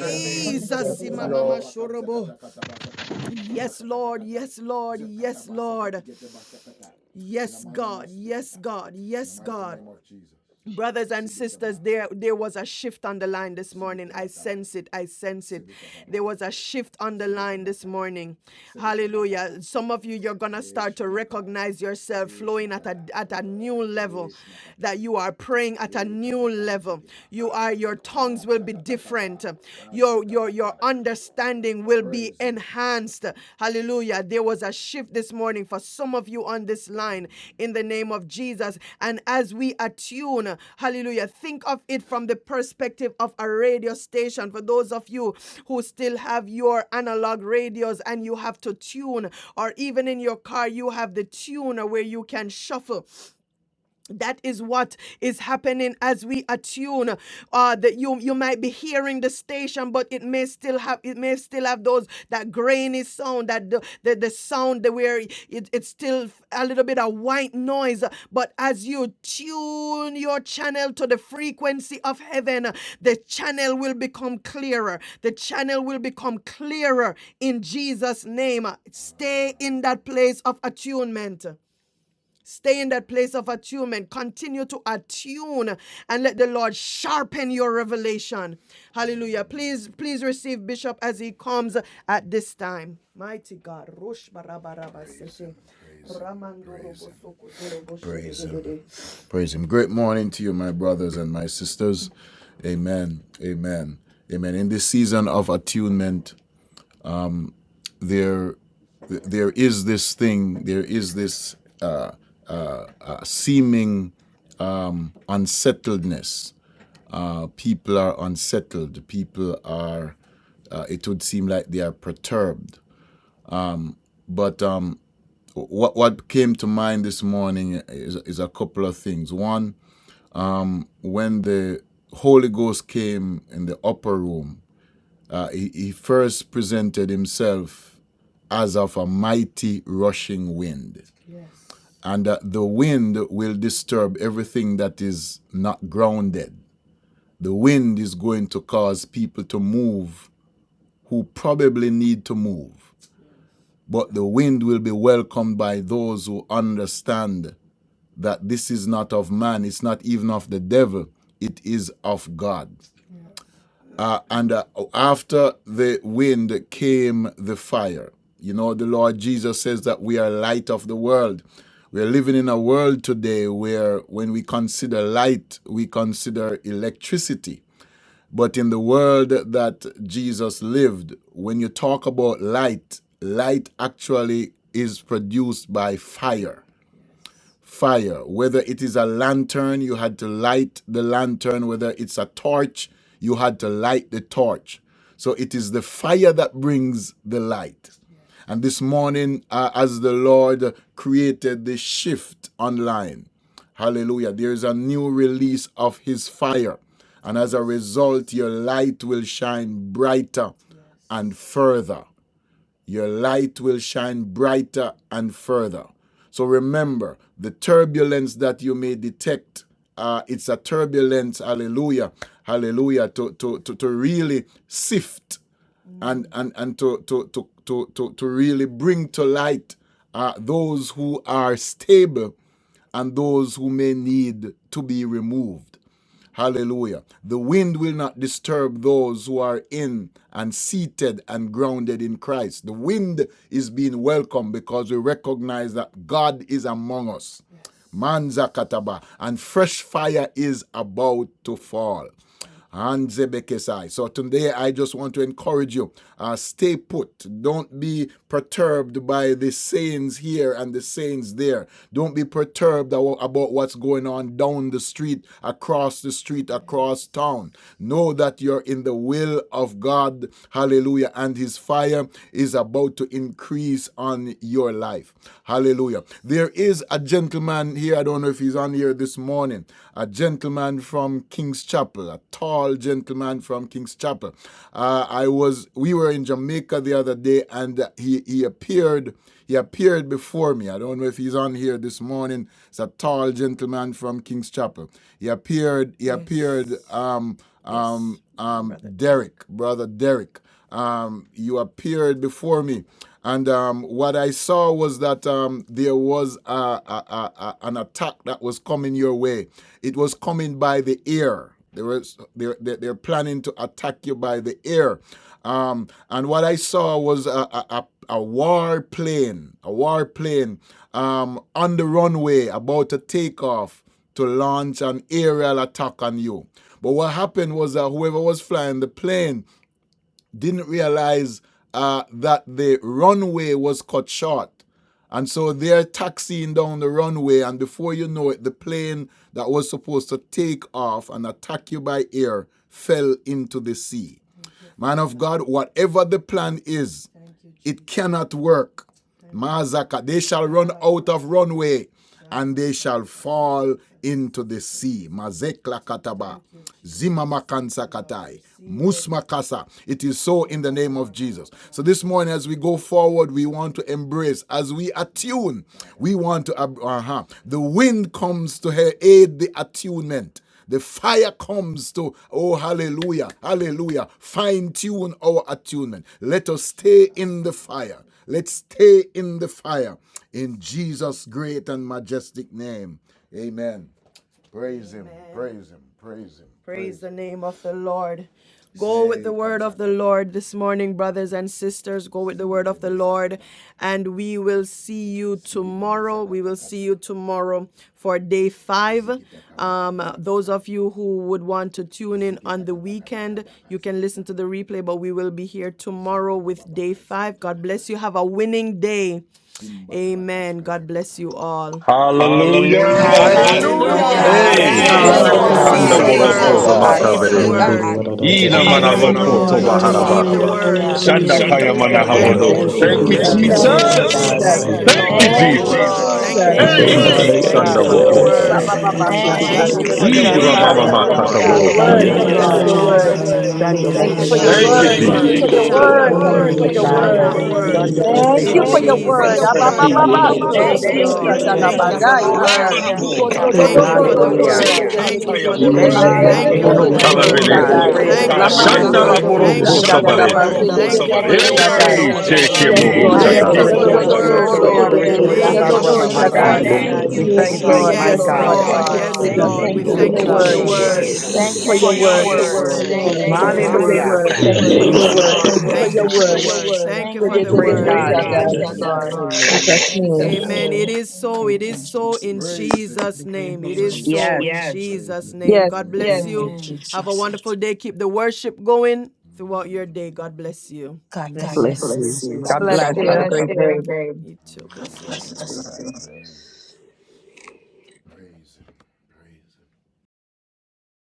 M: Yes,
A: imamama
M: Lord.
A: shorobo. Yes, Lord. Yes, Lord. Yes, Lord. Yes, God. Yes, God. Yes, God. Brothers and Praise Him. Great morning to you, my brothers and my sisters. Amen. Amen. Amen. In this season of attunement, there, there is this thing. There is this uh, uh, uh, seeming um, unsettledness. Uh, people are unsettled. People are. Uh, it would seem like they are perturbed. But um, what what came to mind this morning is is a couple of things. One, when the Holy Ghost came in the upper room, uh, he, he first presented himself as of a mighty rushing wind, and uh, the wind will disturb everything that is not grounded. The wind is going to cause people to move who probably need to move, but the wind will be welcomed by those who understand that this is not of man, it's not even of the devil, it is of God. Uh, and uh, after the wind came the fire. You know, the Lord Jesus says that we are light of the world. We're living in a world today where, when we consider light, we consider electricity. But in the world that Jesus lived, when you talk about light, light actually is produced by fire fire, whether it is a lantern, you had to light the lantern, whether it's a torch, you had to light the torch. So it is the fire that brings the light. And this morning, uh, as the Lord created the shift online, hallelujah, there is a new release of His fire. And as a result, your light will shine brighter and further your light will shine brighter and further. So remember, the turbulence that you may detect, uh, it's a turbulence, hallelujah, hallelujah, to, to, to, to really sift and, and, and to, to, to, to, to, to really bring to light uh, those who are stable and those who may need to be removed. Hallelujah. The wind will not disturb those who are in and seated and grounded in Christ. The wind is being welcomed because we recognize that God is among us. Manza kataba, and fresh fire is about to fall. Hanzebekesai. So today I just want to encourage you. Uh, stay put. Don't be perturbed by the sayings here and the sayings there. Don't be perturbed about what's going on down the street, across the street, across town. Know that you're in the will of God. Hallelujah. And his fire is about to increase on your life. Hallelujah. There is a gentleman here. I don't don't know if he's on here this morning. A gentleman from King's Chapel, a tall gentleman from King's Chapel. Uh, I was, we were in Jamaica the other day, and he he appeared. He appeared before me. I don't know if he's on here this morning. It's a tall gentleman from King's Chapel. He appeared. He yes. appeared. Um, um, yes. um, Derek, brother Derek um, you appeared before me. And um, what I saw was that um, there was a, a, a, an attack that was coming your way. It was coming by the ear. They were, they're, they're they're planning to attack you by the ear. Um, and what I saw was a, a, a war plane, a war plane um, on the runway about to take off to launch an aerial attack on you. But what happened was that whoever was flying the plane didn't realize uh, that the runway was cut short. And so they're taxiing down the runway, and before you know it, the plane that was supposed to take off and attack you by air fell into the sea. Man of God, whatever the plan is, it cannot work. Mazaka, they shall run out of runway and they shall fall into the sea. Mazekla kataba, zimamakansa katai, musmakasa. It is so in the name of Jesus. So this morning, as we go forward, we want to embrace, as we attune, we want to, ab- uh-huh. the wind comes to aid the attunement. The fire comes to, oh, hallelujah, hallelujah, fine tune our attunement. Let us stay in the fire. Let's stay in the fire in Jesus' great and majestic name. Amen. Praise Amen. Him, praise Him, praise Him.
D: much.
A: Hallelujah.
P: Hallelujah!
A: Hallelujah.
Q: Oh, yeah,
I: Hallelujah.
Q: God
K: Hallelujah.
I: God
A: Oh, God Yes, yes, bless Hallelujah. you, Lord.
K: God
G: Hallelujah.
Q: bless
I: bless
P: Hey!
K: bless
Q: you.
I: you.
Q: God
K: you
C: Praise
N: Oh,
Q: bless
I: God
K: all.
C: God.
Q: you.
P: Kanda
Q: God
N: glory
G: Hallelujah.
K: Yes,
N: be
R: Hallelujah.
I: bless
Q: bless
N: to
P: boroko
I: you.
Q: you.
K: God.
N: God.
P: zamakaberesi.
I: Hallelujah.
F: get at
P: Ina
K: Thank you,
P: manaroko
S: Hallelujah,
P: toba
I: Yes, God.
S: hallelujah,
P: harabasa.
K: Jesus.
G: Hallelujah.
A: Hallelujah. Ida
B: Thank
F: the
A: Yes,
P: Shanda
B: you
F: day,
S: hallelujah.
P: kaya
A: Thank you, manahoro Lord. Hallelujah. koto Jesus. Receive the baharaba. word. Shanda Hallelujah. kaya Thank you,
B: Jesus.
A: Thank
F: Yeah,
T: Thank
B: Thank
I: Glory
B: you
I: to
C: Thank
P: manaharodoko.
C: you,
S: Ba,
P: Thank
S: ba,
P: you,
I: God.
S: ba,
B: Jesus.
C: Jesus.
S: ba, ba,
B: Thank you
C: Glory
S: ba,
I: Glory
C: to
A: Thank you,
I: to
P: Jesus.
C: God.
S: ba,
B: Jesus.
I: God.
S: ba, ba,
A: Lord.
S: ba,
P: Thank you,
S: ba.
I: Glory,
G: Thank you,
B: Thank you
I: glory,
P: Jesus.
G: Lord.
B: Jesus.
I: glory.
C: Thank
A: Lord.
G: Thank
C: you,
G: you,
S: Yes,
T: you,
P: Hey,
S: mm,
C: Lord.
T: Jesus.
C: Thank
P: sanda
C: you,
G: Jesus.
A: Thank you,
P: boko
B: Eh,
C: Lord.
B: ba
I: Yes,
B: ba
S: yashinda,
B: ba
P: shalate.
S: da,
B: ba
S: da,
I: Jesus.
T: Thank you,
A: Jesus.
S: da,
C: His
G: Thank
S: ba,
B: sanda
A: Thank
S: ba,
G: you,
T: Jesus.
B: de
C: word is
B: de
S: ba.
A: you,
C: to
B: de
C: be
B: de
S: thank
G: Jesus.
S: you.
P: Ira
C: praised.
P: mama
B: bozata.
A: Jesus.
C: Praise
B: Thank
C: God.
B: you
P: makata
B: for
A: mata
C: Praise
G: Hallelujah.
B: your
S: Yeah,
A: Thank
P: borosha.
C: God.
G: Thank
B: word.
I: Yela
G: you,
T: Thank
C: Praise
T: you,
B: Thank
A: you,
B: you
I: baba
T: Je-
B: for
C: God.
I: ba
G: Lord.
B: your
S: Hallelujah,
B: word.
I: shiki
A: Lord.
I: na ma ma
C: Chando
I: ma
S: hallelujah,
C: mo
B: Thank
T: faithful
I: ku
B: you
G: Glory
C: se
B: for
I: na
B: your
I: ma
P: Thank
C: terebe
T: Jesus.
G: be
P: you,
G: to
R: Thank
I: ku
R: you.
B: word.
T: and
C: si.
S: hallelujah,
I: na
B: Thank
R: Je-
T: Thank
B: you
P: Jesus.
C: Ye
B: for
T: you.
B: your
I: baba.
C: korobo
B: word.
G: God.
C: so
B: Thank
U: Mm-hmm.
B: you for
C: terebe
I: Yeke
B: your
I: la
S: hallelujah,
C: sai.
G: Hallelujah.
I: baba
B: word.
G: Thank you,
S: hallelujah.
I: seke
T: Thank you,
C: Chando
I: na
C: mo
R: Thank
C: se
R: you,
B: Thank
T: Jesus.
B: you
I: mama.
G: Jesus.
B: for your
R: Father.
C: terebe.
G: Thank you,
B: word.
C: Thank you for
I: Uku
G: Lord.
C: the
I: la baba.
B: Abababa,
T: Thank
C: protection.
B: so
T: you,
I: La
B: do
G: Thank
B: do
I: ba
B: do,
G: you,
T: Jesus.
B: sata
I: seke
B: la
T: Thank
G: Jesus.
I: na ma
T: you,
B: bandaya.
G: Glory.
I: seke.
A: Jesus.
B: Nikondo
G: Hallelujah.
B: do
I: Yela
B: do
T: Lord.
G: Thank
B: do
I: baba
T: Thank
G: you,
B: do,
T: you,
B: se
C: Hallelujah.
B: te
T: Jesus.
I: seke
B: te
I: la
G: Jesus.
I: ba
B: te te te
I: ku
B: te
I: na
B: te te
I: ma
B: te
C: Thank
B: te
C: you,
B: se te
C: Jesus.
B: te
P: Mono
T: Hallelujah.
B: te
G: Hallelujah.
I: shaba.
B: te te
C: Praise
G: Thank
C: God.
G: you,
P: kalaverese.
B: sadai.
I: Yena
C: Praise God.
I: mama
C: We
B: Lamande
G: Jesus.
B: do
P: Shanda
B: do
I: seke
P: la
C: rejoice.
T: Hallelujah.
G: Thank
B: do
I: la
B: bo
G: you,
I: baba
P: boroko
B: sanda
I: ku
T: Hallelujah.
B: la
G: Jesus.
I: na
B: la ba
I: ma
P: sabarete.
B: se te te
I: sheke.
B: te te
G: Thank you
T: Bless
G: for
B: sadai.
G: your
T: you.
P: Hey,
I: Glory
G: word,
T: Thank you,
I: to
P: sheke
G: Lord.
B: Yes,
I: God.
T: Lord.
P: moho
G: Thank
B: Lord.
T: Praise
G: you,
B: Yes,
C: We
B: so do
T: and
P: shakarata.
B: do do
C: rejoice.
T: Thank
B: do
G: Jesus.
C: We
I: Hallelujah.
T: you.
B: do, se
G: Glory,
B: te
C: rejoice. We
B: te te
C: rejoice
B: ye
T: Thank
G: hallelujah.
C: with
T: you,
B: do
C: our
B: do
T: good
B: do
C: brother,
I: Hallelujah,
C: my
T: shepherd.
B: sadai.
C: God.
G: Thank you,
A: you.
C: We
I: hallelujah,
B: Yes,
T: Bless
C: thank
I: glory,
T: you.
C: you,
G: Jesus.
B: Lord.
C: my
B: Yes,
G: Thank
I: glory,
B: Lord.
G: you,
T: Thank
C: God.
I: glory.
B: Thank you,
G: Lord.
B: Jesus.
G: Thank
F: Yellow
G: you,
B: Thank you
I: Thank you,
B: for your
R: Thank
F: blood.
R: you,
T: you,
I: Jesus.
G: Jesus.
B: word.
T: Jesus.
B: Thank you
G: Thank
R: Jesus.
I: Hallelujah.
G: you
B: for
A: Thank
B: your
G: for
A: you
G: your
B: word.
A: for
R: Jesus.
A: your
B: Thank
T: Bless you,
B: you
G: word.
B: for
T: Lord.
A: word.
B: your
A: Thank you for
G: Thank
I: Thank
B: word.
G: you
A: your
T: Thank
I: you,
G: for
B: Thank
T: you.
B: you
G: your
B: for your
I: Jesus.
C: Hallelujah.
G: word.
B: word.
A: word.
B: Thank you
G: Thank you
B: for your
G: for
I: Glory,
G: your
B: word. Thank
G: word,
B: you
I: glory,
B: for
G: Lord.
T: Thank
I: glory.
B: your
T: you,
B: word.
T: Jesus.
G: Thank
B: With
G: you,
I: Hallelujah.
G: Je-
C: Praise
T: Thank
C: God.
T: you,
A: God.
G: thank
B: the
T: Lord.
G: you, Lord.
T: Thankful,
I: Thank you,
T: Lord.
B: Jesus'
G: Amen.
B: name.
I: Jesus.
T: Thank you, Jesus. In the name of Jesus.
C: Yes.
B: Yes,
T: Thank
I: Amen.
T: you, Jesus.
I: God
A: God
T: Thank
A: God
I: bless
A: bless
T: you.
I: you.
R: Bless you.
T: Praise
A: you.
T: you,
A: Bless
B: God
T: Lord.
C: God
A: you.
U: That's
B: bless
A: God God
C: bless.
U: all.
B: you.
C: Have a
A: bless you.
C: great day.
A: God
V: Bless
A: bless
V: everyone.
A: you. Praise him. Praise him.